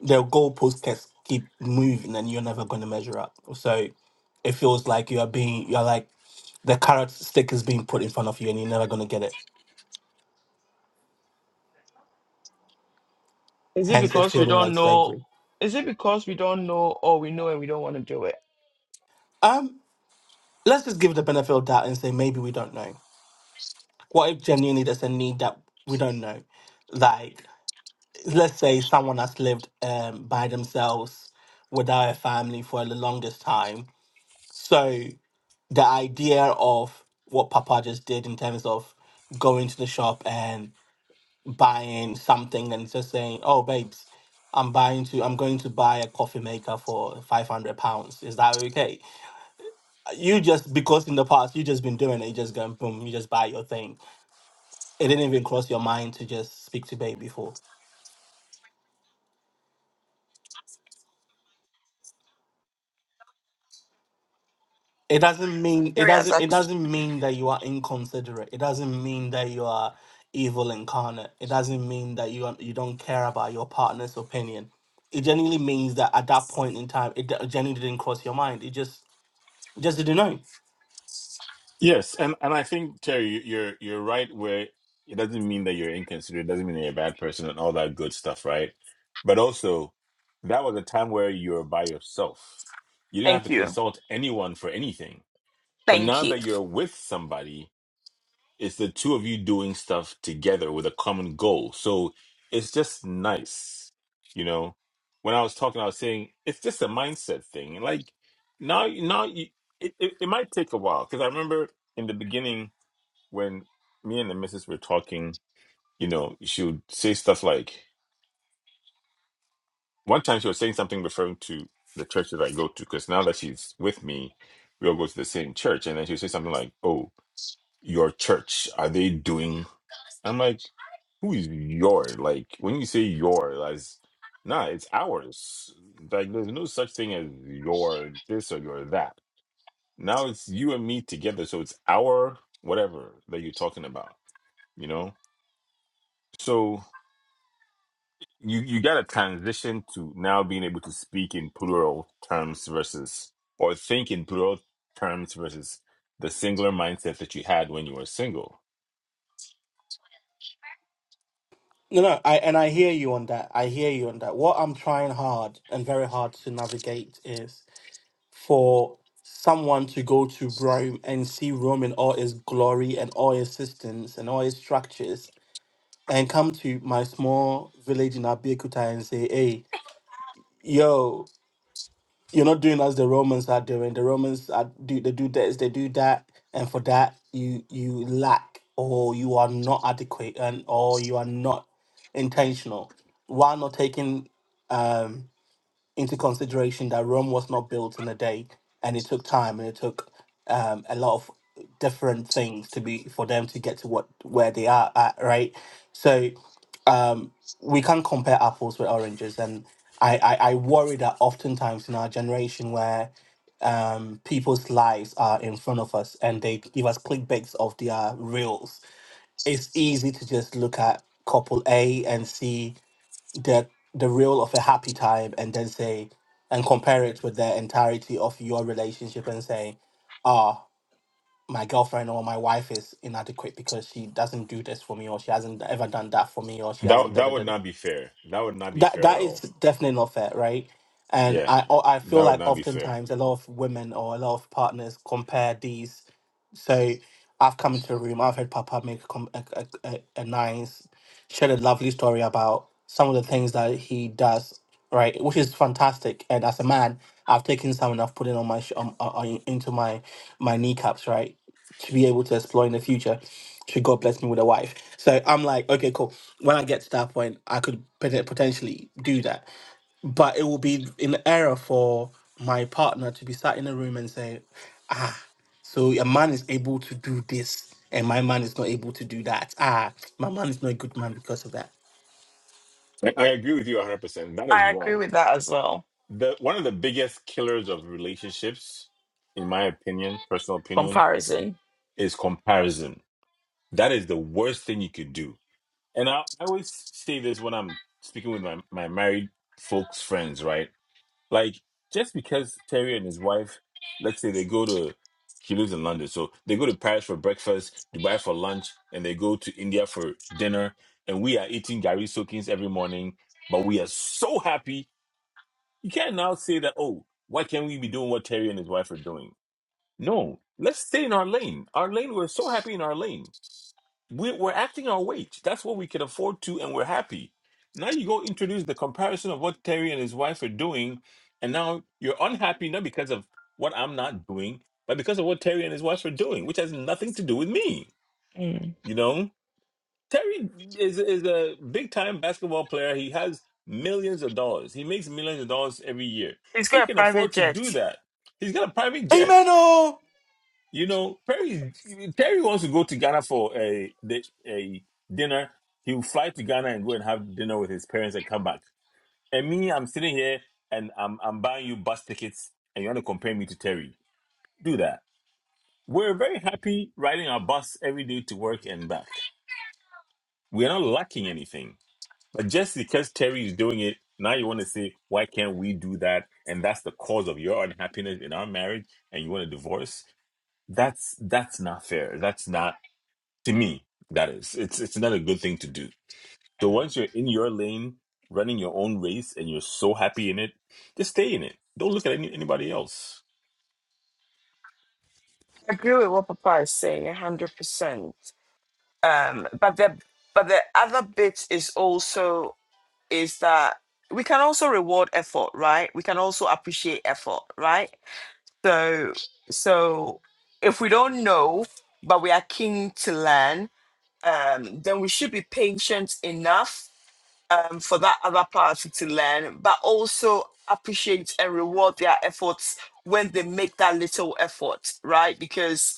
[SPEAKER 5] the goalposts can keep moving and you're never going to measure up so it feels like you are being you're like the carrot stick is being put in front of you and you're never going to get it
[SPEAKER 1] Is it
[SPEAKER 5] hence it
[SPEAKER 1] because we
[SPEAKER 5] feeling
[SPEAKER 1] don't
[SPEAKER 5] like
[SPEAKER 1] know?
[SPEAKER 5] slavery
[SPEAKER 1] Is it because we don't know, or we know and we don't want to do it?
[SPEAKER 5] Um. let's just give it the benefit of doubt and say maybe we don't know. What if genuinely there's a need that we don't know? Like,
[SPEAKER 1] Well,
[SPEAKER 5] let's say someone has lived um, by themselves without a family for the longest time. So the idea of what Papa just did in terms of going to the shop and buying something and just saying, "Oh, babes." I'm buying to. I'm going to buy a coffee maker for five hundred pounds. Is that okay? you just because in the past you just been doing it, you just going boom, you just buy your thing. It didn't even cross your mind to just speak to babe before. It doesn't mean it
[SPEAKER 1] Terry has
[SPEAKER 5] doesn't it
[SPEAKER 1] asked-
[SPEAKER 5] doesn't mean that you are inconsiderate. It doesn't mean that you are evil incarnate. It doesn't mean that you are, you don't care about your partner's opinion. It genuinely means that at that point in time, it d- genuinely didn't cross your mind. It just you just didn't know.
[SPEAKER 2] Yes, and and I think Terry, you- are you're right where it doesn't mean that you're inconsiderate, it doesn't mean that you're a bad person and all that good stuff, right? But also, that was a time where you were by yourself. You didn't have
[SPEAKER 1] Thank
[SPEAKER 2] to
[SPEAKER 1] you.
[SPEAKER 2] consult anyone for anything. But
[SPEAKER 1] Thank
[SPEAKER 2] now
[SPEAKER 1] you.
[SPEAKER 2] that you're with somebody, it's the two of you doing stuff together with a common goal. So it's just nice, you know. When I was talking, I was saying it's just a mindset thing. And Like now, now you, it, it it might take a while because I remember in the beginning when me and the missus were talking, you know, she would say stuff like one time she was saying something referring to the church that I go to because now that she's with me, we all go to the same church, and then she would say something like, "Oh, your church are they doing?" I'm like, who is your? Like when you say your, as nah, it's ours. Like there's no such thing as your this or your that. Now it's you and me together, so it's our whatever that you're talking about. You know, so you you got to transition to now being able to speak in plural terms versus or think in plural terms versus the singular mindset that you had when you were single.
[SPEAKER 5] No, no, I and I hear you on that. I hear you on that. What I'm trying hard and very hard to navigate is for someone to go to Rome and see Rome in all its glory and all its systems and all its structures and come to my small village in Abeokuta and say, hey, yo, you're not doing as the Romans are doing. The Romans are do they do this, they do that, and for that you you lack or you are not adequate and or you are not intentional. While not taking um into consideration that Rome was not built in a day, and it took time and it took um, a lot of different things to be for them to get to what where they are at, right? So um, we can't compare apples with oranges, and I, I I worry that oftentimes in our generation where um people's lives are in front of us and they give us clickbaits of their reels it's easy to just look at couple a and see the the real of a happy time and then say and compare it with the entirety of your relationship and say, ah, my girlfriend or my wife is inadequate because she doesn't do this for me or she hasn't ever done that for me or she hasn't
[SPEAKER 2] That
[SPEAKER 5] done
[SPEAKER 2] that would
[SPEAKER 5] it
[SPEAKER 2] not be fair. That would not be
[SPEAKER 5] that
[SPEAKER 2] fair at
[SPEAKER 5] that
[SPEAKER 2] all
[SPEAKER 5] is definitely not fair, right? And
[SPEAKER 2] Yeah,
[SPEAKER 5] I o- I feel
[SPEAKER 2] that would
[SPEAKER 5] like
[SPEAKER 2] not be fair.
[SPEAKER 5] oftentimes a lot of women or a lot of partners compare these. So I've come into a room, I've heard Papa make a, com- a, a, a a nice, shared a lovely story about some of the things that he does, right? Which is fantastic. And as a man, I've taken some and I've put it on my sh- um, uh, uh, into my my kneecaps, right? To be able to explore in the future should God bless me with a wife? So I'm like, okay, cool. When I get to that point, I could pot- potentially do that. But it will be an error for my partner to be sat in a room and say, ah, so a man is able to do this and my man is not able to do that. Ah, my man is not a good man because of that.
[SPEAKER 2] I, I agree with you 100%. That is
[SPEAKER 1] I agree
[SPEAKER 2] wrong.
[SPEAKER 1] with that as well.
[SPEAKER 2] The one of the biggest killers of relationships, in my opinion, personal opinion,
[SPEAKER 1] Comparison.
[SPEAKER 2] is comparison. That is the worst thing you could do. And I, I always say this when I'm speaking with my, my married folks friends, right? Like just because Terry and his wife, let's say they go to he lives in London, so they go to Paris for breakfast, Dubai for lunch, and they go to India for dinner, and we are eating Gary Soakings every morning, but we are so happy. You can't now say that, oh, why can't we be doing what Terry and his wife are doing? No, let's stay in our lane. Our lane, we're so happy in our lane. We're, we're acting our wage. That's what we can afford to, and we're happy. Now you go introduce the comparison of what Terry and his wife are doing, and now you're unhappy not because of what I'm not doing, but because of what Terry and his wife are doing, which has nothing to do with me.
[SPEAKER 1] Mm.
[SPEAKER 2] You know, Terry is is a big time basketball player. He has millions of dollars. He makes millions of dollars every year.
[SPEAKER 1] He's
[SPEAKER 2] He
[SPEAKER 1] got a
[SPEAKER 2] can
[SPEAKER 1] private
[SPEAKER 2] afford to
[SPEAKER 1] jet.
[SPEAKER 2] do that. He's got a private jet.
[SPEAKER 5] Amen. Oh,
[SPEAKER 2] You know, Perry Terry wants to go to Ghana for a di- a dinner. He will fly to Ghana and go and have dinner with his parents and come back. And me, I'm sitting here and I'm I'm buying you bus tickets, and you want to compare me to Terry? Do that. We're very happy riding our bus every day to work and back. We're not lacking anything. But just because Terry is doing it, now you want to say, why can't we do that? And that's the cause of your unhappiness in our marriage, and you want a divorce. That's that's not fair. That's not to me that is it's it's not a good thing to do so
[SPEAKER 1] Mm.
[SPEAKER 2] once you're in your lane running your own race and you're so happy in it just stay in it don't look at any, anybody else
[SPEAKER 1] I agree with what Papa is saying, a hundred percent. Um, but the but the other bit is also is that we can also reward effort, right? We can also appreciate effort, right? So, so if we don't know, but we are keen to learn, um, then we should be patient enough um, for that other party to learn, but also appreciate and reward their efforts when they make that little effort, right? Because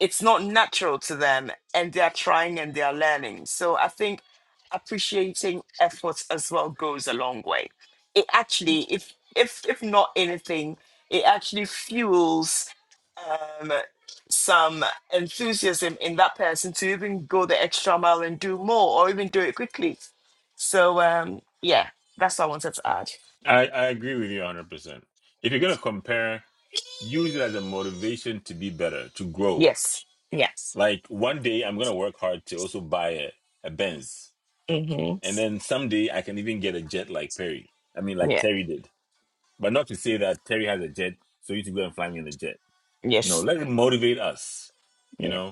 [SPEAKER 1] it's not natural to them and they're trying and they're learning. So I think appreciating effort as well goes a long way. It actually, if if if not anything, it actually fuels um, some enthusiasm in that person to even go the extra mile and do more or even do it quickly. So um, yeah, that's what I wanted to add.
[SPEAKER 2] i i agree with you 100% if you're going to compare use it as a motivation to be better to grow
[SPEAKER 1] Yes. Yes.
[SPEAKER 2] like one day i'm going to work hard to also buy a, a benz and
[SPEAKER 1] Mm-hmm.
[SPEAKER 2] then someday i can even get a jet like perry i mean like
[SPEAKER 1] Yeah.
[SPEAKER 2] terry did but not to say that terry has a jet so you should go and fly me in a jet no
[SPEAKER 1] Yes.
[SPEAKER 2] let it motivate us you
[SPEAKER 1] Yeah.
[SPEAKER 2] know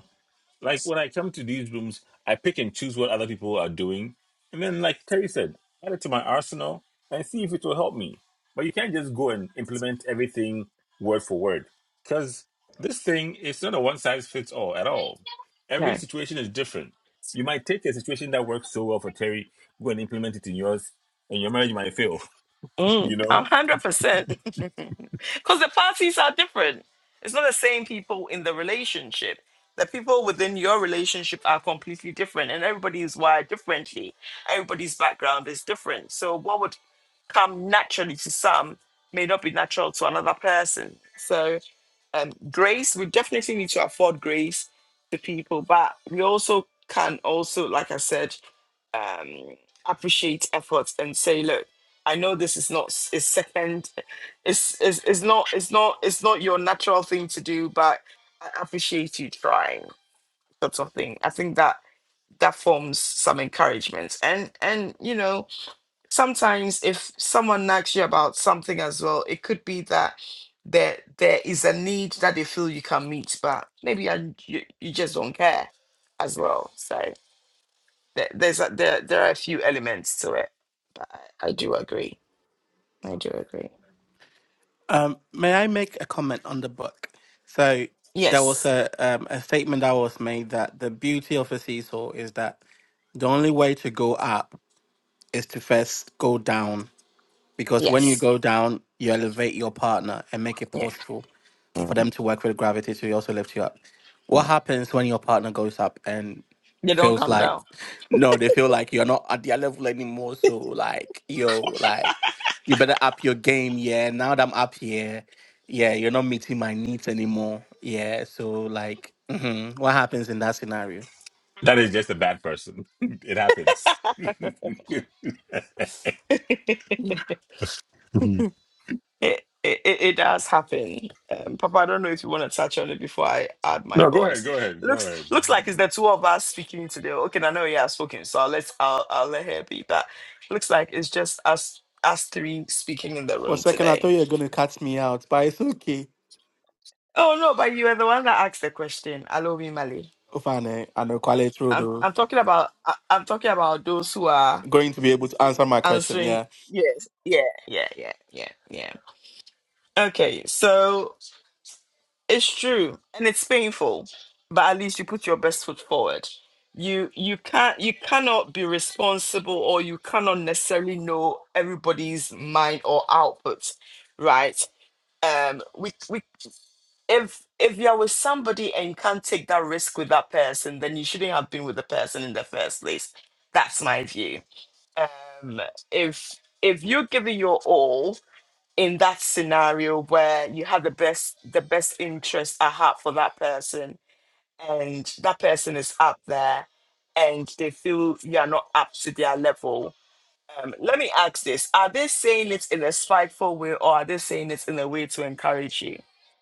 [SPEAKER 2] Like when I come to these rooms, I pick and choose what other people are doing. And then, like Terry said, add it to my arsenal and see if it will help me. But you can't just go and implement everything word for word because this thing is not a one size fits all at all. Every situation is different. You might take a situation that works so well for Terry, go and implement it in yours, and your marriage might fail.
[SPEAKER 1] Mm,
[SPEAKER 2] You
[SPEAKER 1] A
[SPEAKER 2] know,
[SPEAKER 1] hundred percent. Because the parties are different. It's not the same people in the relationship. The people within your relationship are completely different, and everybody is wired differently. Everybody's background is different. So, what would come naturally to some may not be natural to another person. So um, grace. We definitely need to afford grace to people, but we also can also, like I said, um, appreciate efforts and say, look, I know this is not s- is second, it's, it's it's not it's not it's not your natural thing to do, but I appreciate you trying, sort of thing. I think that that forms some encouragement, and and you know sometimes if someone nags you about something as well, it could be that there there is a need that they feel you can meet, but maybe I, you, you just don't care as well. So there, there's a, there there are a few elements to it, but I, I do agree. I do agree.
[SPEAKER 5] um, may I make a comment on the book? So there was
[SPEAKER 1] Yes,
[SPEAKER 5] a um, a statement that was made that the beauty of a seesaw is that the only way to go up is to first go down because when you
[SPEAKER 1] yes,
[SPEAKER 5] go down, you elevate your partner and make it
[SPEAKER 1] yeah.
[SPEAKER 5] possible for
[SPEAKER 1] mm,
[SPEAKER 5] them to work with gravity to also lift you up.
[SPEAKER 1] yeah.
[SPEAKER 5] What happens when your partner goes up and
[SPEAKER 1] They don't
[SPEAKER 5] feels
[SPEAKER 1] come
[SPEAKER 5] like
[SPEAKER 1] down.
[SPEAKER 5] no, they feel like you're not at their level anymore. So like yo, like you better up your game, yeah. Now that I'm up here, yeah, you're not meeting my needs anymore. Yeah. So like mhm, what happens in that scenario?
[SPEAKER 2] that is just a bad person. It happens.
[SPEAKER 1] It, it, it it does happen. Um, Papa, I don't know if you want to touch on it before I add my
[SPEAKER 2] No, go ahead,
[SPEAKER 1] voice.
[SPEAKER 2] go ahead, go
[SPEAKER 1] Looks
[SPEAKER 2] ahead.
[SPEAKER 1] looks like it's the two of us speaking today. Okay, I know you have spoken, so let's. I'll, I'll let her be. But looks like it's just us us three speaking in the
[SPEAKER 5] For a
[SPEAKER 1] room
[SPEAKER 5] second I
[SPEAKER 1] today.
[SPEAKER 5] thought you were gonna cut me out, but it's okay.
[SPEAKER 1] Oh no, but you are the one that asked the question. Alobi Mali.
[SPEAKER 5] Ufane and Okwale
[SPEAKER 1] I'm
[SPEAKER 5] Trudeau
[SPEAKER 1] I'm talking about I, I'm talking about those who are
[SPEAKER 5] going to be able to answer my question.
[SPEAKER 1] answering.
[SPEAKER 5] Yeah.
[SPEAKER 1] Yes. Yeah. Yeah. Yeah. Yeah. Yeah. Okay. So. It's true, and it's painful, but at least you put your best foot forward. You you can't you cannot be responsible or you cannot necessarily know everybody's mind or output, right? Um, we we if if you're with somebody and you can't take that risk with that person, then you shouldn't have been with the person in the first place. That's my view. Um, if if you're giving your all in that scenario where you have the best the best interest at heart for that person and that person is up there and they feel you are not up to their level um, let me ask this are they saying it in a spiteful way or are they saying it in a way to encourage you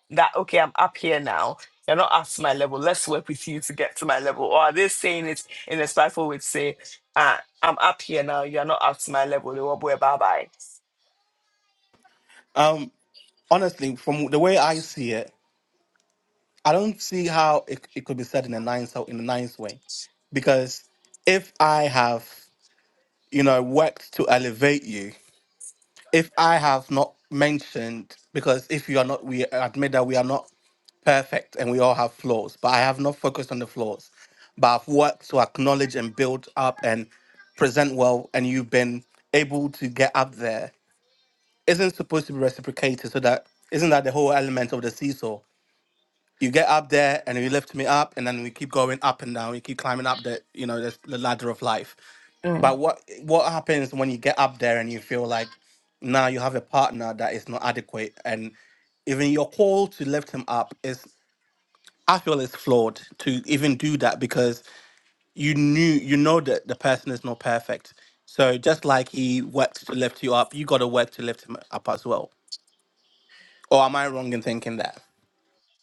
[SPEAKER 1] that okay i'm up here now you're not up to my level let's work with you to get to my level or are they saying it in a spiteful way to say uh, i'm up here now you're not up to my level bye
[SPEAKER 5] Um. Honestly, from the way I see it, I don't see how it, it could be said in a nice in a nice way, because if I have you know worked to elevate you, if I have not mentioned because if you are not, we admit that we are not perfect and we all have flaws, but I have not focused on the flaws, but I've worked to acknowledge and build up and present well, and you've been able to get up there isn't supposed to be reciprocated so that isn't that the whole element of the seesaw you get up there and you lift me up and then we keep going up and down we keep climbing up the you know this, the ladder of life
[SPEAKER 1] bye
[SPEAKER 5] but what what happens when you get up there and you feel like now you have a partner that is not adequate and even your call to lift him up is i feel is flawed to even do that because you knew you know that the person is not perfect so just like he worked to lift you up you got to work to lift him up as well Or am I wrong in thinking that?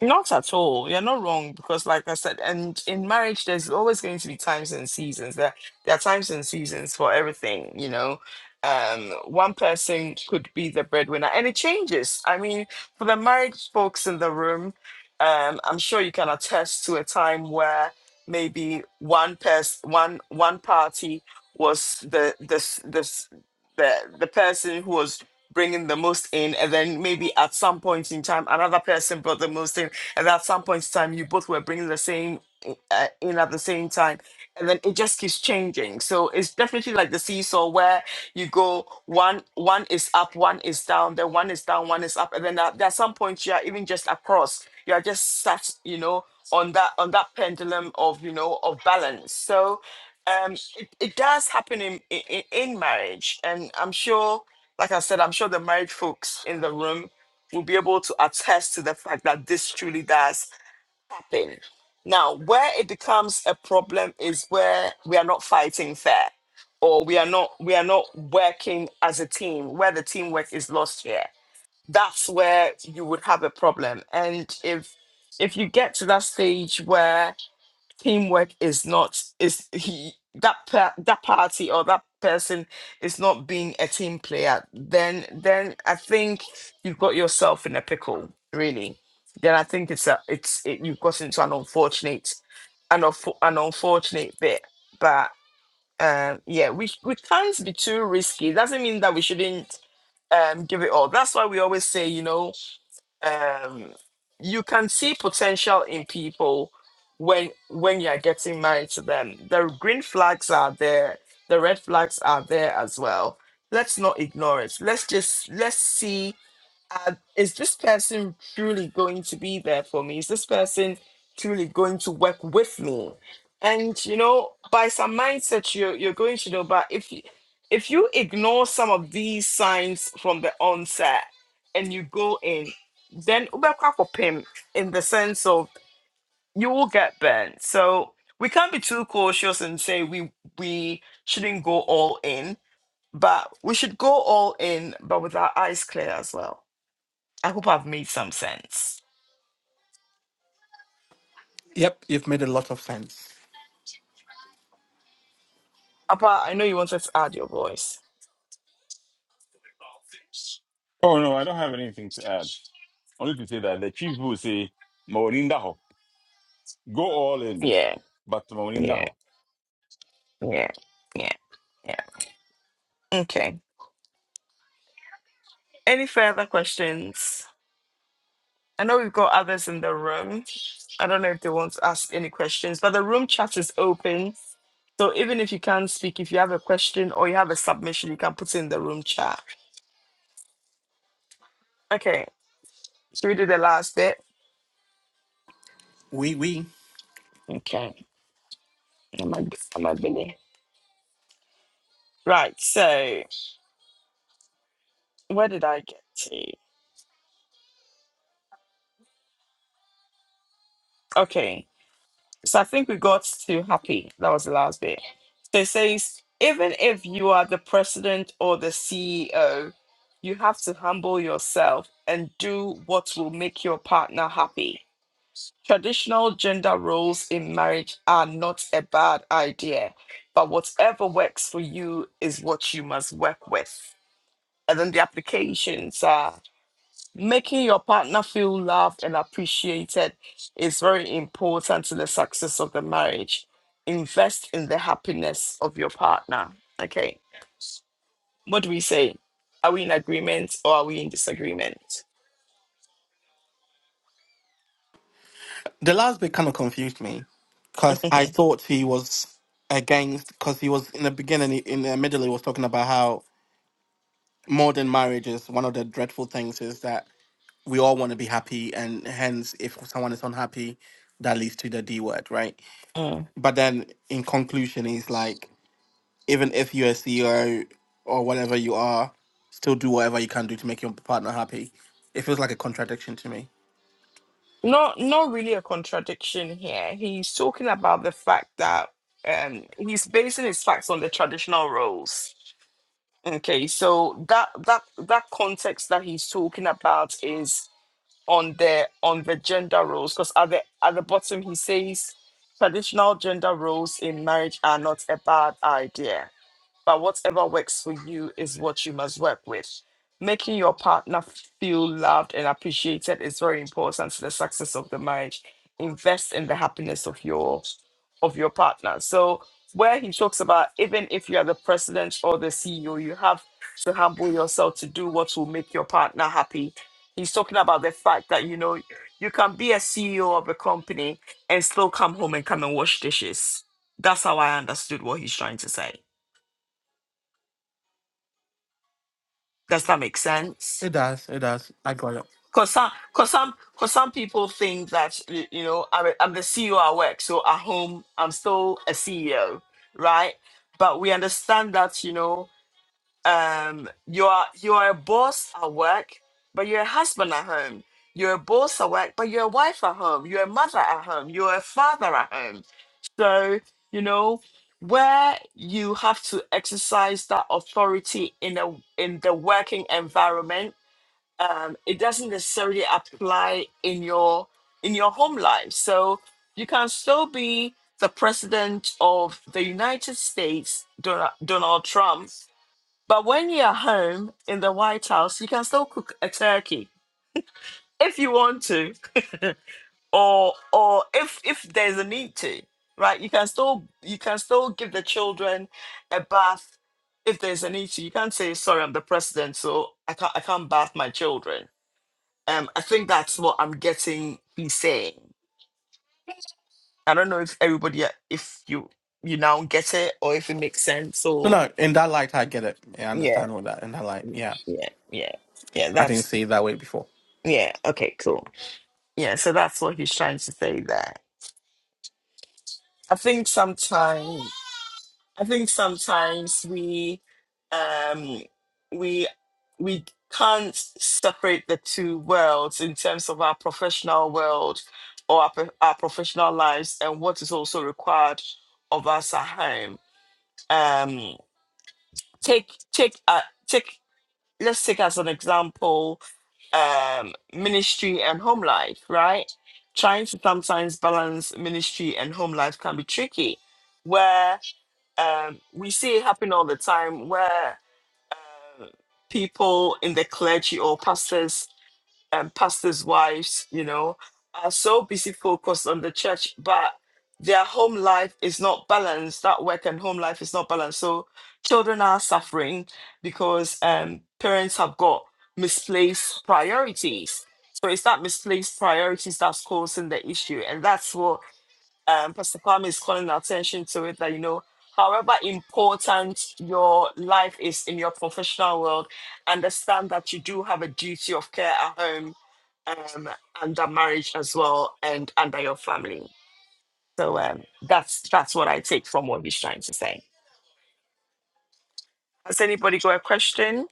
[SPEAKER 1] Not at all. You're not wrong because, like I said, and in marriage, there's always going to be times and seasons. There, there are times and seasons for everything, you know. Um, one person could be the breadwinner, and it changes. I mean, for the married folks in the room, um, I'm sure you can attest to a time where maybe one person, one one party was the the s- the s- the the person who was bringing the most in and then maybe at some point in time another person brought the most in and at some point in time you both were bringing the same uh, in at the same time and then it just keeps changing so it's definitely like the seesaw where you go one one is up one is down then one is down one is up and then at, at some point you are even just across you are just sat you know on that on that pendulum of you know of balance so um it, it does happen in, in in marriage and i'm sure like i said i'm sure the marriage folks in the room will be able to attest to the fact that this truly does happen. Now, where it becomes a problem is where we are not fighting fair or we are not we are not working as a team, where the teamwork is lost here. That's where you would have a problem. And if if you get to that stage where teamwork is not is he that per, that party or that person is not being a team player then then i think you've got yourself in a pickle really then i think it's a it's it, you've got into an unfortunate an, unfo- an unfortunate bit but um yeah we we can't be too risky doesn't mean that we shouldn't um give it all that's why we always say you know um, you can see potential in people when when you are getting married to them. The green flags are there, the red flags are there as well. Let's not ignore it. Let's just let's see uh, is this person truly going to be there for me? Is this person truly going to work with me? And you know, by some mindset, you're you're going to know. But if you if you ignore some of these signs from the onset and you go in, then ubekakopim in the sense of you will get burnt. So we can't be too cautious and say we we shouldn't go all in, but we should go all in, but with our eyes clear as well. I hope I've made some sense.
[SPEAKER 5] Yep, you've made a lot of sense.
[SPEAKER 1] Appa, I know you wanted to add your voice.
[SPEAKER 2] Oh no, I don't have anything to add. Only to say that the chief will say, "Maulinda ho, go all in."
[SPEAKER 1] Yeah,
[SPEAKER 2] But Maulinda
[SPEAKER 1] yeah,
[SPEAKER 2] ho,
[SPEAKER 1] yeah, yeah, yeah. Okay. Any further questions? I know we've got others in the room. I don't know if they want to ask any questions, but the room chat is open. So even if you can't speak, if you have a question or you have a submission, you can put it in the room chat. Okay. Should we do the last bit?
[SPEAKER 5] We, we.
[SPEAKER 1] Okay. Am I, am I Billy? Right. So where did I get to? Okay. So I think we got to happy. That was the last bit. So it says, even if you are the president or the CEO, you have to humble yourself and do what will make your partner happy. Traditional gender roles in marriage are not a bad idea, but whatever works for you is what you must work with. And then the applications Making your partner feel loved and appreciated is very important to the success of the marriage. Invest in the happiness of your partner. Okay. What do we say? Are we in agreement or are we in disagreement?
[SPEAKER 5] The last bit kind of confused me because I thought he was against, because he was in the beginning, he- in the middle, he was talking about how modern marriage is one of the dreadful things is that we all want to be happy, and hence, if someone is unhappy, that leads to the D word, right?
[SPEAKER 1] Mm.
[SPEAKER 5] But then in conclusion, he's like, even if you're a CEO or whatever you are, still do whatever you can do to make your partner happy. It feels like a contradiction to me.
[SPEAKER 1] Not not really a contradiction here. He's talking about the fact that um he's basing his facts on the traditional roles. Okay, so that that that context that he's talking about is on the on the gender roles because at the at the bottom he says traditional gender roles in marriage are not a bad idea but whatever works for you is what you must work with. Making your partner feel loved and appreciated is very important to the success of the marriage. Invest in the happiness of your of your partner. So where he talks about even if you are the president or the CEO, you have to humble yourself to do what will make your partner happy. He's talking about the fact that you know you can be a CEO of a company and still come home and come and wash dishes. That's how I understood what he's trying to say Does that make sense?
[SPEAKER 5] It does. It does. I got it.
[SPEAKER 1] Cause some, cause some, cause some people think that y- you know I'm, a- I'm the CEO at work, so at home I'm still a CEO, right? But we understand that you know um, you are you are a boss at work, but you're a husband at home. You're a boss at work, but you're a wife at home. You're a mother at home. You're a father at home. So you know where you have to exercise that authority in a in the working environment um, it doesn't necessarily apply in your in your home life. So you can still be the president of the United States, Donald, Donald Trump, but when you're home in the White House, you can still cook a turkey if you want to, or or if if there's a need to, right? You can still you can still give the children a bath if there's a need to. You can't say sorry, I'm the president, so I can't I can't bath my children um, I think that's what I'm getting. He's saying. I don't know if everybody, uh, if you you now get it or if it makes sense
[SPEAKER 5] No,
[SPEAKER 1] or
[SPEAKER 5] no. In that light, I get it. Yeah, I
[SPEAKER 1] yeah,
[SPEAKER 5] understand all that. In that light, yeah.
[SPEAKER 1] yeah, yeah, yeah.
[SPEAKER 5] I didn't
[SPEAKER 1] That's
[SPEAKER 5] see it that way before.
[SPEAKER 1] yeah. Okay, cool. Yeah, so that's what he's trying to say there. I think sometimes. I think sometimes we um we we can't separate the two worlds in terms of our professional world or our, pro- our professional lives and what is also required of us at home. Um take take uh, take let's take as an example um ministry and home life, right? Trying to sometimes balance ministry and home life can be tricky where um, we see it happen all the time where uh, people in the clergy or pastors and pastors' wives, you know, are so busy focused on the church, but their home life is not balanced. That work and home life is not balanced. So children are suffering because um, parents have got misplaced priorities. So it's that misplaced priorities that's causing the issue, and that's what um, Pastor Kwame is calling our attention to it that, you know, however important your life is in your professional world, understand that you do have a duty of care at home, um, under marriage as well, and under your family. So um, that's that's what I take from what he's trying to say. Has anybody got a question?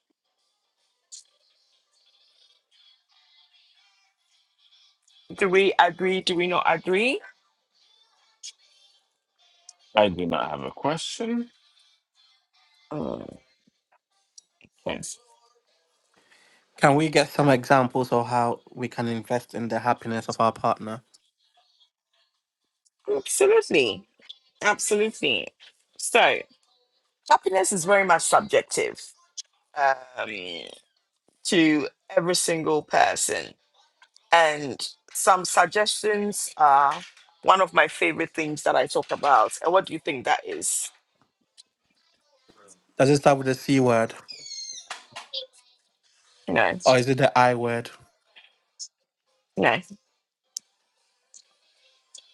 [SPEAKER 1] Do we agree? Do we not agree?
[SPEAKER 2] I do not have a question.
[SPEAKER 1] Mm, yes.
[SPEAKER 5] Can we get some examples of how we can invest in the happiness of our partner?
[SPEAKER 1] Absolutely. Absolutely. So happiness is very much subjective. Um, to every single person. And some suggestions are one of my favorite things that I talk about. And what do you think that is?
[SPEAKER 5] Does it start with the C word
[SPEAKER 1] You know,
[SPEAKER 5] or is it the I word?
[SPEAKER 1] you know,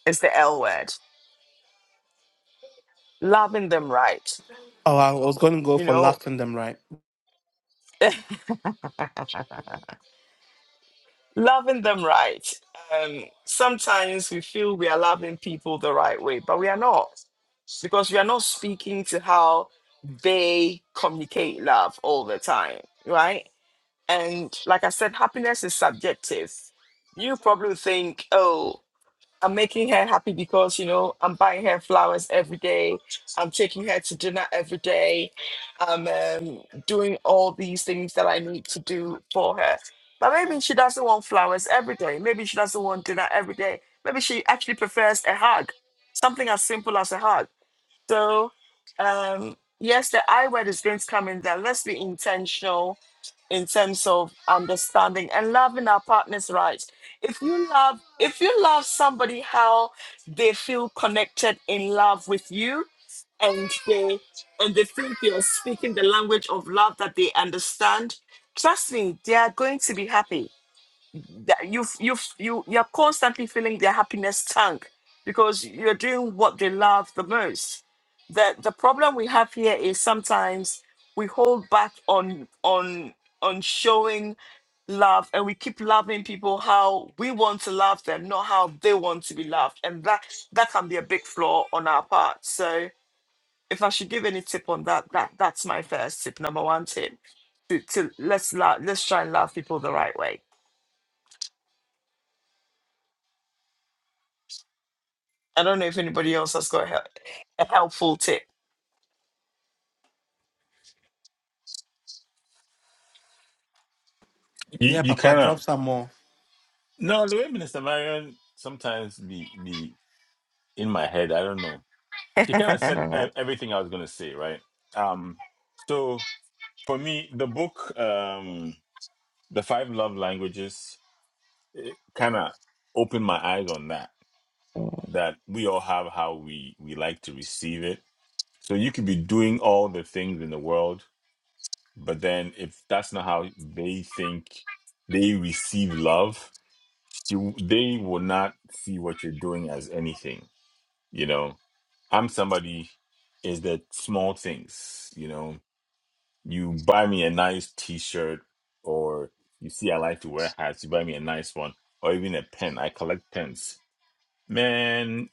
[SPEAKER 1] it's the L word. Loving them right.
[SPEAKER 5] Oh, I was going to go
[SPEAKER 1] You
[SPEAKER 5] for
[SPEAKER 1] know,
[SPEAKER 5] last in them, right?
[SPEAKER 1] loving them right. Um, sometimes we feel we are loving people the right way, but we are not because we are not speaking to how they communicate love all the time, right? And like I said, happiness is subjective. You probably think, oh, I'm making her happy because, you know, I'm buying her flowers every day. I'm taking her to dinner every day. I'm um, doing all these things that I need to do for her. But maybe she doesn't want flowers every day. Maybe she doesn't want dinner every day. Maybe she actually prefers a hug, something as simple as a hug so, um, yes, the I word is going to come in there. Let's be intentional in terms of understanding and loving our partners right if you love if you love somebody how they feel connected in love with you and they and they think you're speaking the language of love that they understand trust me they are going to be happy that you you you you're constantly feeling their happiness tank because you're doing what they love the most. The the problem we have here is sometimes we hold back on on on showing love and we keep loving people how we want to love them, not how they want to be loved. And that that can be a big flaw on our part. So if I should give any tip on that, that that's my first tip, number one tip. To, to let's love, let's try and love people the right way. I don't know if anybody else has got a, hel- a helpful tip.
[SPEAKER 2] You,
[SPEAKER 5] Yeah,
[SPEAKER 2] you
[SPEAKER 5] Papa, drop
[SPEAKER 2] cannot.
[SPEAKER 5] some more.
[SPEAKER 2] No, the way Minister Marion sometimes be be in my head. I don't know. She kind of said
[SPEAKER 1] and
[SPEAKER 2] e- everything I was going to say, right? Um, so for me, the book, um, the five love languages, it kind of opened my eyes on that that we all have how we we like to receive it so you could be doing all the things in the world but then if that's not how they think they receive love you- they will not see what you're doing as anything you know i'm somebody is that small things you know you buy me a nice t-shirt or you see i like to wear hats you buy me a nice one or even a pen i collect pens Man,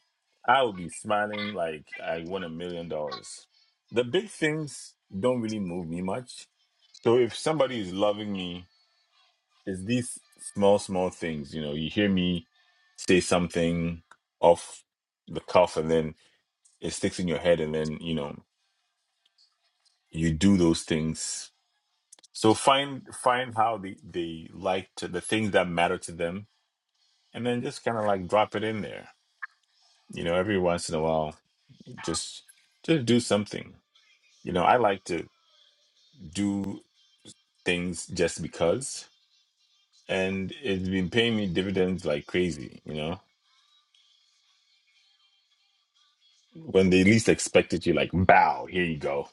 [SPEAKER 2] I would be smiling like I won a million dollars. The big things don't really move me much. So if somebody is loving me, it's these small, small things. You know, you hear me say something off the cuff and then it sticks in your head and then, you know, you do those things. So find find how they, they like to the things that matter to them and then just kinda like drop it in there. You know, every once in a while, just just do something. You know, I like to do things just because, and it's been paying me dividends like crazy. You know, when they least expect it, you like bow. Here you go.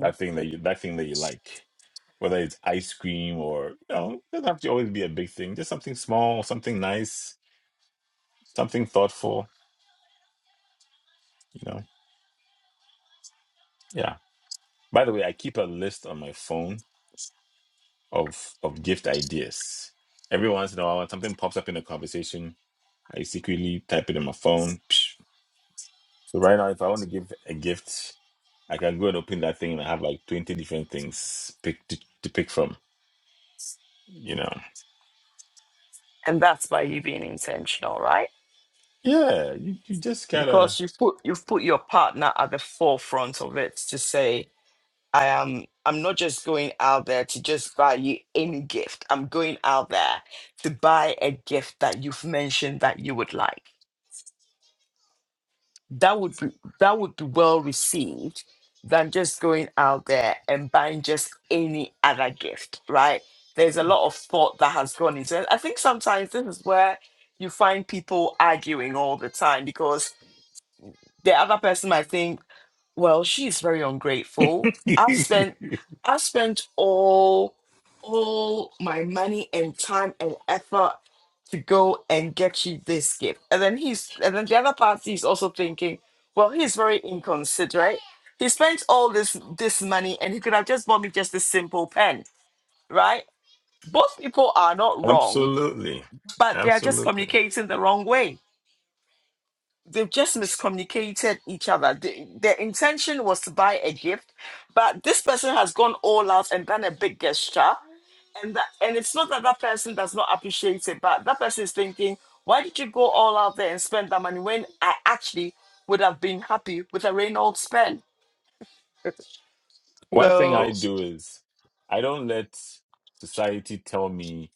[SPEAKER 2] That thing that you that thing that you like, whether it's ice cream or you know, it doesn't have to always be a big thing. Just something small, something nice, something thoughtful. You know, yeah. By the way, I keep a list on my phone of of gift ideas. Every once in a while, when something pops up in a conversation, I secretly type it in my phone. Psh. So right now, if I want to give a gift, I can go and open that thing and I have like twenty different things pick to, to pick from. You know,
[SPEAKER 1] that's by you being intentional, right?
[SPEAKER 2] yeah, you you just
[SPEAKER 1] Because
[SPEAKER 2] gotta
[SPEAKER 1] you've put you've put your partner at the forefront of it to say, I am I'm not just going out there to just buy you any gift. I'm going out there to buy a gift that you've mentioned that you would like. that would be that would be well received than just going out there and buying just any other gift, right? There's a lot of thought that has gone into it. I think sometimes this is where you find people arguing all the time because the other person might think, well, she's very ungrateful. I've spent I've spent all all my money and time and effort to go and get you this gift. And then he's and then the other party is also thinking, well, he's very inconsiderate. He spent all this this money and he could have just bought me just a simple pen, right? Both people are not wrong,
[SPEAKER 2] absolutely,
[SPEAKER 1] but they are just
[SPEAKER 2] absolutely.
[SPEAKER 1] communicating the wrong way they've just miscommunicated each other. The, their intention was to buy a gift, but this person has gone all out and done a big gesture, and that, and it's not that that person does not appreciate it, but that person is thinking, why did you go all out there and spend that money when I actually would have been happy with a Reynolds pen?
[SPEAKER 2] One thing I
[SPEAKER 1] So
[SPEAKER 2] do is I don't let society tell me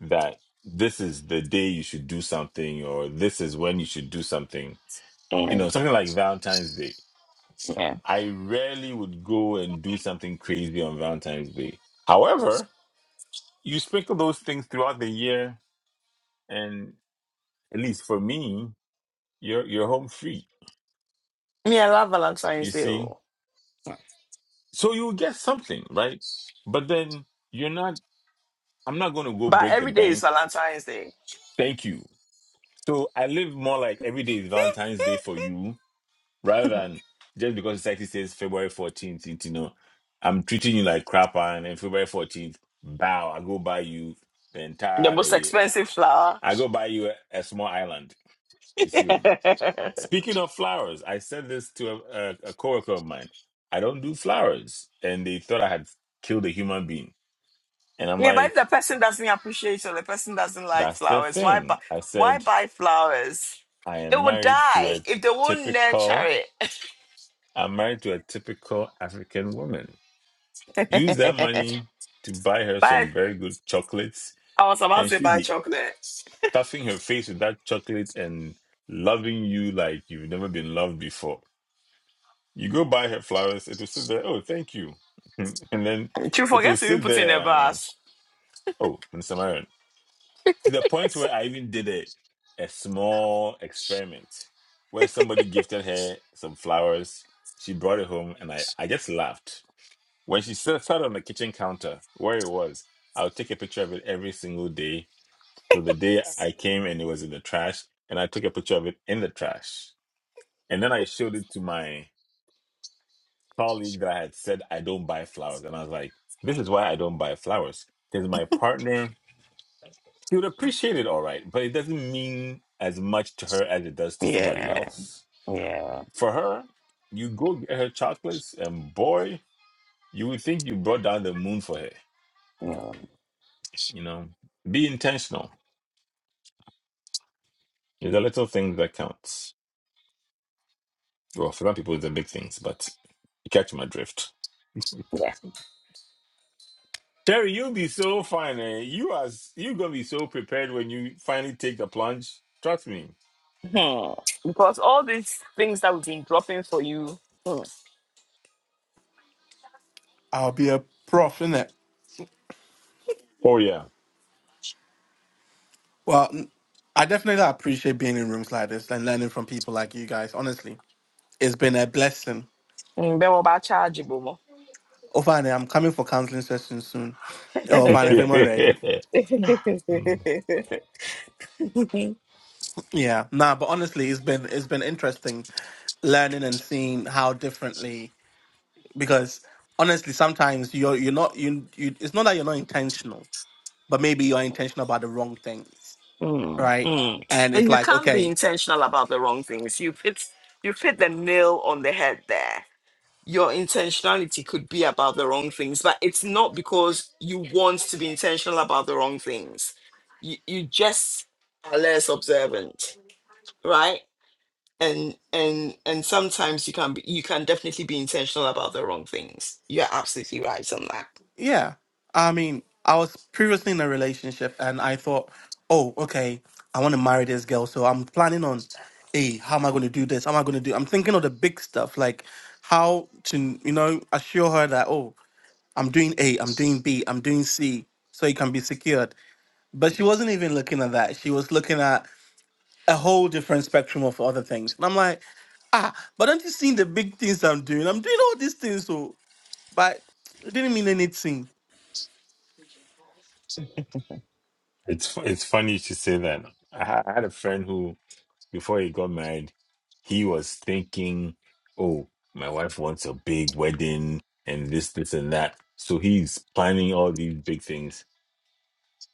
[SPEAKER 2] that this is the day you should do something or this is when you should do something you know,
[SPEAKER 1] mm,
[SPEAKER 2] something like Valentine's Day.
[SPEAKER 1] yeah,
[SPEAKER 2] I rarely would go and do something crazy on Valentine's Day. However, you sprinkle those things throughout the year, and at least for me, you're you're home free.
[SPEAKER 1] me I love Valentine's
[SPEAKER 2] You
[SPEAKER 1] Day,
[SPEAKER 2] see,
[SPEAKER 1] oh.
[SPEAKER 2] so you get something, right? But then you're not. I'm not going to go
[SPEAKER 1] but
[SPEAKER 2] break the
[SPEAKER 1] every day is
[SPEAKER 2] bank.
[SPEAKER 1] Valentine's Day.
[SPEAKER 2] Thank you. So I live more like every day is Valentine's Day for you rather than just because society says February 14th, it- you know, I'm treating you like crap, and then February 14th, bow, I go buy you the
[SPEAKER 1] The
[SPEAKER 2] entire,
[SPEAKER 1] most
[SPEAKER 2] eh,
[SPEAKER 1] expensive flower.
[SPEAKER 2] I go buy you a, a small island. You see, speaking of flowers, I said this to a, a, a coworker of mine. I don't do flowers, and they thought I had killed a human being. And I'm
[SPEAKER 1] Yeah, but if the
[SPEAKER 2] like,
[SPEAKER 1] person doesn't appreciate or the person doesn't like
[SPEAKER 2] that's the
[SPEAKER 1] flowers, why buy
[SPEAKER 2] thing. I
[SPEAKER 1] why
[SPEAKER 2] said,
[SPEAKER 1] buy flowers?
[SPEAKER 2] I
[SPEAKER 1] It
[SPEAKER 2] am
[SPEAKER 1] will
[SPEAKER 2] married to
[SPEAKER 1] die
[SPEAKER 2] a
[SPEAKER 1] if they won't nurture
[SPEAKER 2] typical,
[SPEAKER 1] it.
[SPEAKER 2] I'm married to a typical African woman use that money to buy her
[SPEAKER 1] buy
[SPEAKER 2] some very good chocolates,
[SPEAKER 1] I was about
[SPEAKER 2] and
[SPEAKER 1] to
[SPEAKER 2] she'll
[SPEAKER 1] buy
[SPEAKER 2] be
[SPEAKER 1] chocolate.
[SPEAKER 2] stuffing her face with that chocolate and loving you like you've never been loved before. You go buy her flowers, it will sit there. Oh, thank you, and then
[SPEAKER 1] To
[SPEAKER 2] it will
[SPEAKER 1] forget to even
[SPEAKER 2] sit
[SPEAKER 1] put in
[SPEAKER 2] there.
[SPEAKER 1] a
[SPEAKER 2] Uh,
[SPEAKER 1] vase.
[SPEAKER 2] oh, Mr. Myron, to the point where I even did a a small experiment where somebody gifted her some flowers. She brought it home, and I I just laughed When she sat sat on the kitchen counter where it was, I would take a picture of it every single day till the day I came and it was in the trash. And I took a picture of it in the trash. And then I showed it to my colleague that I had said I don't buy flowers. And I was like, this is why I don't buy flowers. Because my partner, she would appreciate it all right, but it doesn't mean as much to her as it does to somebody
[SPEAKER 1] Yeah,
[SPEAKER 2] else.
[SPEAKER 1] yeah,
[SPEAKER 2] For her, you go get her chocolates, and boy, you would think you brought down the moon for her,
[SPEAKER 1] yeah,
[SPEAKER 2] you know? Be intentional It's the little things that counts. Well, for some people, it's the big things, but you catch my drift.
[SPEAKER 1] yeah.
[SPEAKER 2] Terry, you'll be so fine. Eh? You are s- you gonna be so prepared when you finally take the plunge. Trust me.
[SPEAKER 1] Hmm. Because all these things that we've been dropping for you, hmm,
[SPEAKER 5] I'll be a prof, innit?
[SPEAKER 2] Oh yeah.
[SPEAKER 5] Well, mm, I definitely like, appreciate being in rooms like this and learning from people like you guys. Honestly, it's been a blessing.
[SPEAKER 1] hmm, they were about chargeable.
[SPEAKER 5] Oh, fine, I'm coming for counseling sessions soon. Oh, fine, if I'm ready.
[SPEAKER 2] Mm.
[SPEAKER 5] Yeah, nah, but honestly, it's been it's been interesting learning and seeing how differently because honestly, sometimes you're you're not you you. It's not that you're not intentional, but maybe you're intentional about the wrong things,
[SPEAKER 1] Mm,
[SPEAKER 5] right?
[SPEAKER 1] mm.
[SPEAKER 5] And it's
[SPEAKER 1] And you
[SPEAKER 5] like
[SPEAKER 1] can't be
[SPEAKER 5] okay.
[SPEAKER 1] intentional about the wrong things. You've hit, you've hit the nail on the head there. Your intentionality could be about the wrong things, but it's not because you want to be intentional about the wrong things. You, you just are less observant, right? And and and sometimes you can be, you can definitely be intentional about the wrong things. You're absolutely right on that.
[SPEAKER 5] Yeah. I mean, I was previously in a relationship and I thought, oh, okay, I want to marry this girl. So I'm planning on, hey, how am I going to do this? How am I going to do? I'm thinking of the big stuff, like how to, you know, assure her that, oh, I'm doing A, I'm doing B, I'm doing C, so it can be secured. But she wasn't even looking at that. She was looking at a whole different spectrum of other things. And I'm like, ah, but don't you see the big things I'm doing? I'm doing all these things. So, but it didn't mean anything
[SPEAKER 2] it's fu- it's funny to say that. I ha- I had a friend who, before he got married, he was thinking, "Oh, my wife wants a big wedding and this, this, and that." So he's planning all these big things.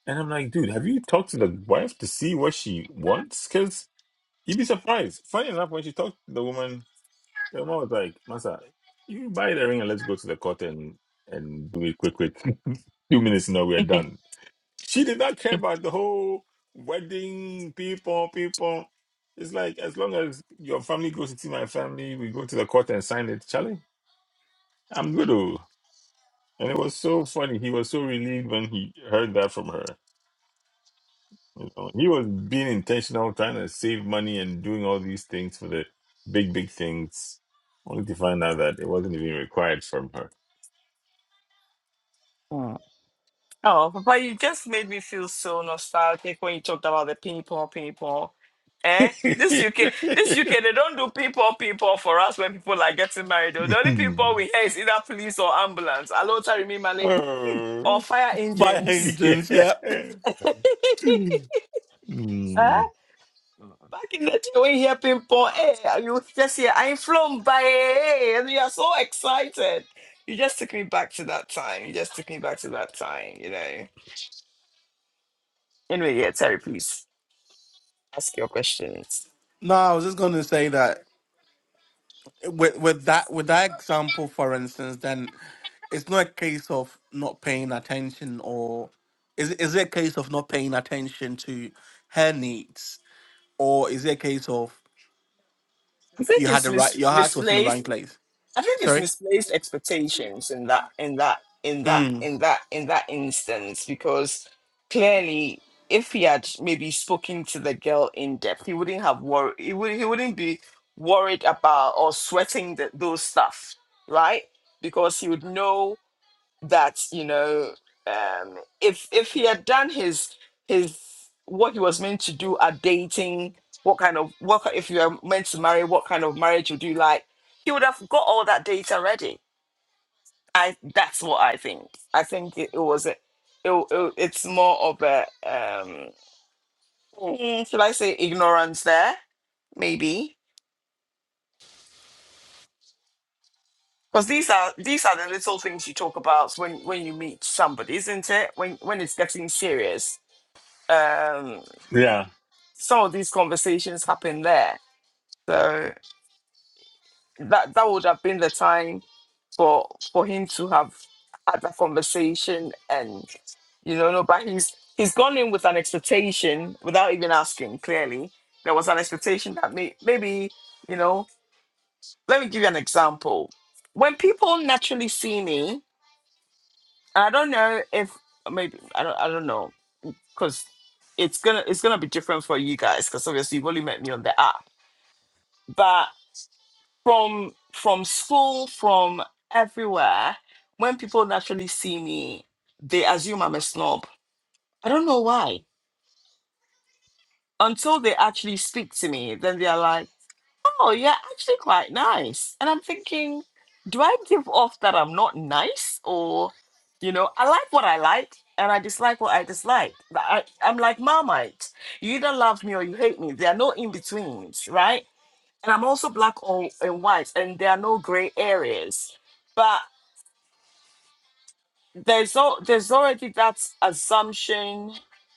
[SPEAKER 2] And I'm like, dude, have you talked to the wife to see what she wants? Because you'd be surprised. Funny enough, when she talked to the woman, the woman was like, Masa, you buy the ring and let's go to the court and, and do it quick, quick. Two minutes now, we're done. She did not care about the whole wedding, people, people. It's like, as long as your family goes to see my family, we go to the court and sign it. Charlie, I'm good. oh." And it was so funny. He was so relieved when he heard that from her. You know, he was being intentional, trying to save money and doing all these things for the big, big things, only to find out that it wasn't even required from her.
[SPEAKER 1] Oh, but you just made me feel so nostalgic when you talked about the people, people. Eh? This UK, this UK, they don't do people, people for us when people are getting married. Though. The only people we hear is either police or ambulance. Hello, Tarimi Male, or
[SPEAKER 2] oh,
[SPEAKER 1] fire
[SPEAKER 5] Fire
[SPEAKER 1] engines.
[SPEAKER 5] engines,
[SPEAKER 2] yeah.
[SPEAKER 5] yeah.
[SPEAKER 1] huh?
[SPEAKER 2] Mm.
[SPEAKER 1] Back in the day, when you hear ping-pong, eh, you just hear, I'm flown by, eh, and you are so excited. You just took me back to that time. You just took me back to that time, you know. Anyway, yeah, Terry, please. Ask your questions.
[SPEAKER 5] No, I was just going to say that with with that with that example, for instance, then it's not a case of not paying attention, or is it- is it a case of not paying attention to her needs, or is it a case of
[SPEAKER 1] I think
[SPEAKER 5] you had
[SPEAKER 1] it's
[SPEAKER 5] the right,
[SPEAKER 1] mis-
[SPEAKER 5] your heart was in the right
[SPEAKER 1] misplaced.
[SPEAKER 5] place?
[SPEAKER 1] I think it's
[SPEAKER 5] Sorry.
[SPEAKER 1] misplaced expectations in that in that in that
[SPEAKER 5] Mm.
[SPEAKER 1] in that in that instance because clearly if he had maybe spoken to the girl in depth, he wouldn't have worried. He would he wouldn't be worried about or sweating the, those stuff, right? Because he would know that you know um if if he had done his his what he was meant to do at dating what kind of what ki- if you are meant to marry what kind of marriage would you like he would have got all that data ready i that's what i think i think it, it was a it, it, it's more of a um mm, should i say ignorance there maybe because these are these are the little things you talk about when when you meet somebody isn't it when when it's getting serious Um.
[SPEAKER 2] Yeah.
[SPEAKER 1] some of these conversations happen there. So that that would have been the time for for him to have had that conversation and you know, no, but he's he's gone in with an expectation without even asking, clearly. There was an expectation that may, maybe, you know, let me give you an example. When people naturally see me, and I don't know if maybe I don't I don't know, because it's gonna it's gonna be different for you guys because obviously you've only met me on the app. but. from from school, from everywhere, when people naturally see me, they assume I'm a snob. I don't know why. Until they actually speak to me, then they're like, "Oh, you're actually quite nice." And I'm thinking, do I give off that I'm not nice, or you know, I like what I like and I dislike what I dislike. I, I'm like Marmite. You either love me or you hate me. There are no in betweens, right? and I'm also black or and white, and there are no gray areas. But there's al- there's already that assumption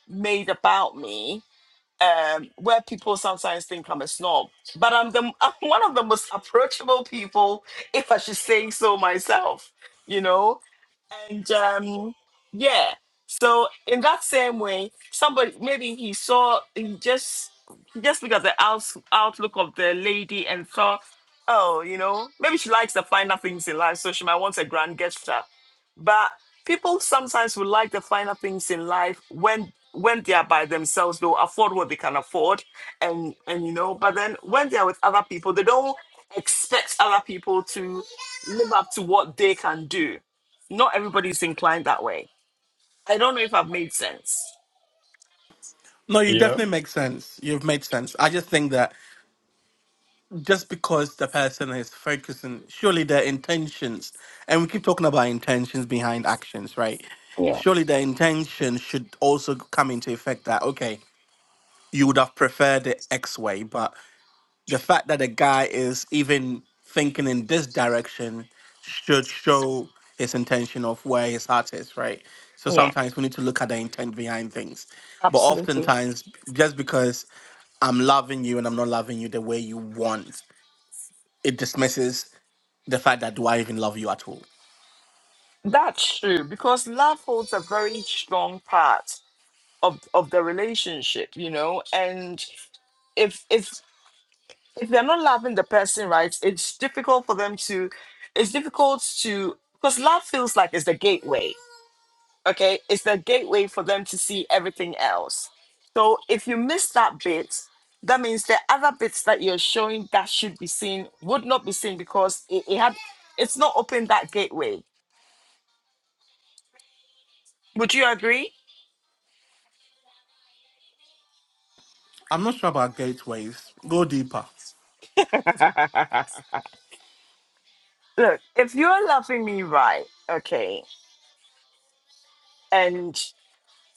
[SPEAKER 1] made about me um, where people sometimes think I'm a snob, but I'm the I'm one of the most approachable people, if I should say so myself, you know, and um, yeah. So in that same way, somebody maybe he saw he just he just looked at the out, outlook of the lady and thought, oh, you know, maybe she likes the finer things in life, so she might want a grand gesture. but people sometimes would like the finer things in life when when they are by themselves they'll afford what they can afford and and you know but then when they're with other people they don't expect other people to live up to what they can do not everybody's inclined that way i don't know if i've made sense
[SPEAKER 5] No, you
[SPEAKER 2] Yeah.
[SPEAKER 5] definitely make sense. You've made sense. I just think that just because the person is focusing, surely their intentions, and we keep talking about intentions behind actions, right?
[SPEAKER 1] yeah
[SPEAKER 5] Surely the intention should also come into effect that, okay, you would have preferred it X way, but the fact that the guy is even thinking in this direction should show his intention of where his heart is, right? So
[SPEAKER 1] yeah
[SPEAKER 5] sometimes we need to look at the intent behind things. But
[SPEAKER 1] absolutely
[SPEAKER 5] oftentimes, just because I'm loving you and I'm not loving you the way you want it dismisses the fact that do I even love you at all?
[SPEAKER 1] that's true because love holds a very strong part of of the relationship you know and if if if they're not loving the person right it's difficult for them to it's difficult to because love feels like it's the gateway okay it's the gateway for them to see everything else so if you miss that bit that means the other bits that you're showing that should be seen would not be seen because it, it had it's not open that gateway would you agree
[SPEAKER 5] I'm not sure about gateways. Go deeper.
[SPEAKER 1] look if you're loving me right okay and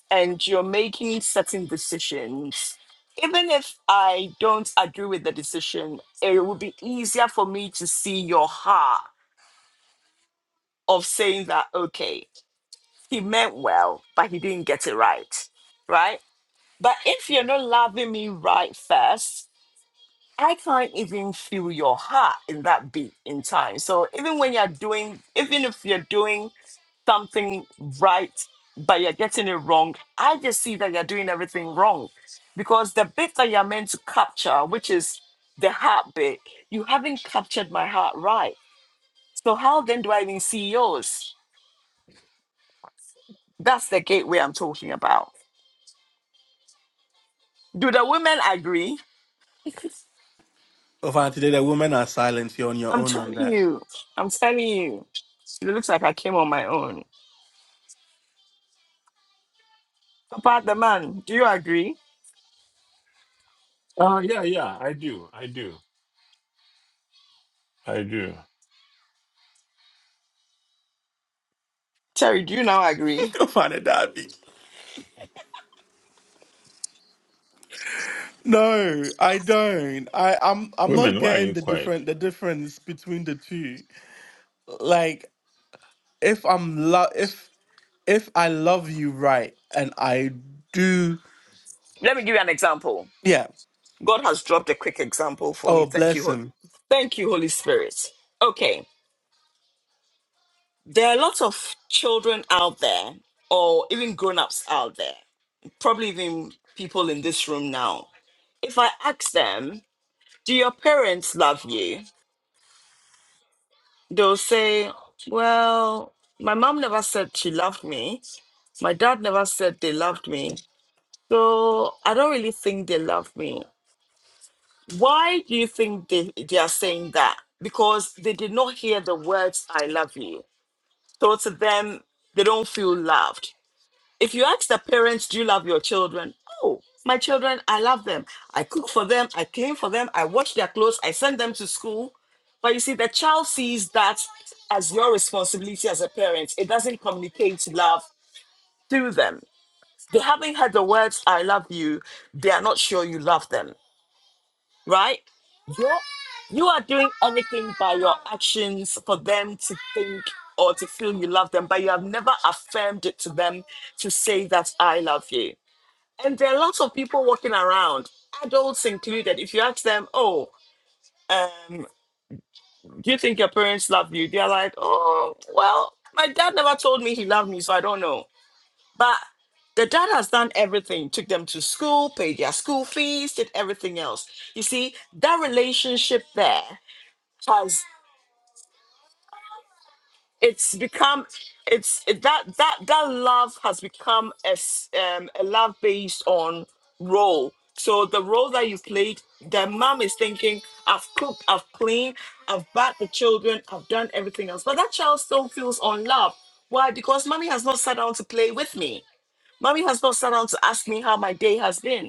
[SPEAKER 1] and you're making certain decisions, even if I don't agree with the decision, it would be easier for me to see your heart of saying that, okay, he meant well, but he didn't get it right. Right? But if you're not loving me right first, I can't even feel your heart in that beat in time. So even when you're doing, even if you're doing something right, but you're getting it wrong. I just see that you're doing everything wrong because the bit that you're meant to capture, which is the heart bit, you haven't captured my heart right. So, how then do I even see yours? That's the gateway I'm talking about. Do the women agree?
[SPEAKER 5] Over today, the women are silent. You're on your
[SPEAKER 1] I'm
[SPEAKER 5] own on
[SPEAKER 1] telling
[SPEAKER 5] that.
[SPEAKER 1] you, I'm telling you. It looks like I came on my own. Papa, the man, do you agree?
[SPEAKER 2] Oh, yeah, yeah. I do. I do. I do.
[SPEAKER 1] Terry, do you now agree?
[SPEAKER 5] Go find a daddy. No, I don't. I, I'm I'm not
[SPEAKER 2] Women, why are
[SPEAKER 5] getting
[SPEAKER 2] you
[SPEAKER 5] the
[SPEAKER 2] quiet?
[SPEAKER 5] different the difference between the two. Like if I'm lo- if if I love you right and I do
[SPEAKER 1] Let me give you an example.
[SPEAKER 5] yeah.
[SPEAKER 1] God has dropped a quick example for
[SPEAKER 5] Oh
[SPEAKER 1] me. Thank you.
[SPEAKER 5] bless
[SPEAKER 1] Ho-
[SPEAKER 5] him.
[SPEAKER 1] Thank you, Holy Spirit. Okay. There are lots of children out there, or even grown ups out there, probably even people in this room now. If I ask them, Do your parents love you? They'll say, Well, my mom never said she loved me. My dad never said they loved me. So I don't really think they love me. Why do you think they, they are saying that? Because they did not hear the words, I love you. So to them, they don't feel loved. If you ask the parents, do you love your children? Oh, my children, I love them. I cook for them, I clean for them, I wash their clothes, I send them to school. But you see, the child sees that as your responsibility as a parent. It doesn't communicate love through them. They haven't heard the words, I love you. They are not sure you love them right? You're, you are doing anything by your actions for them to think or to feel you love them, but you have never affirmed it to them to say that I love you. And there are lots of people walking around, adults included. If you ask them, oh, um, do you think your parents love you? They're like, oh, well, my dad never told me he loved me, so I don't know. But the dad has done everything, took them to school, paid their school fees, did everything else. You see, that relationship there has it's become it's it, that that that love has become a s- um, a love based on role. So the role that you played, the mom is thinking, I've cooked, I've cleaned, I've bathed the children, I've done everything else. But that child still feels unloved. Why? Because mommy has not sat down to play with me. Mommy has not sat down to ask me how my day has been.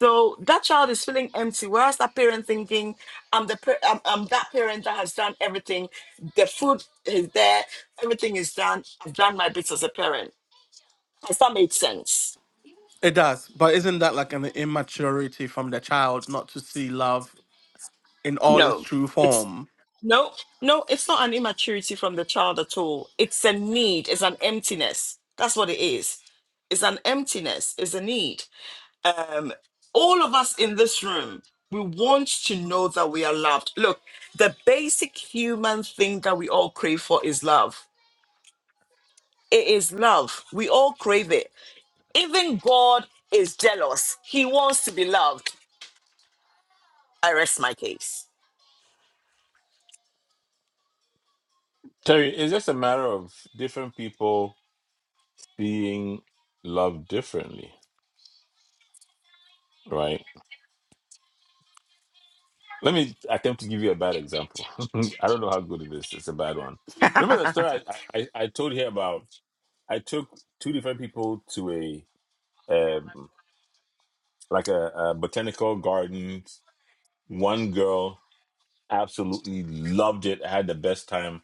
[SPEAKER 1] So that child is feeling empty. Whereas that parent thinking, I'm the per- I'm, I'm that parent that has done everything. The food is there. Everything is done. I've done my bits as a parent. Has that made sense?
[SPEAKER 5] It does. But isn't that like an immaturity from the child not to see love in all its
[SPEAKER 1] No.
[SPEAKER 5] true
[SPEAKER 1] It's
[SPEAKER 5] form?
[SPEAKER 1] no, no. It's not an immaturity from the child at all. It's a need. It's an emptiness. That's what it is. It's an emptiness. It's a need. um, all of us in this room, we want to know that we are loved. Look, the basic human thing that we all crave for is love. It is love. We all crave it. Even God is jealous. He wants to be loved. I rest my case.
[SPEAKER 2] Terry, it's just a matter of different people seeing love differently, right? Let me attempt to give you a bad example. I don't know how good it is. It's a bad one. Remember the story I, I, I told you about? I took two different people to a um, like a, a botanical garden. One girl absolutely loved it. I had the best time.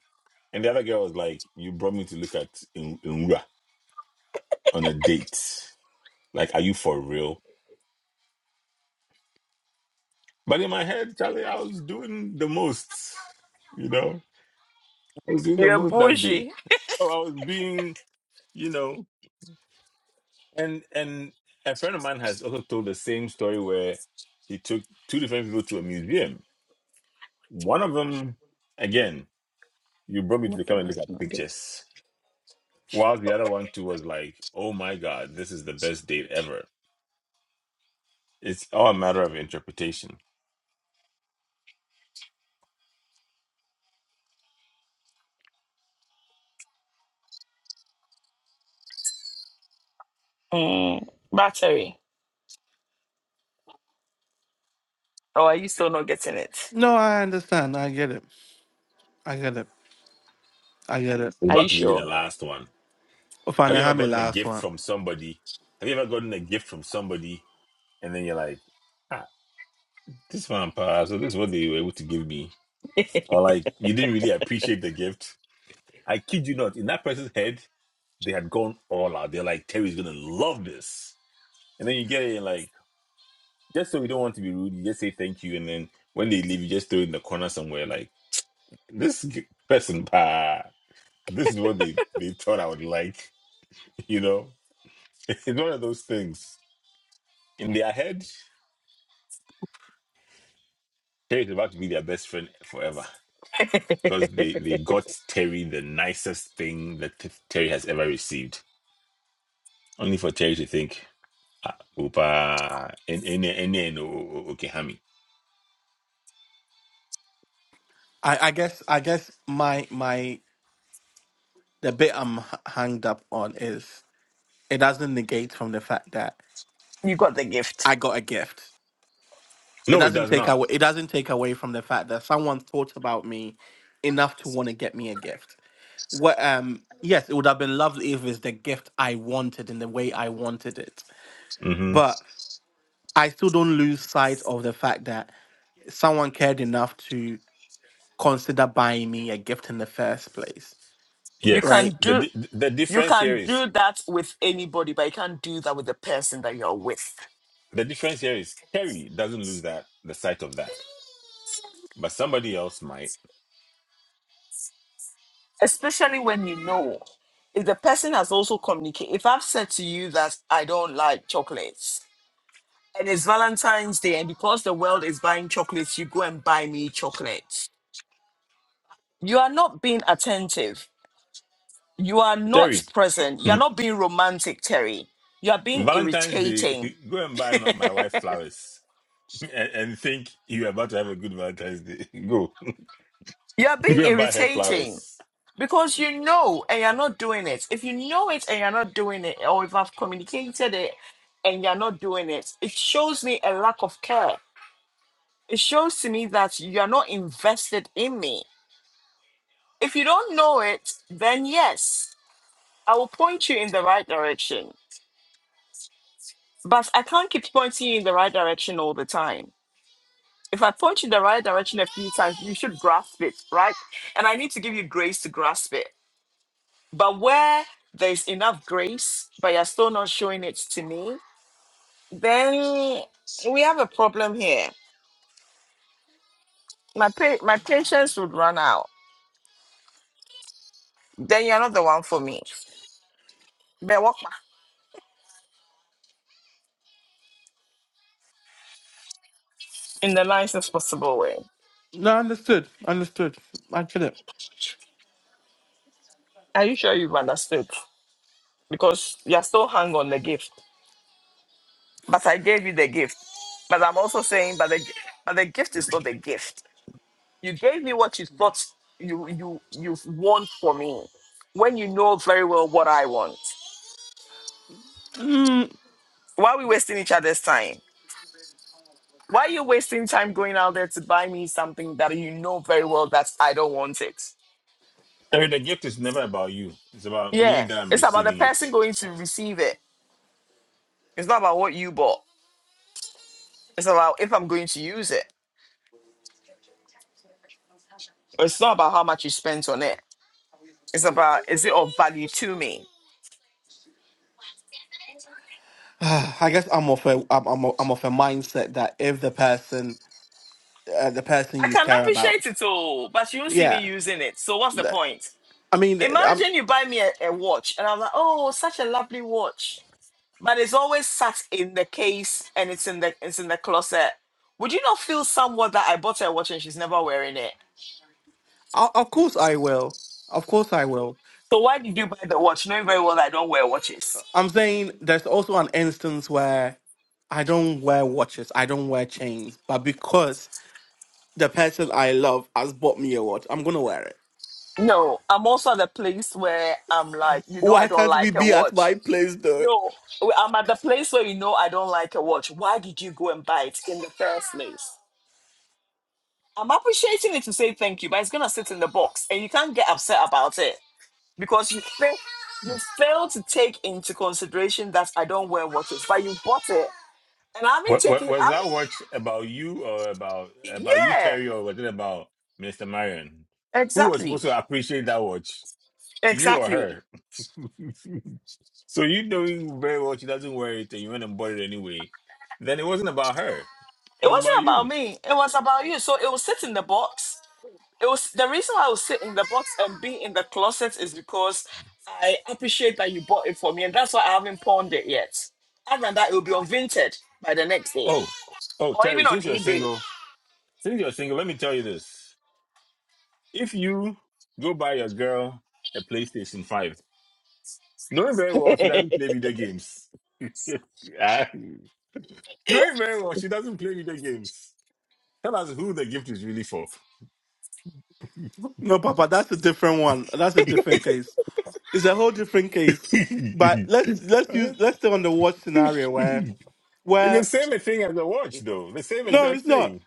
[SPEAKER 2] And the other girl was like, "You brought me to look at in Inra on a date. Like, are you for real?" But in my head, Charlie, I was doing the most. You know, I was doing the
[SPEAKER 1] You're
[SPEAKER 2] most that day.
[SPEAKER 1] bougie.
[SPEAKER 2] Oh, I was being you know and and a friend of mine has also told the same story where he took two different people to a museum one of them again you brought me to come and look at pictures whilst the other one too was like oh my god this is the best date ever it's all a matter of interpretation
[SPEAKER 1] Mm, battery. Or are you still not getting it?
[SPEAKER 5] No, I understand. I get it. I get it. I get it.
[SPEAKER 2] i'm
[SPEAKER 1] Are you
[SPEAKER 2] about to give you the
[SPEAKER 1] sure?
[SPEAKER 2] last one
[SPEAKER 5] Fine,
[SPEAKER 2] have
[SPEAKER 5] I
[SPEAKER 2] you ever
[SPEAKER 5] have my
[SPEAKER 2] gotten a
[SPEAKER 5] last
[SPEAKER 2] gift
[SPEAKER 5] one.
[SPEAKER 2] from somebody have you ever gotten a gift from somebody and then you're like ah this one pa, so this is what they were able to give me or like you didn't really appreciate the gift I kid you not, in that person's head, they had gone all out. They're like, Terry's gonna love this. And then you get it and like, just so we don't want to be rude, you just say thank you. And then when they leave, you just throw it in the corner somewhere like, this g- person, bah, this is what they, they thought I would like, you know? It's one of those things. In their head, Terry's about to be their best friend forever. Because they, they got Terry the nicest thing that Terry has ever received. Only for Terry to think. Uh, Upa and and and and Okehami.
[SPEAKER 5] I, I guess I guess my my the bit I'm h- hanged up on is it doesn't negate from the fact that
[SPEAKER 1] You got the gift.
[SPEAKER 5] I got a gift. It
[SPEAKER 2] No, it
[SPEAKER 5] doesn't
[SPEAKER 2] does
[SPEAKER 5] take
[SPEAKER 2] not.
[SPEAKER 5] away it doesn't take away from the fact that someone thought about me enough to want to get me a gift. What um yes, it would have been lovely if it's the gift I wanted in the way I wanted it.
[SPEAKER 2] hmm
[SPEAKER 5] But I still don't lose sight of the fact that someone cared enough to consider buying me a gift in the first place,
[SPEAKER 1] You
[SPEAKER 5] right?
[SPEAKER 2] Yes,
[SPEAKER 1] can
[SPEAKER 2] the
[SPEAKER 1] do
[SPEAKER 2] di- the
[SPEAKER 1] you
[SPEAKER 2] difference here
[SPEAKER 1] can
[SPEAKER 2] is
[SPEAKER 1] do that with anybody, but you can't do that with the person that you're with.
[SPEAKER 2] the difference here is Terry doesn't lose that the sight of that, but somebody else might.
[SPEAKER 1] especially when you know if the person has also communicated if i've said to you that i don't like chocolates and it's valentine's day and because the world is buying chocolates you go and buy me chocolates you are not being attentive you are not
[SPEAKER 2] Terry,
[SPEAKER 1] present you're
[SPEAKER 2] Mhm.
[SPEAKER 1] not being romantic terry you are being
[SPEAKER 2] Valentine's
[SPEAKER 1] irritating
[SPEAKER 2] Day, go and buy my my wife flowers. And, and think you're about to have a good Valentine's Day. Go,
[SPEAKER 1] you are being
[SPEAKER 2] go and buy her
[SPEAKER 1] irritating
[SPEAKER 2] flowers.
[SPEAKER 1] because you know and you're not doing it if you know it and you're not doing it or if i've communicated it and you're not doing it it shows me a lack of care It shows to me that you are not invested in me. If you don't know it, then yes, I will point you in the right direction. But I can't keep pointing you in the right direction all the time. If I point you in the right direction a few times, you should grasp it, right? And I need to give you grace to grasp it. But where there's enough grace, but you're still not showing it to me, then we have a problem here. My pa- my patience would run out. Then you're not the one for me. But what? in the nicest possible way.
[SPEAKER 5] No, understood, understood. I get it.
[SPEAKER 1] Are you sure you've understood? Because you're still hung on the gift. But I gave you the gift. But I'm also saying, but the but the gift is not the gift. You gave me what you thought you you you want for me, when you know very well what I want.
[SPEAKER 5] Mm.
[SPEAKER 1] Why are we wasting each other's time? Why are you wasting time going out there to buy me something that you know very well that I don't want it?
[SPEAKER 2] Terry, the gift is never about you. It's about me
[SPEAKER 1] Yeah,
[SPEAKER 2] that I'm
[SPEAKER 1] it's about the
[SPEAKER 2] receiving
[SPEAKER 1] person
[SPEAKER 2] it.
[SPEAKER 1] going to receive it. It's not about what you bought. It's about if I'm going to use it. It's not about how much you spent on it. It's about is it of value to me?
[SPEAKER 5] I guess I'm of a I'm I'm I'm of a mindset that if the person uh, the person
[SPEAKER 1] I
[SPEAKER 5] you
[SPEAKER 1] can
[SPEAKER 5] care about,
[SPEAKER 1] appreciate it all, but you don't see me
[SPEAKER 5] yeah,
[SPEAKER 1] using it. So what's the
[SPEAKER 5] that,
[SPEAKER 1] point?
[SPEAKER 5] I mean, th- I'm,
[SPEAKER 1] Imagine you buy me a, a watch and I'm like, oh, such a lovely watch. But it's always sat in the case and it's in the it's in the closet. Would you not feel somewhat that I bought her a watch and she's never wearing it?
[SPEAKER 5] o- of course I will, of course I will.
[SPEAKER 1] So why did you buy the watch knowing very well that I don't wear watches?
[SPEAKER 5] I'm saying there's also an instance where I don't wear watches, I don't wear chains, but because the person I love has bought me a watch, I'm gonna wear it
[SPEAKER 1] No, I'm also at a place where I'm like, you know, I
[SPEAKER 5] Why
[SPEAKER 1] don't
[SPEAKER 5] can't we
[SPEAKER 1] like a
[SPEAKER 5] be at
[SPEAKER 1] watch.
[SPEAKER 5] my place though?
[SPEAKER 1] No, I'm at the place where you know I don't like a watch. Why did you go and buy it in the first place? I'm appreciating it to say thank you, but it's gonna sit in the box, and you can't get upset about it because you fail, you fail to take into consideration that I don't wear watches, but you bought it, and I've been
[SPEAKER 2] What what
[SPEAKER 1] taking.
[SPEAKER 2] was
[SPEAKER 1] I'm
[SPEAKER 2] that watch about you or about about you,
[SPEAKER 1] yeah,
[SPEAKER 2] Terry, or was it about Mr. Marion? Who was
[SPEAKER 1] exactly,
[SPEAKER 2] supposed to appreciate that watch? You or
[SPEAKER 1] exactly.
[SPEAKER 2] her? so you knowing very well she doesn't wear it and you went and bought it anyway. Then it wasn't about her.
[SPEAKER 1] It
[SPEAKER 2] It was about
[SPEAKER 1] wasn't about
[SPEAKER 2] you.
[SPEAKER 1] me. It was about you. So it will sit in the box it was the reason why I was sit in the box and be in the closet is because I appreciate that you bought it for me, and that's why I haven't pawned it yet. Other than that, it will be on Vinted by the next day,
[SPEAKER 2] Oh, oh
[SPEAKER 1] or even
[SPEAKER 2] Terry,
[SPEAKER 1] on
[SPEAKER 2] since you're
[SPEAKER 1] eBay.
[SPEAKER 2] single since you're single, let me tell you this. If you go buy your girl a PlayStation 5, knowing very well she doesn't play video games. Knowing very well she doesn't play video games. Tell us who the gift is really for.
[SPEAKER 5] No, Papa, that's a different one. That's a different case. It's a whole different case.
[SPEAKER 2] it's
[SPEAKER 5] But let's let's use let's stay on the watch scenario where
[SPEAKER 2] the
[SPEAKER 5] where
[SPEAKER 2] same thing as the watch, though. The same
[SPEAKER 5] no,
[SPEAKER 2] exact
[SPEAKER 5] it's not.
[SPEAKER 2] thing.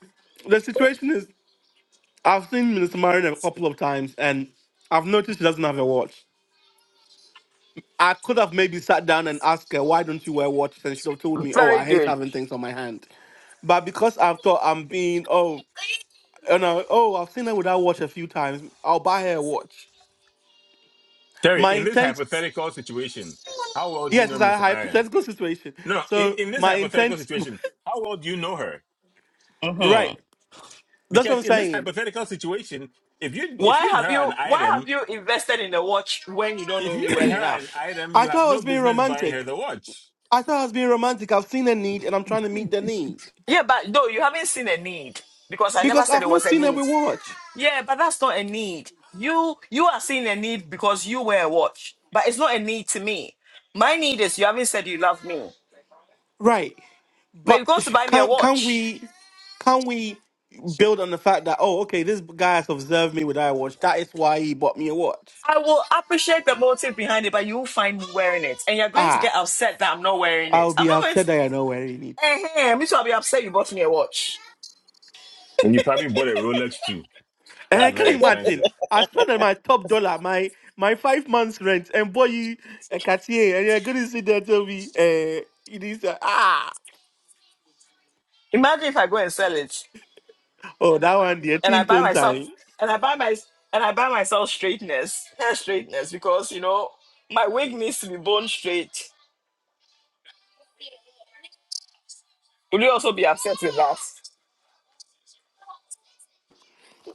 [SPEAKER 5] The situation is I've seen Minister Marion a couple of times and I've noticed she doesn't have a watch. I could have maybe sat down and asked her why don't you wear watches and she'd have told me, Oh,
[SPEAKER 1] Very
[SPEAKER 5] I hate
[SPEAKER 1] good.
[SPEAKER 5] having things on my hand. But because I've thought I'm being oh you know, oh I've seen her without watch a few times, I'll buy her a watch.
[SPEAKER 2] Terry,
[SPEAKER 5] My
[SPEAKER 2] in this
[SPEAKER 5] intent,
[SPEAKER 2] hypothetical situation, how well do you
[SPEAKER 5] yes,
[SPEAKER 2] know
[SPEAKER 5] it's a
[SPEAKER 2] Mister. Marion?
[SPEAKER 5] hypothetical situation.
[SPEAKER 2] No, no, in,
[SPEAKER 5] So
[SPEAKER 2] in this
[SPEAKER 5] my
[SPEAKER 2] hypothetical
[SPEAKER 5] intent,
[SPEAKER 2] situation, how well do you know her?
[SPEAKER 5] right?
[SPEAKER 1] Mhm.
[SPEAKER 5] That's what I'm
[SPEAKER 2] Because in this
[SPEAKER 5] saying.
[SPEAKER 2] hypothetical situation, if you
[SPEAKER 1] Why
[SPEAKER 2] if you and
[SPEAKER 1] have
[SPEAKER 2] her are
[SPEAKER 1] you
[SPEAKER 2] an
[SPEAKER 1] Why have
[SPEAKER 2] item,
[SPEAKER 1] you invested in a watch when you don't
[SPEAKER 2] if
[SPEAKER 1] know
[SPEAKER 2] you
[SPEAKER 1] me
[SPEAKER 2] and
[SPEAKER 1] well
[SPEAKER 2] her are an
[SPEAKER 1] enough?
[SPEAKER 2] item,
[SPEAKER 5] I
[SPEAKER 2] you have
[SPEAKER 5] thought I
[SPEAKER 2] no
[SPEAKER 5] was being
[SPEAKER 2] business buying her
[SPEAKER 5] romantic.
[SPEAKER 2] the watch.
[SPEAKER 5] I thought I was being romantic. I've seen a need and I'm trying to meet the need
[SPEAKER 1] Yeah, but no, you haven't seen a need because I never
[SPEAKER 5] because
[SPEAKER 1] said
[SPEAKER 5] I've
[SPEAKER 1] it
[SPEAKER 5] not
[SPEAKER 1] was a
[SPEAKER 5] seen a
[SPEAKER 1] need.
[SPEAKER 5] watch.
[SPEAKER 1] Yeah, but that's not a need. You you are seeing a need because you wear a watch, but it's not a need to me. My need is you haven't said you love me,
[SPEAKER 5] right?
[SPEAKER 1] but you're
[SPEAKER 5] But
[SPEAKER 1] going to buy me a
[SPEAKER 5] can can
[SPEAKER 1] watch.
[SPEAKER 5] we can we build on the fact that oh okay this guy has observed me with iWatch that is why he bought me a watch
[SPEAKER 1] I will appreciate the motive behind it, but you will find me wearing it, and you're going to
[SPEAKER 5] ah
[SPEAKER 1] get upset that I'm not wearing
[SPEAKER 5] I'll
[SPEAKER 1] it. I'm
[SPEAKER 5] be
[SPEAKER 1] not going to.
[SPEAKER 5] upset that I know where he needs.
[SPEAKER 1] Eh, me too. I'll be upset you bought me a watch.
[SPEAKER 2] And you probably bought a Rolex too. That's
[SPEAKER 5] Eh, can
[SPEAKER 2] very
[SPEAKER 5] you imagine?
[SPEAKER 2] expensive.
[SPEAKER 5] I spent on my top dollar, my my five months rent, and boy, you a Cartier, and you're gonna sit there and tell me, eh, it is uh, ah,
[SPEAKER 1] Imagine if I go and sell it,
[SPEAKER 5] oh that one the
[SPEAKER 1] and I
[SPEAKER 5] 18
[SPEAKER 1] buy
[SPEAKER 5] tone time.
[SPEAKER 1] myself, and I buy my, and I buy myself straightness, hair straightness, because you know my wig needs to be bone straight. Will you also be upset with that?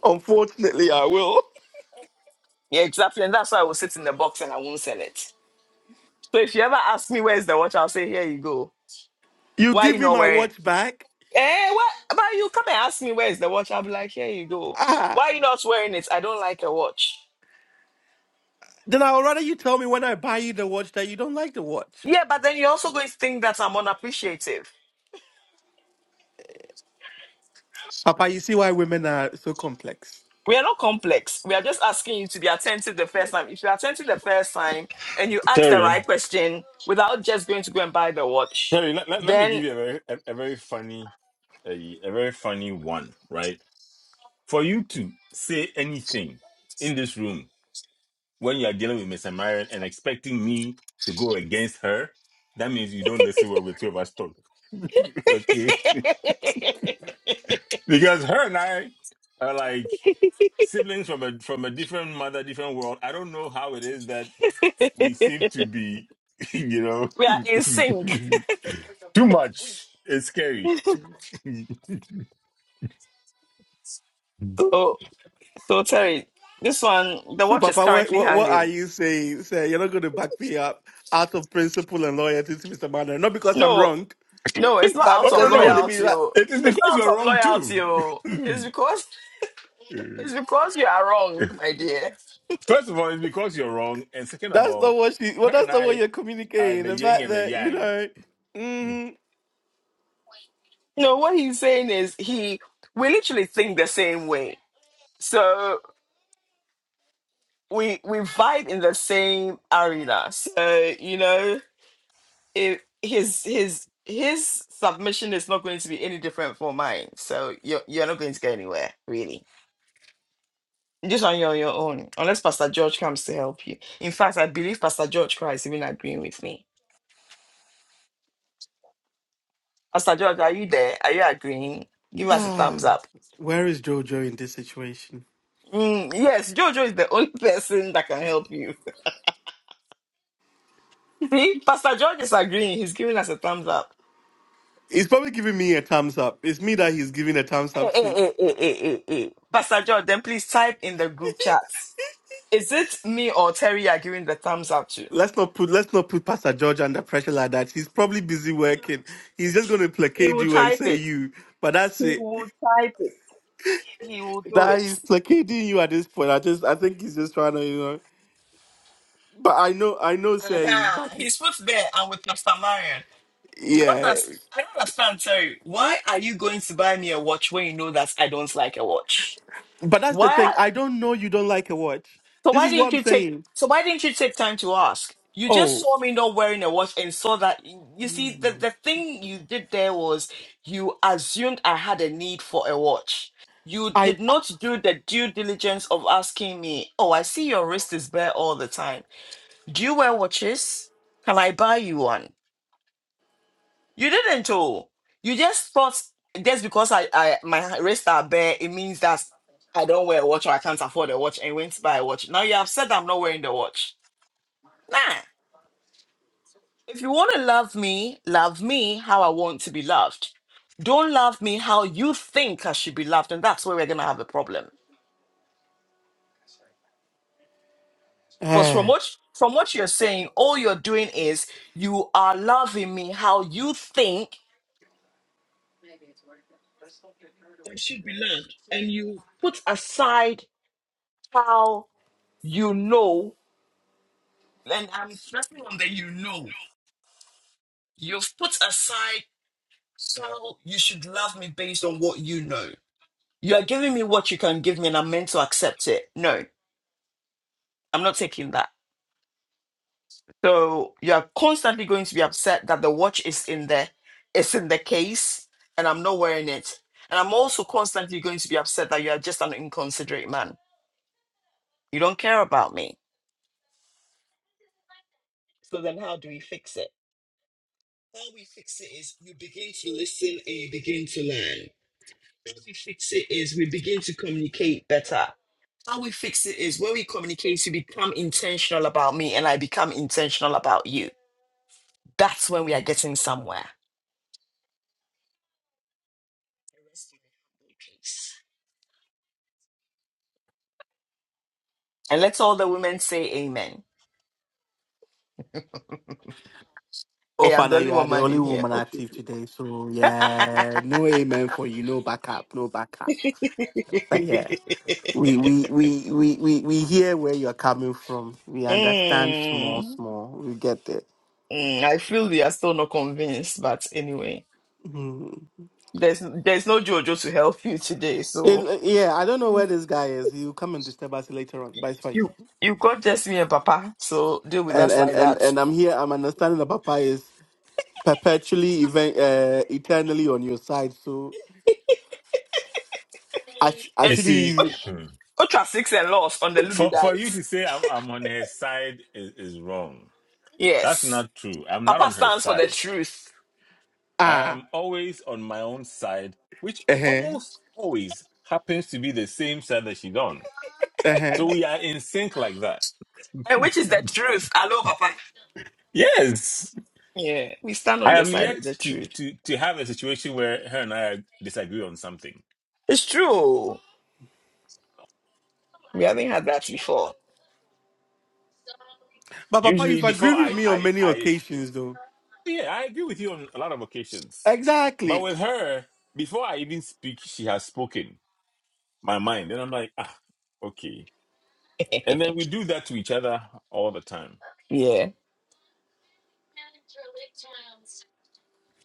[SPEAKER 5] Unfortunately, I will.
[SPEAKER 1] Yeah, exactly. And that's why I will sit in the box and I won't sell it. So if you ever ask me where's the watch, I'll say, here you go.
[SPEAKER 5] You
[SPEAKER 1] Why you
[SPEAKER 5] give me
[SPEAKER 1] not
[SPEAKER 5] my
[SPEAKER 1] wearing
[SPEAKER 5] watch back.
[SPEAKER 1] Eh, what? But you come and ask me where's the watch. I'll be like, here you go.
[SPEAKER 5] Ah,
[SPEAKER 1] Why you not wearing it? I don't like a watch.
[SPEAKER 5] then I would rather you tell me when I buy you the watch that you don't like the watch.
[SPEAKER 1] Yeah, but then you're also going to think that I'm unappreciative.
[SPEAKER 5] Papa, you see why women are so complex.
[SPEAKER 1] We are not complex. We are just asking you to be attentive the first time. If you're attentive the first time and you ask the
[SPEAKER 2] Terry,
[SPEAKER 1] right question without just going to go and buy the watch,
[SPEAKER 2] Terry, let, let, let me give
[SPEAKER 1] then
[SPEAKER 2] you a very a, a very funny a, a very funny one, right? For you to say anything in this room when you are dealing with Miss Marion and expecting me to go against her, that means you don't listen when the two of us talk. okay. Because her and I are like siblings from a from a different mother, different world. I don't know how it is that we seem to be, you know,
[SPEAKER 1] we are in sync.
[SPEAKER 2] too much. It's scary. oh
[SPEAKER 1] So So Terry, this one, the
[SPEAKER 5] So,
[SPEAKER 1] watch is
[SPEAKER 5] Papa, what
[SPEAKER 1] currently
[SPEAKER 5] what, what are
[SPEAKER 1] hanging.
[SPEAKER 5] you saying? Say you're not going to back me up out of principle and loyalty to Mr. Manuel, not because I'm
[SPEAKER 1] No,
[SPEAKER 5] wrong.
[SPEAKER 1] no, it's not
[SPEAKER 5] But
[SPEAKER 1] out of
[SPEAKER 2] no,
[SPEAKER 5] because you want
[SPEAKER 2] no,
[SPEAKER 5] to be
[SPEAKER 1] loyalty.
[SPEAKER 5] like,
[SPEAKER 1] Oh.
[SPEAKER 2] it is
[SPEAKER 1] It's
[SPEAKER 2] because
[SPEAKER 1] not
[SPEAKER 2] you're
[SPEAKER 1] out of
[SPEAKER 2] wrong too.
[SPEAKER 1] loyalty. Oh. It's because it's because you are wrong, my dear.
[SPEAKER 2] First of all, it's because you're wrong, and second of
[SPEAKER 5] that's not
[SPEAKER 2] all,
[SPEAKER 5] what she. Well,
[SPEAKER 2] her
[SPEAKER 5] that's
[SPEAKER 2] and
[SPEAKER 5] not what
[SPEAKER 2] I
[SPEAKER 5] you're
[SPEAKER 2] are
[SPEAKER 5] communicating.
[SPEAKER 2] the
[SPEAKER 5] The
[SPEAKER 2] yin
[SPEAKER 5] fact
[SPEAKER 2] and the
[SPEAKER 5] that you
[SPEAKER 2] yang.
[SPEAKER 5] know, mhm.
[SPEAKER 1] No, what he's saying is he we literally think the same way. So we we fight in the same arena. So you know, if his his his submission is not going to be any different from mine. So you're you're not going to go anywhere, really. Just on your your own, unless Pastor George comes to help you. In fact, I believe Pastor George Christ even agreeing with me. Pastor George, are you there? Are you agreeing? Give us a thumbs up.
[SPEAKER 5] where is Jojo in this situation?
[SPEAKER 1] Mm, yes, Jojo is the only person that can help you. See, Pastor George is agreeing. He's giving us a thumbs up.
[SPEAKER 5] He's probably giving me a thumbs up. It's me that he's giving a thumbs
[SPEAKER 1] Hey,
[SPEAKER 5] up
[SPEAKER 1] hey,
[SPEAKER 5] to.
[SPEAKER 1] hey, hey, hey, hey, hey. Pastor George, then please type in the group chat. Is it me or Terry you are giving the thumbs up to?
[SPEAKER 5] Let's not put let's not put Pastor George under pressure like that. He's probably busy working. He's just going to
[SPEAKER 1] He
[SPEAKER 5] placate
[SPEAKER 1] will
[SPEAKER 5] you and
[SPEAKER 1] type
[SPEAKER 5] say
[SPEAKER 1] it.
[SPEAKER 5] you. But that's
[SPEAKER 1] He
[SPEAKER 5] it.
[SPEAKER 1] will type it. He will type it. He will do
[SPEAKER 5] That
[SPEAKER 1] it.
[SPEAKER 5] he's placating you at this point. I just I think he's just trying to you know. But I know I know. Say he's
[SPEAKER 1] Uh-huh.
[SPEAKER 5] backing.
[SPEAKER 1] He spoke there and with Pastor Marion. I don't,
[SPEAKER 5] Yeah.
[SPEAKER 1] underst- I don't understand, Terry. Why are you going to buy me a watch when you know that I don't like a watch?
[SPEAKER 5] But that's the
[SPEAKER 1] Why?
[SPEAKER 5] thing. I don't know you don't like a watch.
[SPEAKER 1] So
[SPEAKER 5] This
[SPEAKER 1] why
[SPEAKER 5] is what
[SPEAKER 1] didn't
[SPEAKER 5] I'm
[SPEAKER 1] you take?
[SPEAKER 5] saying.
[SPEAKER 1] So why didn't you take time to ask? You just
[SPEAKER 5] Oh,
[SPEAKER 1] saw me not wearing a watch and saw that. You see, the, the thing you did there was you assumed I had a need for a watch. You
[SPEAKER 5] I.
[SPEAKER 1] did not do the due diligence of asking me, oh, I see your wrist is bare all the time. Do you wear watches? Can I buy you one? You didn't, oh. You just thought just because I, I my wrists are bare, it means that I don't wear a watch or I can't afford a watch and went to buy a watch. Now you have said I'm not wearing the watch. Nah. If you want to love me, love me how I want to be loved. Don't love me how you think I should be loved, and that's where we're gonna have a problem. Because from
[SPEAKER 5] Uh,
[SPEAKER 1] what from what you're saying, all you're doing is you are loving me how you think I should be loved, and you put aside how You know, and I'm stressing on the you know. You've put aside how you should love me based on what you know. You are giving me what you can give me, and I'm meant to accept it. No, I'm not taking that. So you are constantly going to be upset that the watch is in there, it's in the case, and I'm not wearing it. And I'm also constantly going to be upset that you are just an inconsiderate man. You don't care about me. So then, how do we fix it? How we fix it is you begin to listen and you begin to learn. How we fix it is we begin to communicate better. How we fix it is when we communicate, you become intentional about me and I become intentional about you. That's when we are getting somewhere. And let all the women say amen.
[SPEAKER 5] oh,
[SPEAKER 1] Hey, I'm the
[SPEAKER 5] Fana,
[SPEAKER 1] only
[SPEAKER 5] you are the
[SPEAKER 1] woman
[SPEAKER 5] only
[SPEAKER 1] in here.
[SPEAKER 5] woman active today. So, yeah, no amen for you. No backup. No backup. But yeah, we we we we we, we hear where you're coming from. We understand small,
[SPEAKER 1] Mm,
[SPEAKER 5] small. We get it.
[SPEAKER 1] mm, I feel they are still not convinced, but anyway,
[SPEAKER 5] Mhm.
[SPEAKER 1] there's there's no Jojo to help you today,
[SPEAKER 5] It,
[SPEAKER 1] so
[SPEAKER 5] uh, yeah, I don't know where this guy is. He'll come and disturb us later on, but it's fine.
[SPEAKER 1] you you got just me and Papa, so deal with
[SPEAKER 5] And
[SPEAKER 1] us
[SPEAKER 5] and
[SPEAKER 1] like
[SPEAKER 5] and
[SPEAKER 1] that.
[SPEAKER 5] and I'm here. I'm understanding that papa is. perpetually, even uh, eternally on your side. So I, sh- I
[SPEAKER 1] Eh,
[SPEAKER 2] You
[SPEAKER 5] shouldn't
[SPEAKER 2] see,
[SPEAKER 5] even.
[SPEAKER 1] Ultra six and loss on the Lulu
[SPEAKER 2] for for
[SPEAKER 1] dice.
[SPEAKER 2] you to say I'm, I'm on her side is, is wrong. That's
[SPEAKER 1] Yes.
[SPEAKER 2] not true. I'm not
[SPEAKER 1] Papa
[SPEAKER 2] on her
[SPEAKER 1] stands for the
[SPEAKER 2] side.
[SPEAKER 1] truth.
[SPEAKER 2] I
[SPEAKER 5] Ah,
[SPEAKER 2] am always on my own side, which
[SPEAKER 5] uh huh,
[SPEAKER 2] almost always happens to be the same side that she's on.
[SPEAKER 5] uh huh.
[SPEAKER 2] So we are in sync like that.
[SPEAKER 1] And which is the truth? Hello, Papa.
[SPEAKER 2] Yes.
[SPEAKER 1] Yeah. We stand on
[SPEAKER 2] I
[SPEAKER 1] the
[SPEAKER 2] am
[SPEAKER 1] side of
[SPEAKER 2] yet
[SPEAKER 1] the
[SPEAKER 2] to
[SPEAKER 1] truth.
[SPEAKER 2] to to have a situation where her and I disagree on something.
[SPEAKER 1] It's true. Think of that.
[SPEAKER 5] But Papa,
[SPEAKER 2] Usually
[SPEAKER 5] you've
[SPEAKER 2] before
[SPEAKER 5] agreed with
[SPEAKER 2] I
[SPEAKER 5] me on
[SPEAKER 2] I
[SPEAKER 5] many
[SPEAKER 2] I
[SPEAKER 5] occasions, though.
[SPEAKER 2] yeah, I agree with you on a lot of occasions. But
[SPEAKER 5] Exactly.
[SPEAKER 2] with her, before I even speak, she has spoken my mind. And I'm like, ah, okay. And then we do that to each other all the time.
[SPEAKER 1] yeah.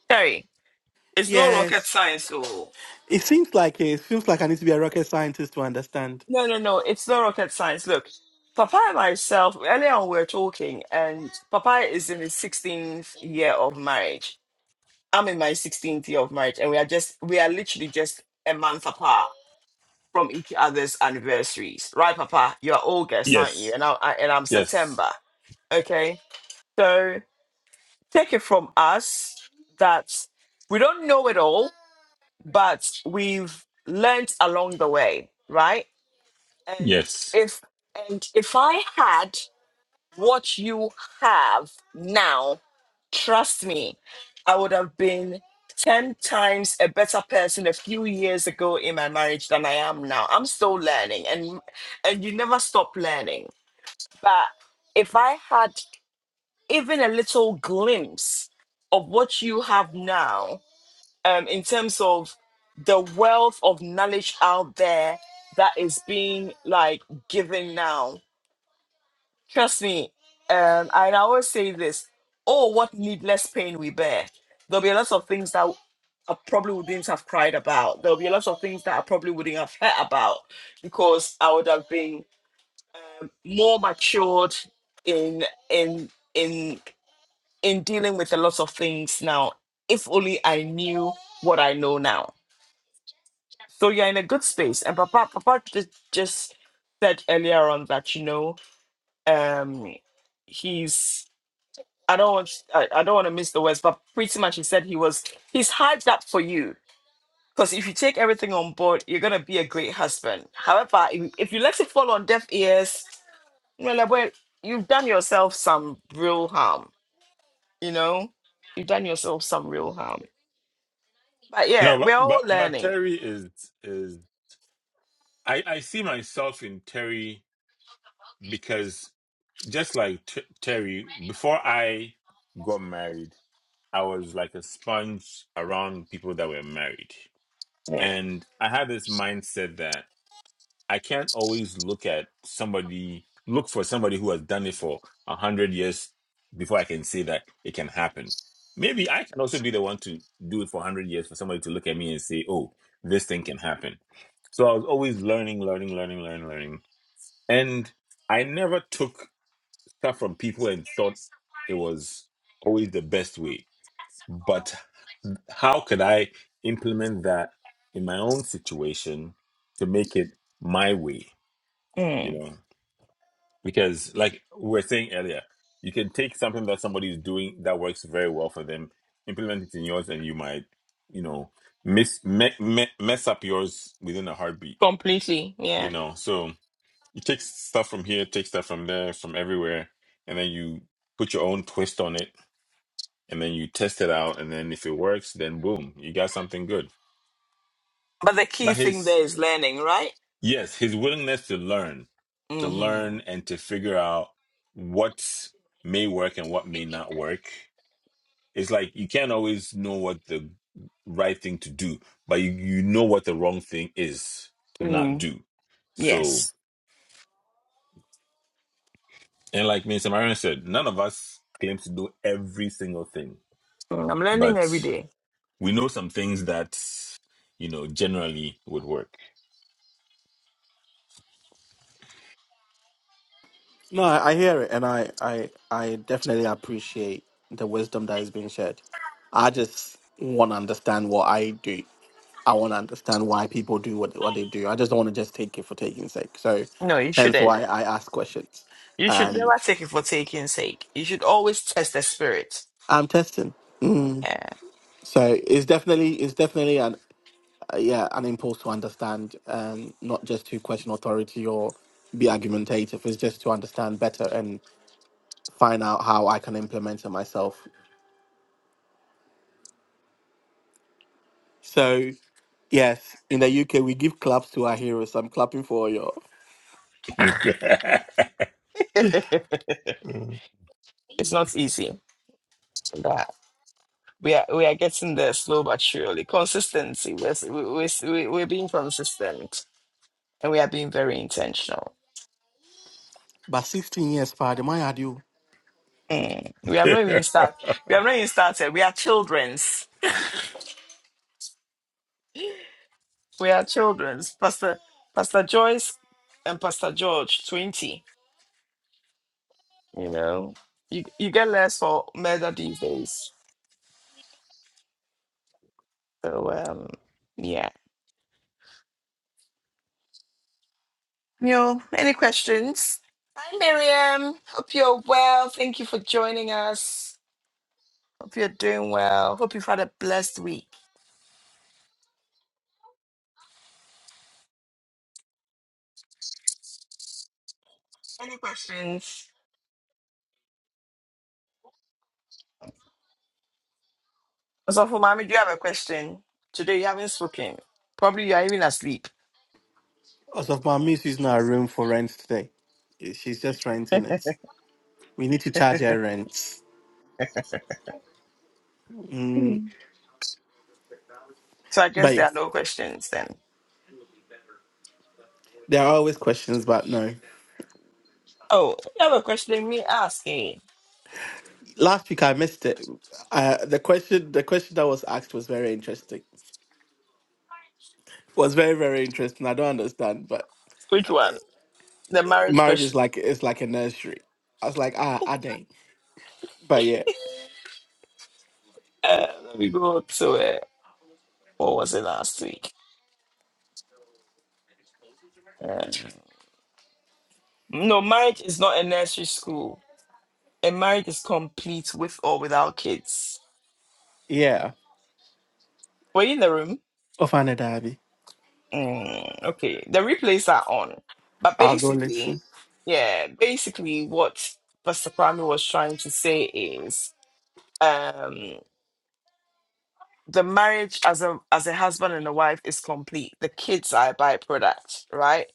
[SPEAKER 1] Terry, It's no rocket
[SPEAKER 5] Yes.
[SPEAKER 1] science, oh.
[SPEAKER 5] It seems like it seems like I need to be a rocket scientist to understand.
[SPEAKER 1] No, no, no. It's not rocket science. Look, Papa and myself, earlier on we were talking, and Papa is in his 16th year of marriage. I'm in my 16th year of marriage, and we are just, we are literally just a month apart. from each other's anniversaries, right, Papa? You're August, aren't you?
[SPEAKER 2] Yes.
[SPEAKER 1] And I, I and I'm
[SPEAKER 2] Yes.
[SPEAKER 1] September. Okay, so take it from us that we don't know it all, but we've learnt along the way, right? And
[SPEAKER 2] Yes.
[SPEAKER 1] if and if I had what you have now, trust me, I would have been 10 times a better person a few years ago in my marriage than I am now. I'm still learning and and you never stop learning. But if I had even a little glimpse of what you have now, um, in terms of the wealth of knowledge out there that is being like given now, Trust me, um, I always say this: Oh, what needless pain we bear. There'll be a lot of things that I probably wouldn't have cried about. There'll be a lot of things that I probably wouldn't have heard about because I would have been um, more matured in in in in dealing with a lot of things now. If only I knew what I know now. So you're in a good space. And Papa Papa just just said earlier on that you know um he's I don't want I, I don't want to miss the words, but pretty much he said he was he's hyped up for you. Because if you take everything on board, you're gonna be a great husband. However, if, if you let it fall on deaf ears, you know, like, well, you've done yourself some real harm. You know, you've done yourself some real harm. But yeah,
[SPEAKER 2] No, but
[SPEAKER 1] we're all
[SPEAKER 2] but but
[SPEAKER 1] learning.
[SPEAKER 2] Terry is is I I see myself in Terry because just like T- Terry, before I got married, I was like a sponge around people that were married,
[SPEAKER 1] Yeah,
[SPEAKER 2] and I had this mindset that. I can't always look at somebody, look for somebody who has done it for a hundred years before I can say that it can happen. Maybe I can also be the one to do it for a hundred years for somebody to look at me and say, "Oh, this thing can happen." So I was always learning, learning, learning, learning, learning, and I never took stuff from people and thought it was always the best way. But how could I implement that in my own situation to make it my way? You
[SPEAKER 1] Mm.
[SPEAKER 2] know, because like we were saying earlier you can take something that somebody is doing that works very well for them implement it in yours and you might you know miss me, me, mess up yours within a heartbeat
[SPEAKER 1] completely.
[SPEAKER 2] you
[SPEAKER 1] Yeah,
[SPEAKER 2] know so you take stuff from here take stuff from there from everywhere and then you put your own twist on it and then you test it out and then if it works then boom you got something good
[SPEAKER 1] but the key
[SPEAKER 2] but
[SPEAKER 1] thing
[SPEAKER 2] his
[SPEAKER 1] there is learning, right?
[SPEAKER 2] Yes, his willingness to learn, to learn
[SPEAKER 1] Mm-hmm.
[SPEAKER 2] and to figure out what may work and what may not work. It's like you can't always know what the right thing to do, but you, you know what the wrong thing is to not
[SPEAKER 1] Mm.
[SPEAKER 2] do. So,
[SPEAKER 1] Yes,
[SPEAKER 2] and like Mr. Marion said, none of us claims to do every single thing,
[SPEAKER 1] Mm, I'm learning every
[SPEAKER 2] but
[SPEAKER 1] day.
[SPEAKER 2] we know some things that, you know, generally would work.
[SPEAKER 5] No, I I hear it, and I, I, I definitely appreciate the wisdom that is being shared. I just want to understand what I do. I want to understand why people do what, what they do. I just don't want to just take it for taking sake. So,
[SPEAKER 1] No, you
[SPEAKER 5] hence
[SPEAKER 1] shouldn't.
[SPEAKER 5] why I ask questions,
[SPEAKER 1] You should
[SPEAKER 5] and
[SPEAKER 1] never take it for taking sake. You should always test the spirit.
[SPEAKER 5] I'm testing. Mm.
[SPEAKER 1] Yeah.
[SPEAKER 5] So it's definitely it's definitely an uh, yeah an impulse to understand, and not just to question authority or be argumentative. It's just to understand better and find out how I can implement it myself So yes, in the UK we give claps to our heroes. I'm clapping for you.
[SPEAKER 1] it's not easy. But we are we are getting there slow but surely. Consistency. We're s- we- we we- we're being consistent and we are being very intentional.
[SPEAKER 5] But 16 years, pardon my had you.
[SPEAKER 1] Mm. We have not even started. We have not even started. We are childrens. We are childrens. Pastor Pastor Joyce and Pastor George twenty. You know, you you get less for murder these days. So um, yeah. Yo, any questions? Hi, Miriam. Hope you're well. Thank you for joining us. Hope you're doing well. Hope you've had a blessed week. Any questions? So, for mommy, do you have a question? Today you haven't spoken. Probably you are even asleep.
[SPEAKER 5] As of my miss is not room for rent today. Eh, She's just renting it. We need to charge her rent. Mm,
[SPEAKER 1] So I guess
[SPEAKER 5] but yeah,
[SPEAKER 1] there are no questions then.
[SPEAKER 5] there are always questions, but no.
[SPEAKER 1] Oh, you have a question? Me asking.
[SPEAKER 5] Last week I missed it. Uh, the question, the question that was asked was very interesting. Was very very interesting. I don't understand, but
[SPEAKER 1] Which one? The marriage
[SPEAKER 5] marriage is
[SPEAKER 1] question.
[SPEAKER 5] like it's like a nursery. I was like, ah, I did But yeah,
[SPEAKER 1] Uh, let me go to uh, what was it last week? Uh, no, marriage is not a nursery school. a marriage is complete with or without kids.
[SPEAKER 5] yeah.
[SPEAKER 1] Were you in the room?
[SPEAKER 5] Ofana Derby.
[SPEAKER 1] Mm, okay, the replays are on. But
[SPEAKER 5] I'll go
[SPEAKER 1] basically,
[SPEAKER 5] listen.
[SPEAKER 1] yeah, basically what Pastor Kwame was trying to say is um, the marriage as a as a husband and a wife is complete. The kids are a byproduct, right?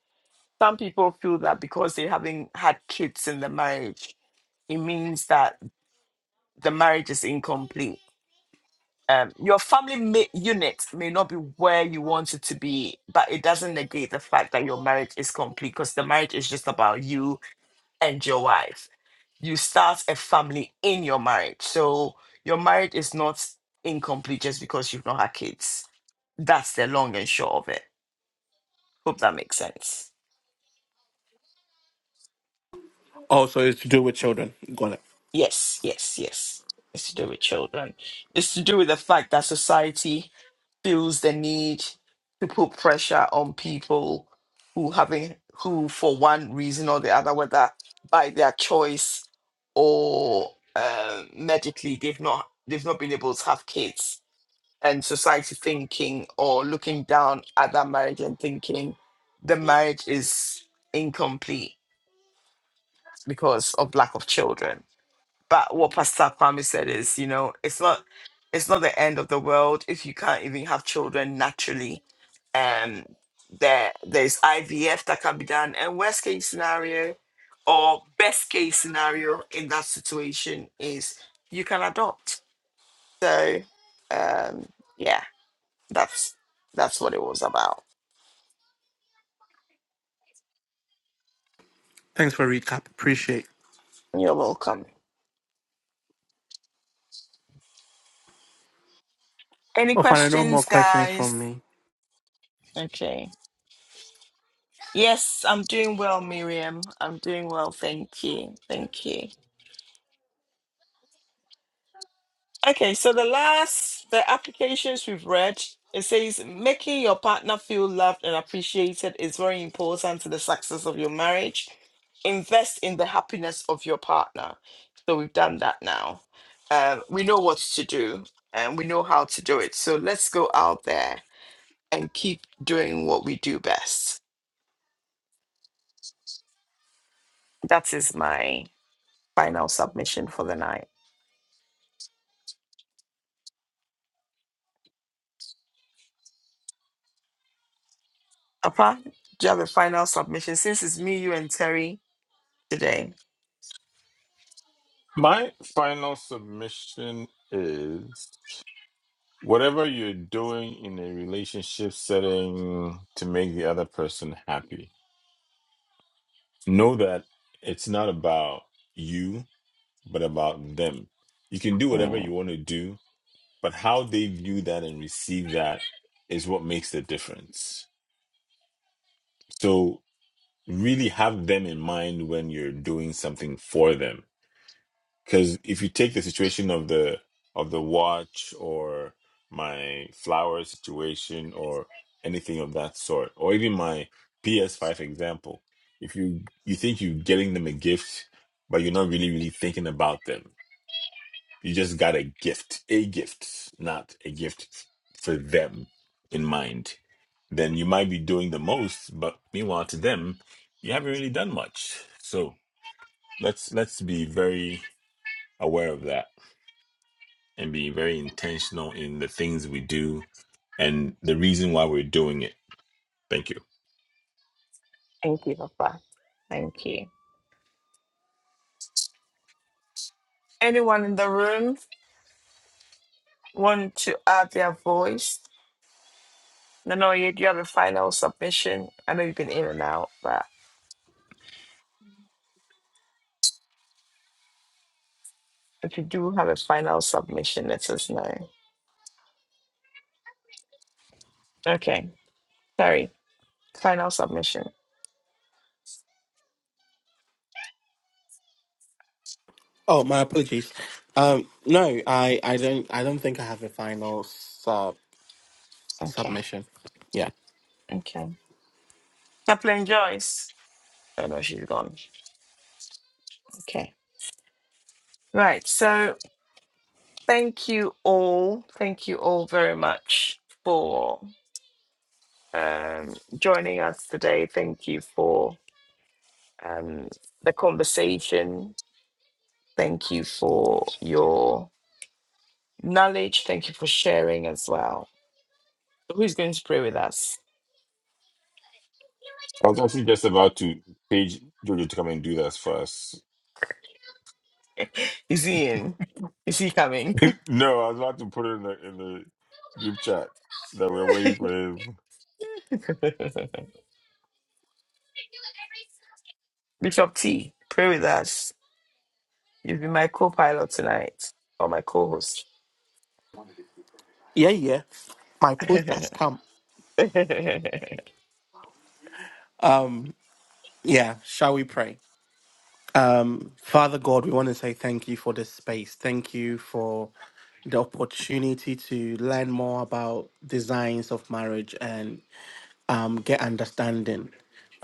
[SPEAKER 1] Some people feel that because they haven't had kids in the marriage, it means that the marriage is incomplete. um, your family may, unit may not be where you want it to be, but it doesn't negate the fact that your marriage is complete because the marriage is just about you and your wife. You start a family in your marriage. So your marriage is not incomplete just because you've not had kids. That's the long and short of it. Hope that makes sense.
[SPEAKER 5] Oh, so it's to do with children. Got it.
[SPEAKER 1] Yes, yes, yes. It's to do with children. It's to do with the fact that society feels the need to put pressure on people who having who for one reason or the other whether by their choice or uh, medically they've not they've not been able to have kids and society thinking or looking down at that marriage and thinking the marriage is incomplete because of lack of children but what Pastor Kwame said is, you know, it's not it's not the end of the world if you can't even have children naturally. Um there there's IVF that can be done and worst case scenario or best case scenario in that situation is you can adopt. So um yeah, that's that's what it was about.
[SPEAKER 5] Thanks for recap. Appreciate.
[SPEAKER 1] You're welcome. Any
[SPEAKER 5] Oh, fine. No more
[SPEAKER 1] questions,
[SPEAKER 5] questions from
[SPEAKER 1] guys?
[SPEAKER 5] me.
[SPEAKER 1] Okay. Yes, I'm doing well, Miriam. I'm doing well. Thank you. Thank you. Okay, so the last, the applications we've read, it says making your partner feel loved and appreciated is very important to the success of your marriage. Invest in the happiness of your partner. So we've done that now. Um, we know what to do and we know how to do it. So let's go out there and keep doing what we do best. That is my final submission for the night. Apa, do you have a final submission since it's me, you, and Terry today?
[SPEAKER 2] My final submission is whatever you're doing in a relationship setting to make the other person happy, know that it's not about you, but about them. You can do whatever
[SPEAKER 1] Mm,
[SPEAKER 2] you want to do, but how they view that and receive that is what makes the difference. So, really have them in mind when you're doing something for them Because if you take the situation of the of the watch or my flower situation or anything of that sort, or even my PS5 example, if you you think you're getting them a gift, but you're not really really thinking about them, you just got a gift, a gift, not a gift f- for them in mind. Then you might be doing the most, but meanwhile to them, you haven't really done much. So let's let's be very aware of that and being very intentional in the things we do and the reason why we're doing it. Thank you.
[SPEAKER 1] thank you, Papa. Thank you. Anyone in the room want to add their voice? No, no, you do you have a final submission. I know you've been in and out, but if you do have a final submission, let us know. Okay, Terry, final submission.
[SPEAKER 5] Oh, my apologies. Um, no, I, I don't, I don't think I have a final sub
[SPEAKER 1] Okay,
[SPEAKER 5] submission. Yeah,
[SPEAKER 1] okay. Chaplain Joyce. Oh no, she's gone. Okay. Right, so thank you all. Thank you all very much for um, joining us today. Thank you for um, the conversation. Thank you for your knowledge. Thank you for sharing as well. So Who's going to pray with us?
[SPEAKER 2] I was actually just about to page Jojo to come and do that for us.
[SPEAKER 1] Is he in? Is he coming?
[SPEAKER 2] No, I was about to put it in the in the group chat that we're waiting for him.
[SPEAKER 1] Bishop T, pray with us. You've been my co pilot tonight, or my co host.
[SPEAKER 5] yeah, yeah. My post
[SPEAKER 1] Amen.
[SPEAKER 5] has come. Um, yeah. Shall we pray? Um, Father God, we want to say thank you for this space. Thank you for the opportunity to learn more about designs of marriage and. um, get understanding.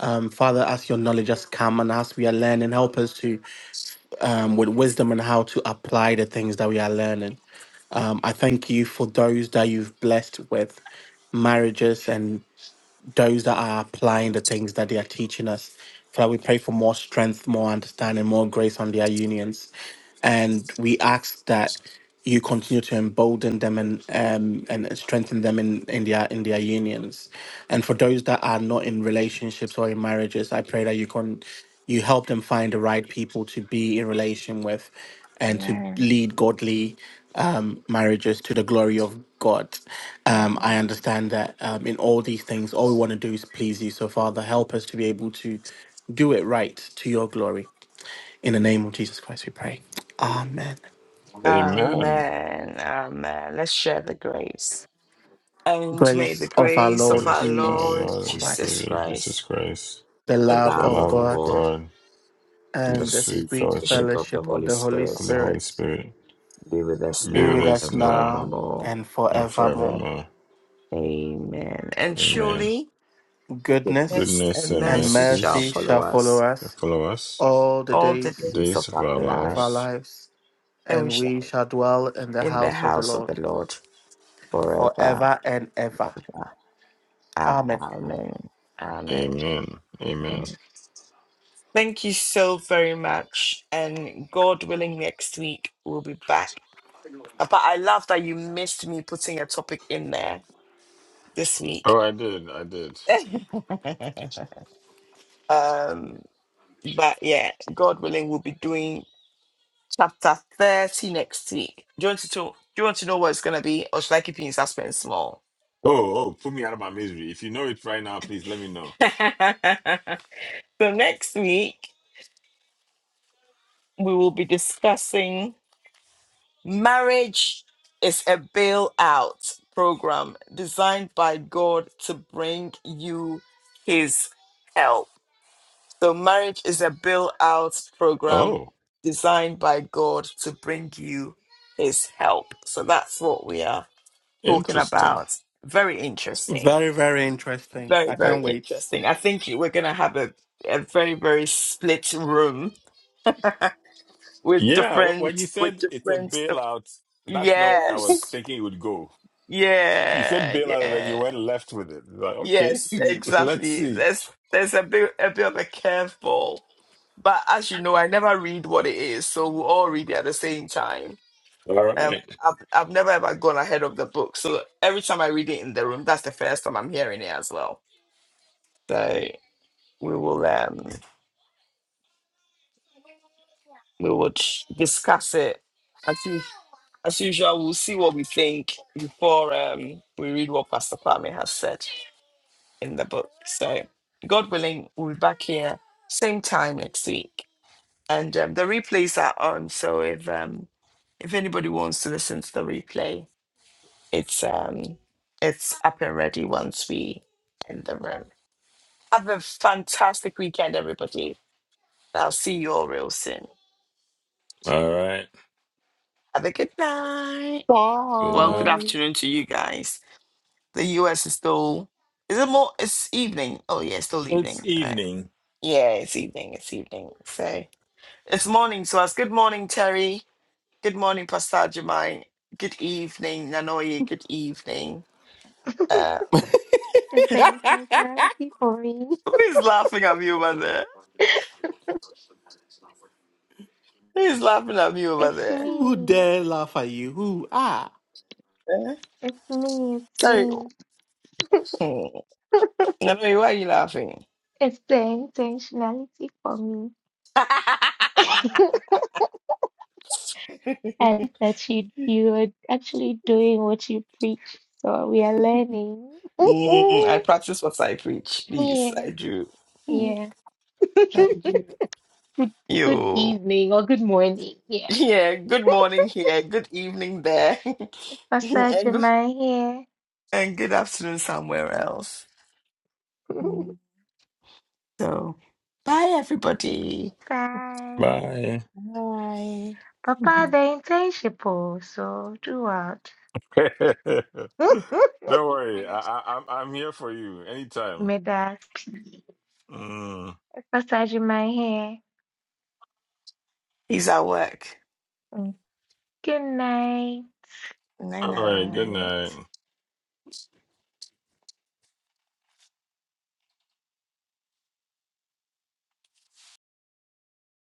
[SPEAKER 5] Um, Father, as your knowledge has come and as we are learning, help us to, um, with wisdom and how to apply the things that we are learning. Um, I thank you for those that you've blessed with marriages and those that are applying the things that they are teaching us. Father, we pray for more strength, more understanding, more grace on their unions. And we ask that you continue to embolden them and um, and strengthen them in, in their in their unions. And for those that are not in relationships or in marriages, I pray that you can you help them find the right people to be in relation with and to
[SPEAKER 1] Amen.
[SPEAKER 5] lead godly um, marriages to the glory of God. Um, I understand that um, in all these things, all we want to do is please you. So, Father, help us to be able to do it right to your glory. In the name of Jesus Christ, we pray. Amen.
[SPEAKER 2] Amen.
[SPEAKER 1] Amen. Amen. Let's share the grace. And may
[SPEAKER 5] Grace
[SPEAKER 1] the
[SPEAKER 5] of our
[SPEAKER 1] grace of
[SPEAKER 5] Lord
[SPEAKER 1] our
[SPEAKER 2] Grace for our
[SPEAKER 1] Lord
[SPEAKER 5] Jesus
[SPEAKER 2] Lord and
[SPEAKER 1] Jesus
[SPEAKER 5] Christ,
[SPEAKER 2] Savior Jesus
[SPEAKER 1] Christ,
[SPEAKER 2] Christ,
[SPEAKER 5] the
[SPEAKER 1] the
[SPEAKER 5] love
[SPEAKER 2] the
[SPEAKER 1] love
[SPEAKER 5] of
[SPEAKER 1] of
[SPEAKER 2] love of
[SPEAKER 5] God,
[SPEAKER 1] God,
[SPEAKER 2] God,
[SPEAKER 1] and
[SPEAKER 2] the
[SPEAKER 1] the
[SPEAKER 5] and the
[SPEAKER 2] sweet
[SPEAKER 1] sweet
[SPEAKER 5] sweet
[SPEAKER 2] fellowship
[SPEAKER 1] fellowship of the
[SPEAKER 5] fellowship of
[SPEAKER 1] Holy
[SPEAKER 5] the Holy
[SPEAKER 2] of
[SPEAKER 1] Spirit
[SPEAKER 2] the Holy
[SPEAKER 5] Spirit
[SPEAKER 2] Spirit
[SPEAKER 1] be with us
[SPEAKER 2] be
[SPEAKER 5] be
[SPEAKER 2] with
[SPEAKER 1] now
[SPEAKER 5] with
[SPEAKER 2] us
[SPEAKER 5] us
[SPEAKER 1] and
[SPEAKER 2] now
[SPEAKER 5] now
[SPEAKER 1] forevermore.
[SPEAKER 5] and
[SPEAKER 2] and
[SPEAKER 5] forevermore.
[SPEAKER 2] forevermore.
[SPEAKER 1] Amen. And
[SPEAKER 2] Amen.
[SPEAKER 1] surely
[SPEAKER 5] goodness
[SPEAKER 1] goodness
[SPEAKER 2] Goodness
[SPEAKER 1] and
[SPEAKER 2] and
[SPEAKER 5] and
[SPEAKER 1] mercy shall
[SPEAKER 5] mercy
[SPEAKER 2] mercies
[SPEAKER 1] follow
[SPEAKER 5] shall follow
[SPEAKER 1] us
[SPEAKER 5] us
[SPEAKER 2] that follow us
[SPEAKER 5] all the
[SPEAKER 1] all the
[SPEAKER 5] days
[SPEAKER 1] days of
[SPEAKER 2] Days of
[SPEAKER 1] our
[SPEAKER 2] our
[SPEAKER 5] of our
[SPEAKER 1] lives,
[SPEAKER 2] lives.
[SPEAKER 5] lives,
[SPEAKER 1] and we
[SPEAKER 5] and we
[SPEAKER 1] shall
[SPEAKER 5] shall dwell in the
[SPEAKER 1] be in the
[SPEAKER 5] house of the
[SPEAKER 1] house of
[SPEAKER 5] Lord
[SPEAKER 1] the Lord forever
[SPEAKER 5] forever and
[SPEAKER 1] and
[SPEAKER 5] ever.
[SPEAKER 1] ever.
[SPEAKER 5] Amen.
[SPEAKER 1] Amen. Amen.
[SPEAKER 2] Amen. Amen.
[SPEAKER 1] Thank you so very much. And God willing, next week we'll be back. Uh, But I love that you missed me putting a topic in there this week.
[SPEAKER 2] Oh, I did. I did.
[SPEAKER 1] um, but yeah, God willing, we'll be doing chapter 30 next week. Do you want to talk? Do you want to know what it's gonna be? Or should I keep you in suspense more?
[SPEAKER 2] Oh, oh, put me out of my misery. If you know it right now, please let me know.
[SPEAKER 1] so next week we will be discussing Marriage is a bailout program designed by God to bring you His help. So, marriage is a bailout program
[SPEAKER 2] Oh,
[SPEAKER 1] designed by God to bring you His help. So, that's what we are talking
[SPEAKER 2] interesting.
[SPEAKER 1] about. Very interesting.
[SPEAKER 5] Very, very interesting.
[SPEAKER 1] Very,
[SPEAKER 5] I
[SPEAKER 1] very
[SPEAKER 5] can't wait.
[SPEAKER 1] interesting. I think we're going to have a, a very, very split room with
[SPEAKER 2] Yeah, wh- when
[SPEAKER 1] different,
[SPEAKER 2] you
[SPEAKER 1] with
[SPEAKER 2] said it's a
[SPEAKER 1] different,
[SPEAKER 2] bailout, that's not where I was
[SPEAKER 1] yes.
[SPEAKER 2] thinking it would go. You said
[SPEAKER 1] Yeah,
[SPEAKER 2] bailout and then you
[SPEAKER 1] yeah,
[SPEAKER 2] went left with it. Like, okay,
[SPEAKER 1] yes,
[SPEAKER 2] let's
[SPEAKER 1] exactly.
[SPEAKER 2] see.
[SPEAKER 1] There's there's a bit a bit of a curveball, but as you know, I never read what it is, so we all read it at the same time.
[SPEAKER 2] All
[SPEAKER 1] Um,
[SPEAKER 2] right.
[SPEAKER 1] I've I've never ever gone ahead of the book, so every time I read it in the room, that's the first time I'm hearing it as well. So we will um we will ch- discuss it as u- as usual. We'll see what we think before um we read what Pastor Kwame has said. in the book. So, God willing, we'll be back here same time next week, and um, the replays are on. So if um, if anybody wants to listen to the replay, it's um, it's up and ready once we end the room. Have a fantastic weekend, everybody. I'll see you all real soon.
[SPEAKER 2] All right.
[SPEAKER 1] Have a good night.
[SPEAKER 2] Good
[SPEAKER 1] Well, good
[SPEAKER 2] night.
[SPEAKER 5] Bye.
[SPEAKER 1] afternoon to you guys. The US is still is it more? It's evening. Oh yeah, it's still
[SPEAKER 2] It's
[SPEAKER 1] evening. All right.
[SPEAKER 2] evening.
[SPEAKER 1] Yeah, it's evening. It's evening. So. It's morning to us. Good morning, Terry. Good morning, Pastor Jemai. Good evening, Nanoye. Good evening.
[SPEAKER 3] the
[SPEAKER 1] Um,
[SPEAKER 3] same personality for me.
[SPEAKER 1] who is laughing at me over there? Who is laughing at me over
[SPEAKER 3] It's
[SPEAKER 1] there?
[SPEAKER 5] Who
[SPEAKER 3] me.
[SPEAKER 5] dare laugh at you? Who? Ah.
[SPEAKER 1] Eh?
[SPEAKER 3] It's me. It's
[SPEAKER 1] Terry.
[SPEAKER 3] me.
[SPEAKER 1] Hmm. Nanoye, why are you laughing?
[SPEAKER 3] It's the intentionality for me. I like that you you are actually doing what you preach. So we are learning.
[SPEAKER 1] Mm, I practice what I preach, please. I do. Mm,
[SPEAKER 3] yeah, yeah.
[SPEAKER 1] I do.
[SPEAKER 3] Good good
[SPEAKER 1] Yo.
[SPEAKER 3] evening or good morning. Yeah.
[SPEAKER 1] Yeah, good morning here, good evening there,
[SPEAKER 3] I'll start
[SPEAKER 1] and,
[SPEAKER 3] your
[SPEAKER 1] good,
[SPEAKER 3] mind here.
[SPEAKER 1] and good afternoon somewhere else. Hmm. So, bye everybody.
[SPEAKER 3] Bye.
[SPEAKER 2] Bye.
[SPEAKER 1] Bye.
[SPEAKER 3] Papa, the insatiable, so do out.
[SPEAKER 2] Don't worry. I, I, I'm I'm here for you anytime.
[SPEAKER 3] Midas.
[SPEAKER 2] Mm.
[SPEAKER 3] I'll start your mind here.
[SPEAKER 1] He's at work.
[SPEAKER 3] Mm. Good night.
[SPEAKER 1] Night
[SPEAKER 2] All right, good
[SPEAKER 1] night.
[SPEAKER 2] night.